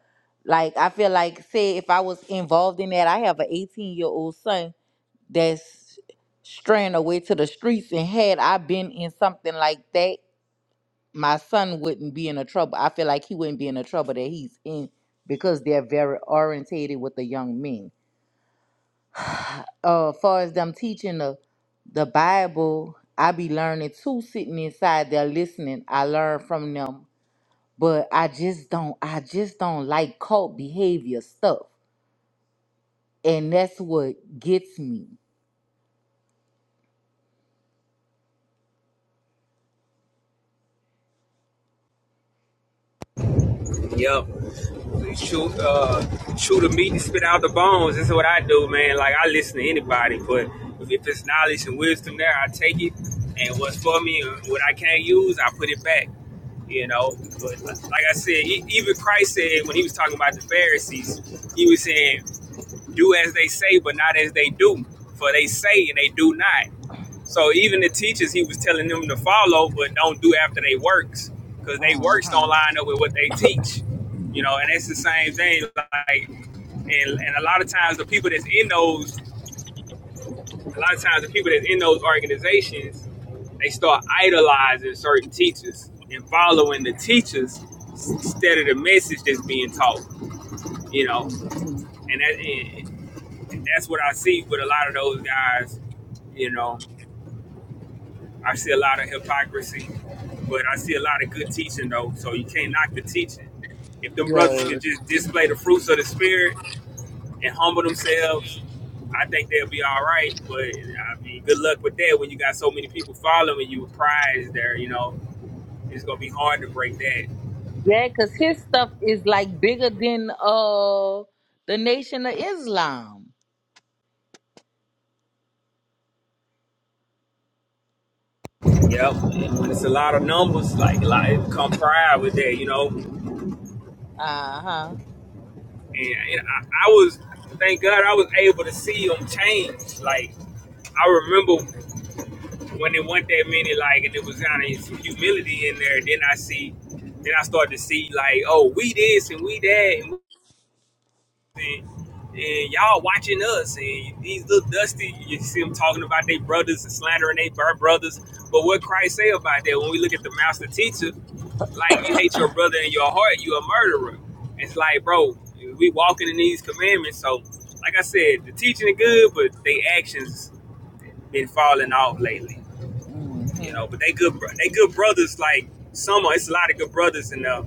[SPEAKER 2] like, I feel like, say, if I was involved in that, I have an 18 year old son that's straying away to the streets, and had I been in something like that, my son wouldn't be in the trouble. I feel like he wouldn't be in the trouble that he's in because they're very orientated with the young men. Uh, far as them teaching the the Bible, I be learning too, sitting inside there listening. I learn from them but I just don't I just don't like cult behavior stuff. And that's what gets me.
[SPEAKER 6] Yep. Yep. Shoot, uh, chew the meat and spit out the bones. This is what I do, man. Like I listen to anybody, but if, if there's knowledge and wisdom there, I take it. And what's for me, and what I can't use, I put it back. You know, but like I said, e- even Christ said when he was talking about the Pharisees, he was saying, "Do as they say, but not as they do, for they say and they do not." So even the teachers, he was telling them to follow, but don't do after they works, because they works don't
[SPEAKER 2] Uh-huh.
[SPEAKER 6] line up with what they teach. You know, and it's the same thing. Like, and, and a lot of times the people that's in those, a lot of times the people that's in those organizations, they start idolizing certain teachers and following the teachers instead of the message that's being taught. You know,
[SPEAKER 2] Mhm.
[SPEAKER 6] and that and, and that's what I see with a lot of those guys. You know, I see a lot of hypocrisy, but I see a lot of good teaching though. So you can't knock the teaching. If them brothers
[SPEAKER 2] Yeah.
[SPEAKER 6] can just display the fruits of the spirit and humble themselves, I think they'll be all right. But I mean, good luck with that when you got so many people following you with pride there. You know, it's gonna be hard to break that.
[SPEAKER 2] Yeah, because his stuff is like bigger than uh the nation of Islam.
[SPEAKER 6] Yep. And when it's a lot of numbers, like like come pride with that. You know,
[SPEAKER 2] Uh-huh.
[SPEAKER 6] and, and I, I was thank God I was able to see them change. Like I remember when it went that many, like, and it was kind of some humility in there. Then I see, then I started to see, like, oh, we this and we that, and, and, and y'all watching us, and these little dusty, you see them talking about their brothers and slandering their brothers. But what Christ say about that? When we look at the master teacher, like, you hate your brother in your heart, you a murderer. It's like, bro, we walking in these commandments. So, like I said, the teaching is good, but they actions been falling off lately you know. But they good, they good brothers. Like some, it's a lot of good brothers in there.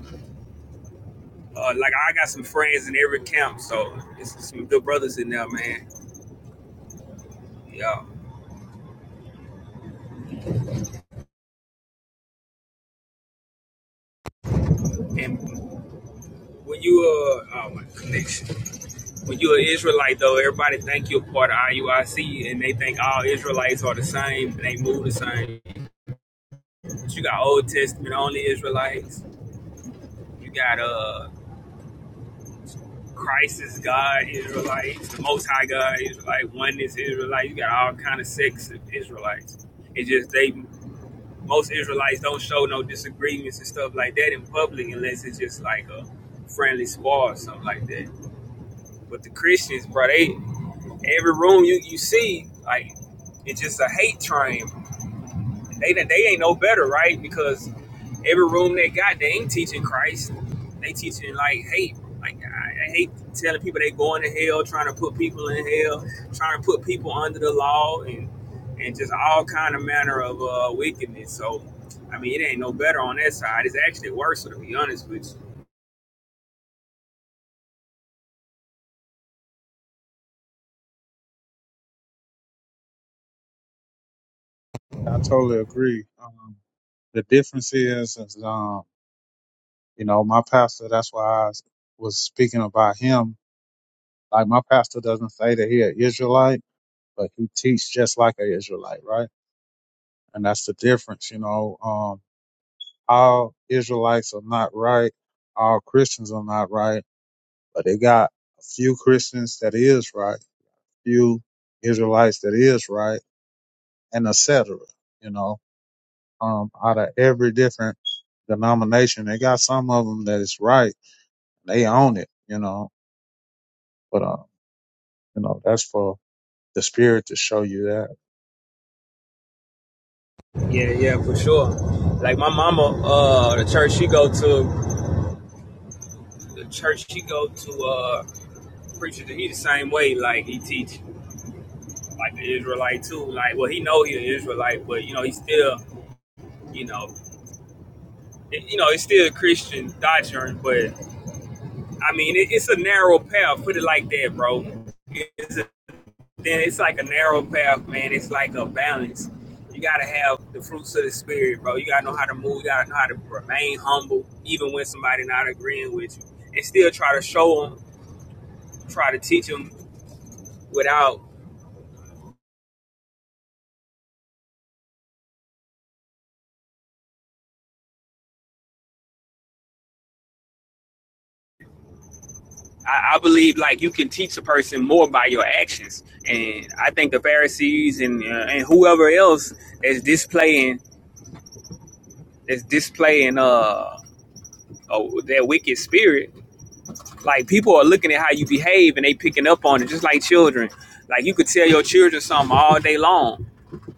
[SPEAKER 6] Uh, like I got some friends in every camp, so it's some good brothers in there, man. Yeah. And when you uh, oh my connection, when you're an Israelite though, everybody think you're part of IUIC, and they think all Israelites are the same. They move the same. But you got Old Testament only Israelites. You got uh Christ is God, Israelites, the Most High God, Israelite, oneness, Israelite. You got all kind of sects of Israelites. It's just they most Israelites don't show no disagreements and stuff like that in public unless it's just like a friendly spar or something like that. But the Christians, bro, they every room you, you see, like it's just a hate train, they they ain't no better, right? Because every room they got, they ain't teaching Christ. They teaching like hate. Like I, I hate telling people they going to hell, trying to put people in hell, trying to put people under the law, and and just all kind of manner of uh, wickedness. So, I mean, it ain't no better on that side. It's actually worse, to be honest with you.
[SPEAKER 3] I totally agree. Um, the difference is, is um, you know, my pastor. That's why I was speaking about him. Like my pastor doesn't say that he an Israelite, but he teach just like an Israelite, right? And that's the difference, you know. Um, all Israelites are not right, all Christians are not right, but they got a few Christians that is right, few Israelites that is right, and etc. You know, um, out of every different denomination, they got some of them that is right. They own it, you know, but, uh, you know, that's for the spirit to show you that.
[SPEAKER 6] Yeah, yeah, for sure. Like my mama, uh, the church she go to, the church she go to, uh, preacher, he the same way. Like he teach. like the Israelite too. Like, well, he know he an Israelite, but you know, he still, you know, it, you know, it's still a Christian doctrine. But I mean, it, it's a narrow path. Put it like that, bro. It's a, then it's like a narrow path, man. It's like a balance. You gotta have the fruits of the spirit, bro. You gotta know how to move. You gotta know how to remain humble, even when somebody not agreeing with you, and still try to show them, try to teach them without I, I believe like you can teach a person more by your actions, and I think the Pharisees and uh, and whoever else is displaying is displaying uh, uh their wicked spirit. Like people are looking at how you behave and they picking up on it, just like children. Like you could tell your children something all day long,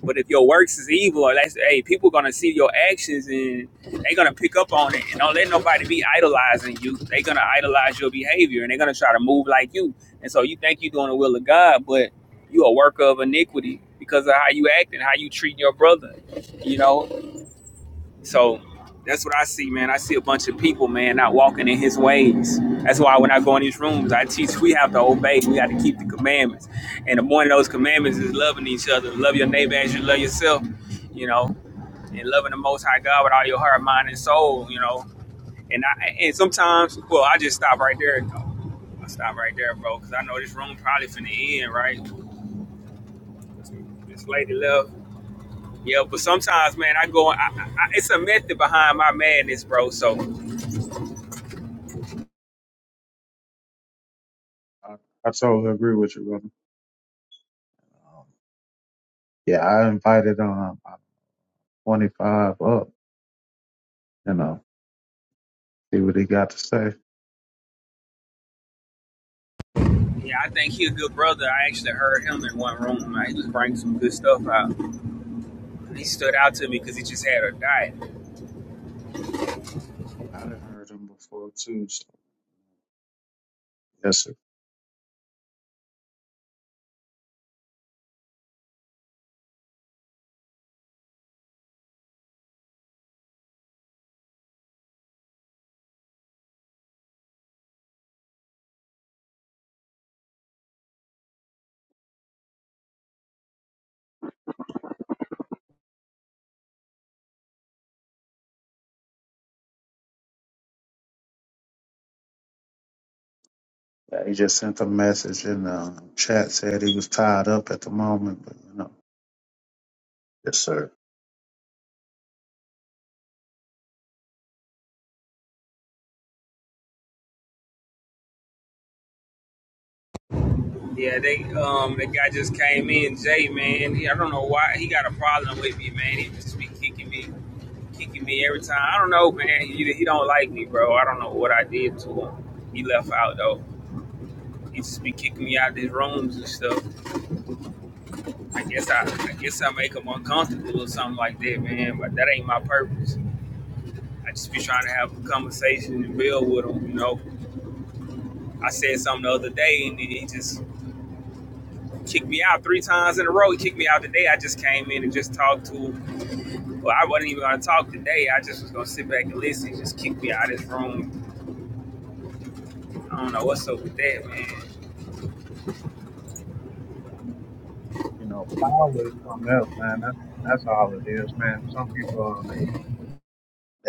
[SPEAKER 6] But if your works is evil, or that's hey, people gonna see your actions and they gonna pick up on it. And don't let nobody be idolizing you. they gonna idolize your behavior and they're gonna try to move like you. And so you think you're doing the will of God, but you a worker of iniquity because of how you act and how you treat your brother. You know, so that's what I see, man. I see a bunch of people, man, not walking in his ways. That's why when I go in these rooms, I teach we have to obey. We have to keep the commandments. And the one of those commandments is loving each other. Love your neighbor as you love yourself, you know, and loving the most high God with all your heart, mind, and soul, you know. And I and sometimes, well, I just stop right there. I stop right there, bro, because I know this room probably finna end, right? This lady left. Yeah, but sometimes, man, I go. I, I, I- it's a method behind my madness, bro. So,
[SPEAKER 3] I, I totally agree with you, brother. Um, yeah, I invited, um, 25 up, you know, see what he got to say.
[SPEAKER 6] yeah, I think he a good brother. I actually heard him in one room. Like, he was bringing some good stuff out. He stood out to me because he just had a diet.
[SPEAKER 3] I done heard him before too. So Yes, sir. Yeah, He just sent a message in the um, chat said he was tied up at the moment, but you know. Yes, sir.
[SPEAKER 6] Yeah, they um, the guy just came in, Jay, man. He, I don't know why he got a problem with me, man. He just be kicking me, kicking me every time. I don't know, man. He, he don't like me, bro. I don't know what I did to him. He left out though. He just be kicking me out of these rooms and stuff. I guess I, I guess I make them uncomfortable or something like that, man. But that ain't my purpose. I just be trying to have a conversation and build with them. You know, I said something the other day, and he just kicked me out three times in a row. He kicked me out today. I just came in and just talked to him. Well, I wasn't even gonna talk today. I just was gonna sit back and listen. He Just kicked me out of this room. I don't know what's up with that, man.
[SPEAKER 3] You know, power is something else, man. That's that's all it is, man. Some people um, they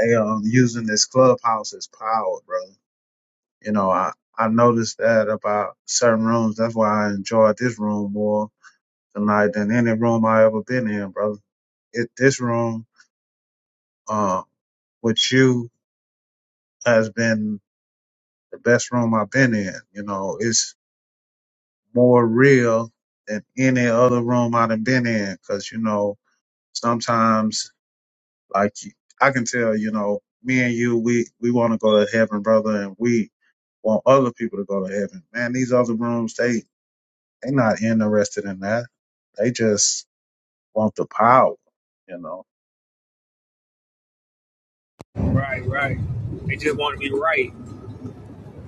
[SPEAKER 3] they um using this clubhouse as power, bro. You know, I I noticed that about certain rooms. That's why I enjoyed this room more tonight than any room I ever been in, brother. It this room, uh, with you has been the best room I've been in. You know, it's more real than any other room I've been in. Cause you know, sometimes like you- I can tell, you know, me and you, we, we want to go to heaven, brother, and we want other people to go to heaven. Man, these other rooms, they, they not interested in that. They just want the power, you know.
[SPEAKER 6] Right, right. They just want to be right.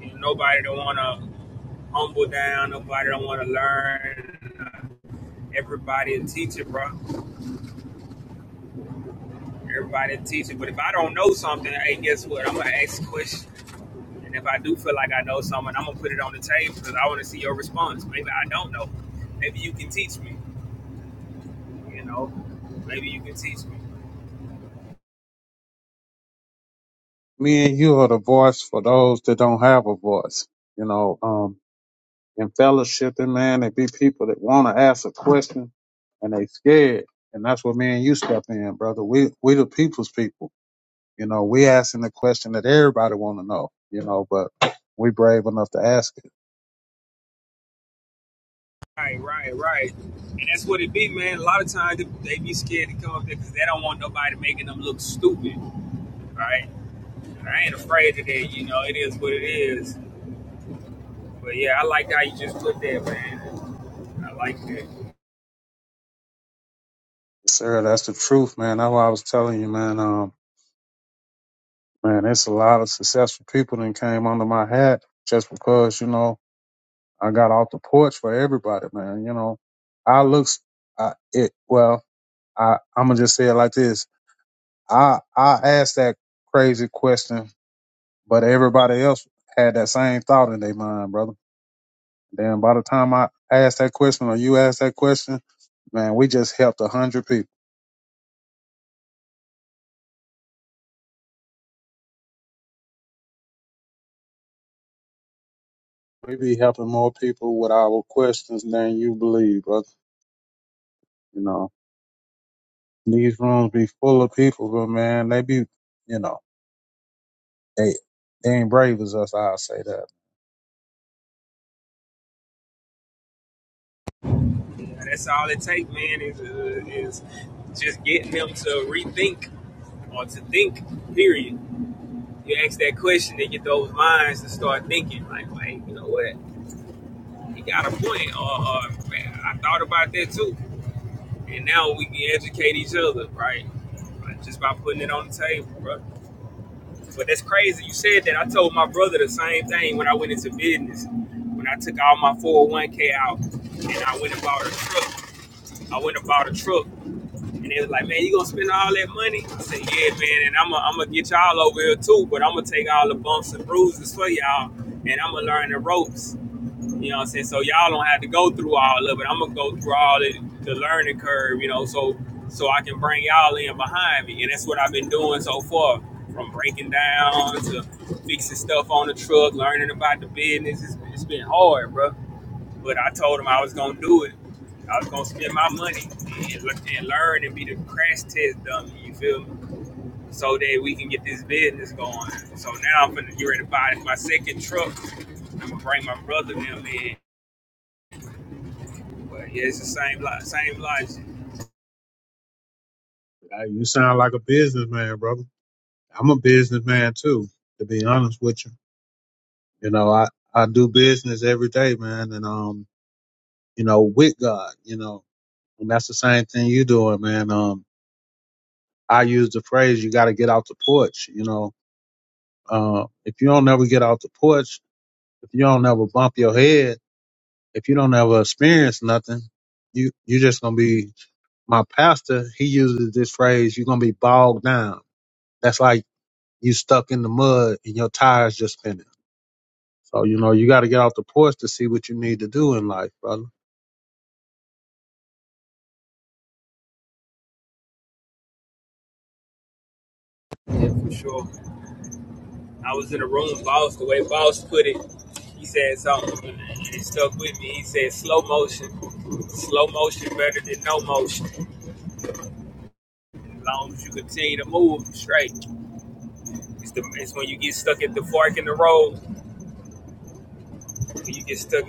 [SPEAKER 6] And nobody don't want to humble down. Nobody don't want to learn. Everybody a teacher, bro. Everybody a teacher. But if I don't know something, hey, guess what? I'm gonna ask a question. And if I do feel like I know something, I'm gonna put it on the table because I want to see your response. Maybe I don't know. Maybe you can teach me. You know. Maybe you can teach me.
[SPEAKER 3] Me and you are the voice for those that don't have a voice. You know, um, and fellowshipping, man. They be people that want to ask a question and they scared. And that's where me and you step in, brother. We we the people's people. You know, we asking the question that everybody want to know. You know, but we brave enough to ask it.
[SPEAKER 6] Right, right, right. And that's what it be, man. A lot of times they be scared to come up there because they don't want nobody making them look stupid, right? And I ain't afraid of that. You know, it is what it is. But yeah, I like how you just put that, man. I like that.
[SPEAKER 3] Sir, that's the truth, man. That's why I was telling you, man. Um, man, it's a lot of successful people that came under my hat just because you know I got off the porch for everybody, man. You know, I looks, I it well. I I'm gonna just say it like this I I asked that crazy question, but everybody else had that same thought in their mind, brother. Then by the time I asked that question or you asked that question, man, we just helped a hundred people. We be helping more people with our questions than you believe, brother. You know, these rooms be full of people, but man, they be, you know, they they ain't brave as us. I'll say that.
[SPEAKER 6] That's all it takes, man, is, uh, is just getting them to rethink or to think, period. You ask that question, they get those minds to start thinking, like, wait, you know what? He got a point, or, or man, I thought about that too. And now we can educate each other, right? Like, Just by putting it on the table, bro. But that's crazy. You said that. I told my brother the same thing when I went into business. When I took all my 401k out and I went and bought a truck, I went and bought a truck And they was like, man, you gonna spend all that money? I said, yeah, man, and I'm gonna get y'all over here too, but I'm gonna take all the bumps and bruises for y'all, and I'm gonna learn the ropes. You know what I'm saying? So y'all don't have to go through all of it. I'm gonna go through all the, the learning curve, you know, so so I can bring y'all in behind me, and that's what I've been doing so far, from breaking down to fixing stuff on the truck, learning about the business. It's, it's been hard, bro. But I told him I was gonna do it. I was gonna spend my money and, and learn and be the crash test dummy. You feel me? So that we can get this business going. So now I'm gonna get ready to buy my second truck. I'm gonna bring my brother and them in. But yeah, it's the same lo- same logic.
[SPEAKER 3] Hey, You sound like a businessman, brother. I'm a businessman too, to be honest with you. You know, I, I do business every day, man. And, um, you know, with God, you know, and that's the same thing you doing, man. Um, I use the phrase, you got to get out the porch. You know, uh, if you don't ever get out the porch, if you don't ever bump your head, if you don't ever experience nothing, you, you just going to be my pastor, he uses this phrase, you're gonna be bogged down. That's like you stuck in the mud and your tires just spinning. So, you know, you gotta get out the porch to see what you need to do in life, brother.
[SPEAKER 6] Yeah, for sure. I was in a room, boss. The way boss put it, he said something and it stuck with me. He said slow motion, slow motion better than no motion. As long as you continue to move straight. It's, the, it's when you get stuck at the fork in the road. When you get stuck.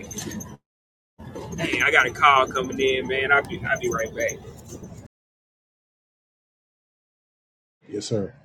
[SPEAKER 6] Hey, I got a call coming in, man. I'll be, I'll be right back.
[SPEAKER 3] Yes, sir.